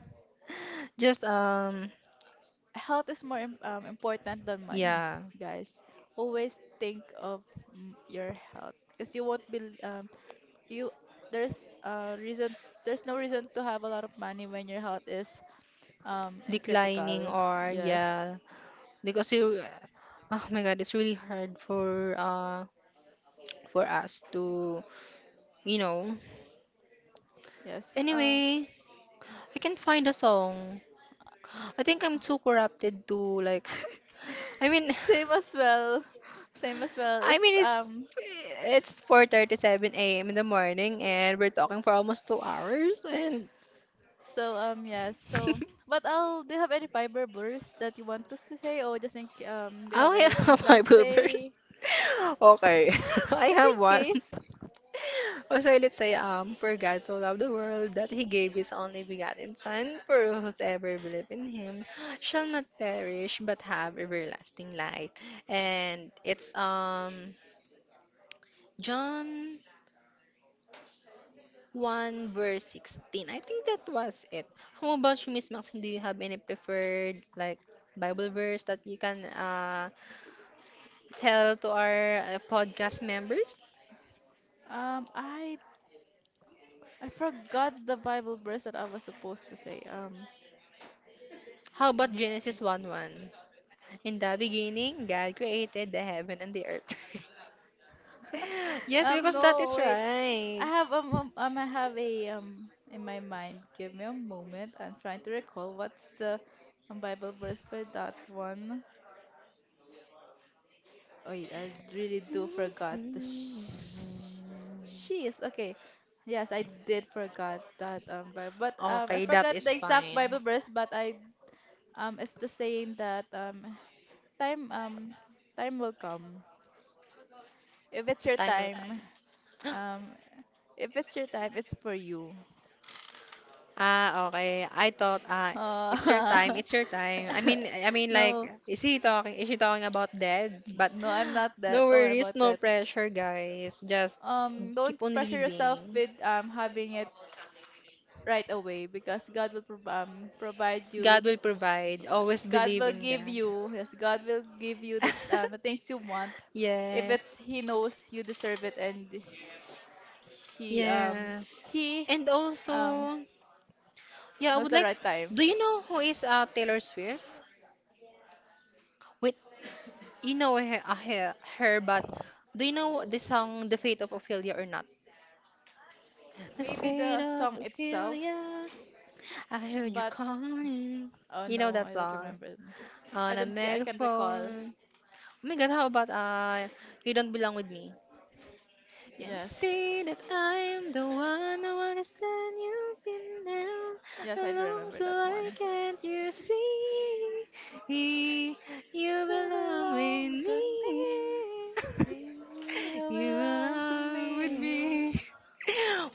<laughs> just um
Health is more im- um, important than money,
yeah,
guys. Always think of mm, your health, because you won't be um you there's a reason there's no reason to have a lot of money when your health is um and
declining
critical.
or
Yes.
yeah, because you, oh my god, it's really hard for uh for us to, you know.
yes uh
Anyway, I can't find a song. I think I'm too corrupted to, like,
<laughs>
i mean
same as well <laughs> same as
<laughs>
well.
I
It's
mean it's
um
it's four thirty-seven a m in the morning and we're talking for almost two hours and
so um Yes, so
<laughs>
but I'll do you have any fiber bursts that you want us to say, or just in ca- um do you have
I
anything
have <laughs> my
last
pulpers.
say,
<laughs> Okay, <laughs> I
just in
have one. <laughs>
case?
Also, let's say, um, for God so loved the world that he gave his only begotten Son, for whosoever believe in him shall not perish but have everlasting life. And it's um John one verse sixteen. I think that was it. How about you, Miss Maxine? Do you have any preferred, like, Bible verse that you can uh tell to our uh, podcast members?
um I I forgot the Bible verse that I was supposed to say. Um
How about Genesis one one? In the beginning, God created the heaven and the earth. <laughs>
<laughs>
Yes,
um
because that
no,
is
wait, I
right.
have um, um um, I have a um in my mind. Give me a moment. I'm trying to recall what's the um, Bible verse for that one. Wait, I really do forgot the sh- she's okay. Yes, I did forgot that um Bible, but um I
Okay, that
forgot the
is
exact
fine.
Bible verse, but I um it's the saying that um time um time will come. If it's
Time
your
will come.
time,
<gasps>
um if it's your time, it's for you.
Ah, okay. I thought, ah, it's your time.
Uh,
It's your time. I mean I mean,
<laughs>
like,
no,
is he talking, is she talking about dead? But
no, I'm not
<gasps> no
that. Don't worry
worries,
about
no
that.
pressure, guys. Just
Um,
keep
don't
on
pressure yourself
living.
with um having it right away, because God will prov- um provide
God
you.
will provide.
provi-
Always
God
believe
will
in God.
give you. Yes, God will give you the um, the
<laughs>
things you want. If
Yes.
it's He knows you deserve it, and He um
Yes.
He
And
um
also, yeah, I
knows
would
the
like.
right time.
Do you know who is uh, Taylor Swift? Wait, you know her, uh, her, her, but do you know the song The Fate of Ophelia or not? The
Maybe
Fate
the
of
song itself,
Ophelia, I heard you
but
calling.
oh
You know
no,
that
I don't
song?
remember. I
On a
don't. I can recall.
megaphone. Oh my god, how about uh, You Don't Belong With Me? Yeah, you
Yes.
see that I'm the one who understands, you've been there
Yes, I do
all,
remember
so
that
I
one.
can't you see you
You
belong with
belong to
me.
me.
<laughs>
You
You
belong to
belong with
me.
me. <laughs>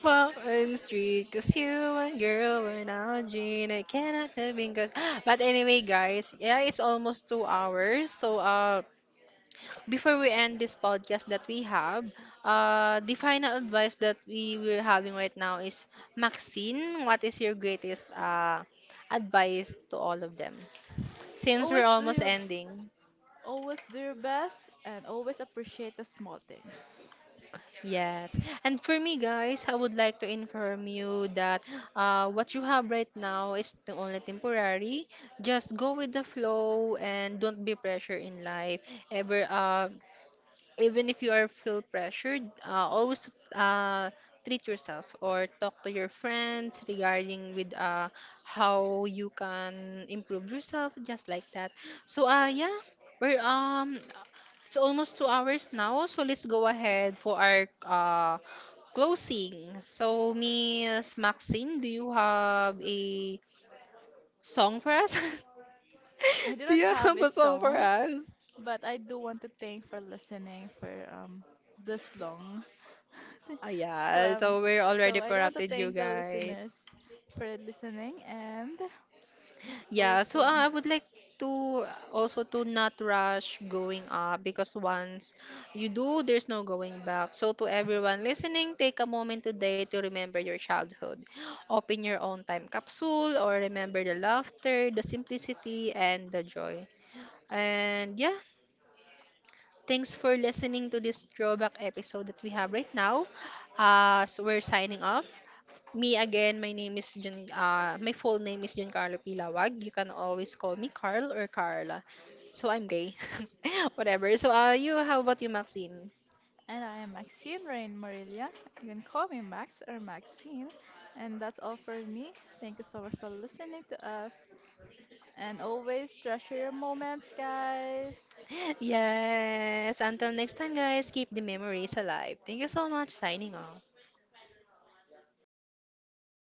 Walk on the street, cause you and girl were not dream. I cannot help because. <gasps> But anyway, guys, yeah, it's almost two hours. So, uh, before we end this podcast that we have, uh, the final advice that we were having right now is, Maxine, what is your greatest uh, advice to all of them? Since we're
Always do
almost
your
ending.
Always do your best, and always appreciate the small things.
Yes. And for me, guys, I would like to inform you that, uh, what you have right now is the only temporary. Just go with the flow and don't be pressure in life. Ever, uh, even if you are feel pressured, uh, always uh, treat yourself or talk to your friends regarding with uh, how you can improve yourself, just like that. So uh, yeah, we're um it's almost two hours now, so let's go ahead for our uh, closing. So Miss Maxine, do you have a song for us?
I do
<laughs>
not
Do you
have a
have a song for
song,
us?
but I do want to thank for listening for um this long. <laughs>
Oh
for,
yeah,
um,
so we're
so
already
I do want to
corrupted,
thank
you
the listeners
guys.
for listening, and
Yeah, so
also.
uh, I would like to, also, to not rush going up, because once you do, there's no going back. So to everyone listening, take a moment today to remember your childhood. Open your own time capsule or remember the laughter, the simplicity, and the joy. And yeah, thanks for listening to this throwback episode that we have right now. Uh, so we're signing off. Me again, my name is Jun. Uh, my full name is Giancarlo Pilawag. You can always call me Carl or Carla. So I'm gay. <laughs> Whatever. So uh, you, how about you, Maxine?
And I am Maxine Rain Morelia. You can call me Max or Maxine. And that's all for me. Thank you so much for listening to us. And always treasure your moments, guys.
<laughs> Yes. Until next time, guys, keep the memories alive. Thank you so much. Signing off.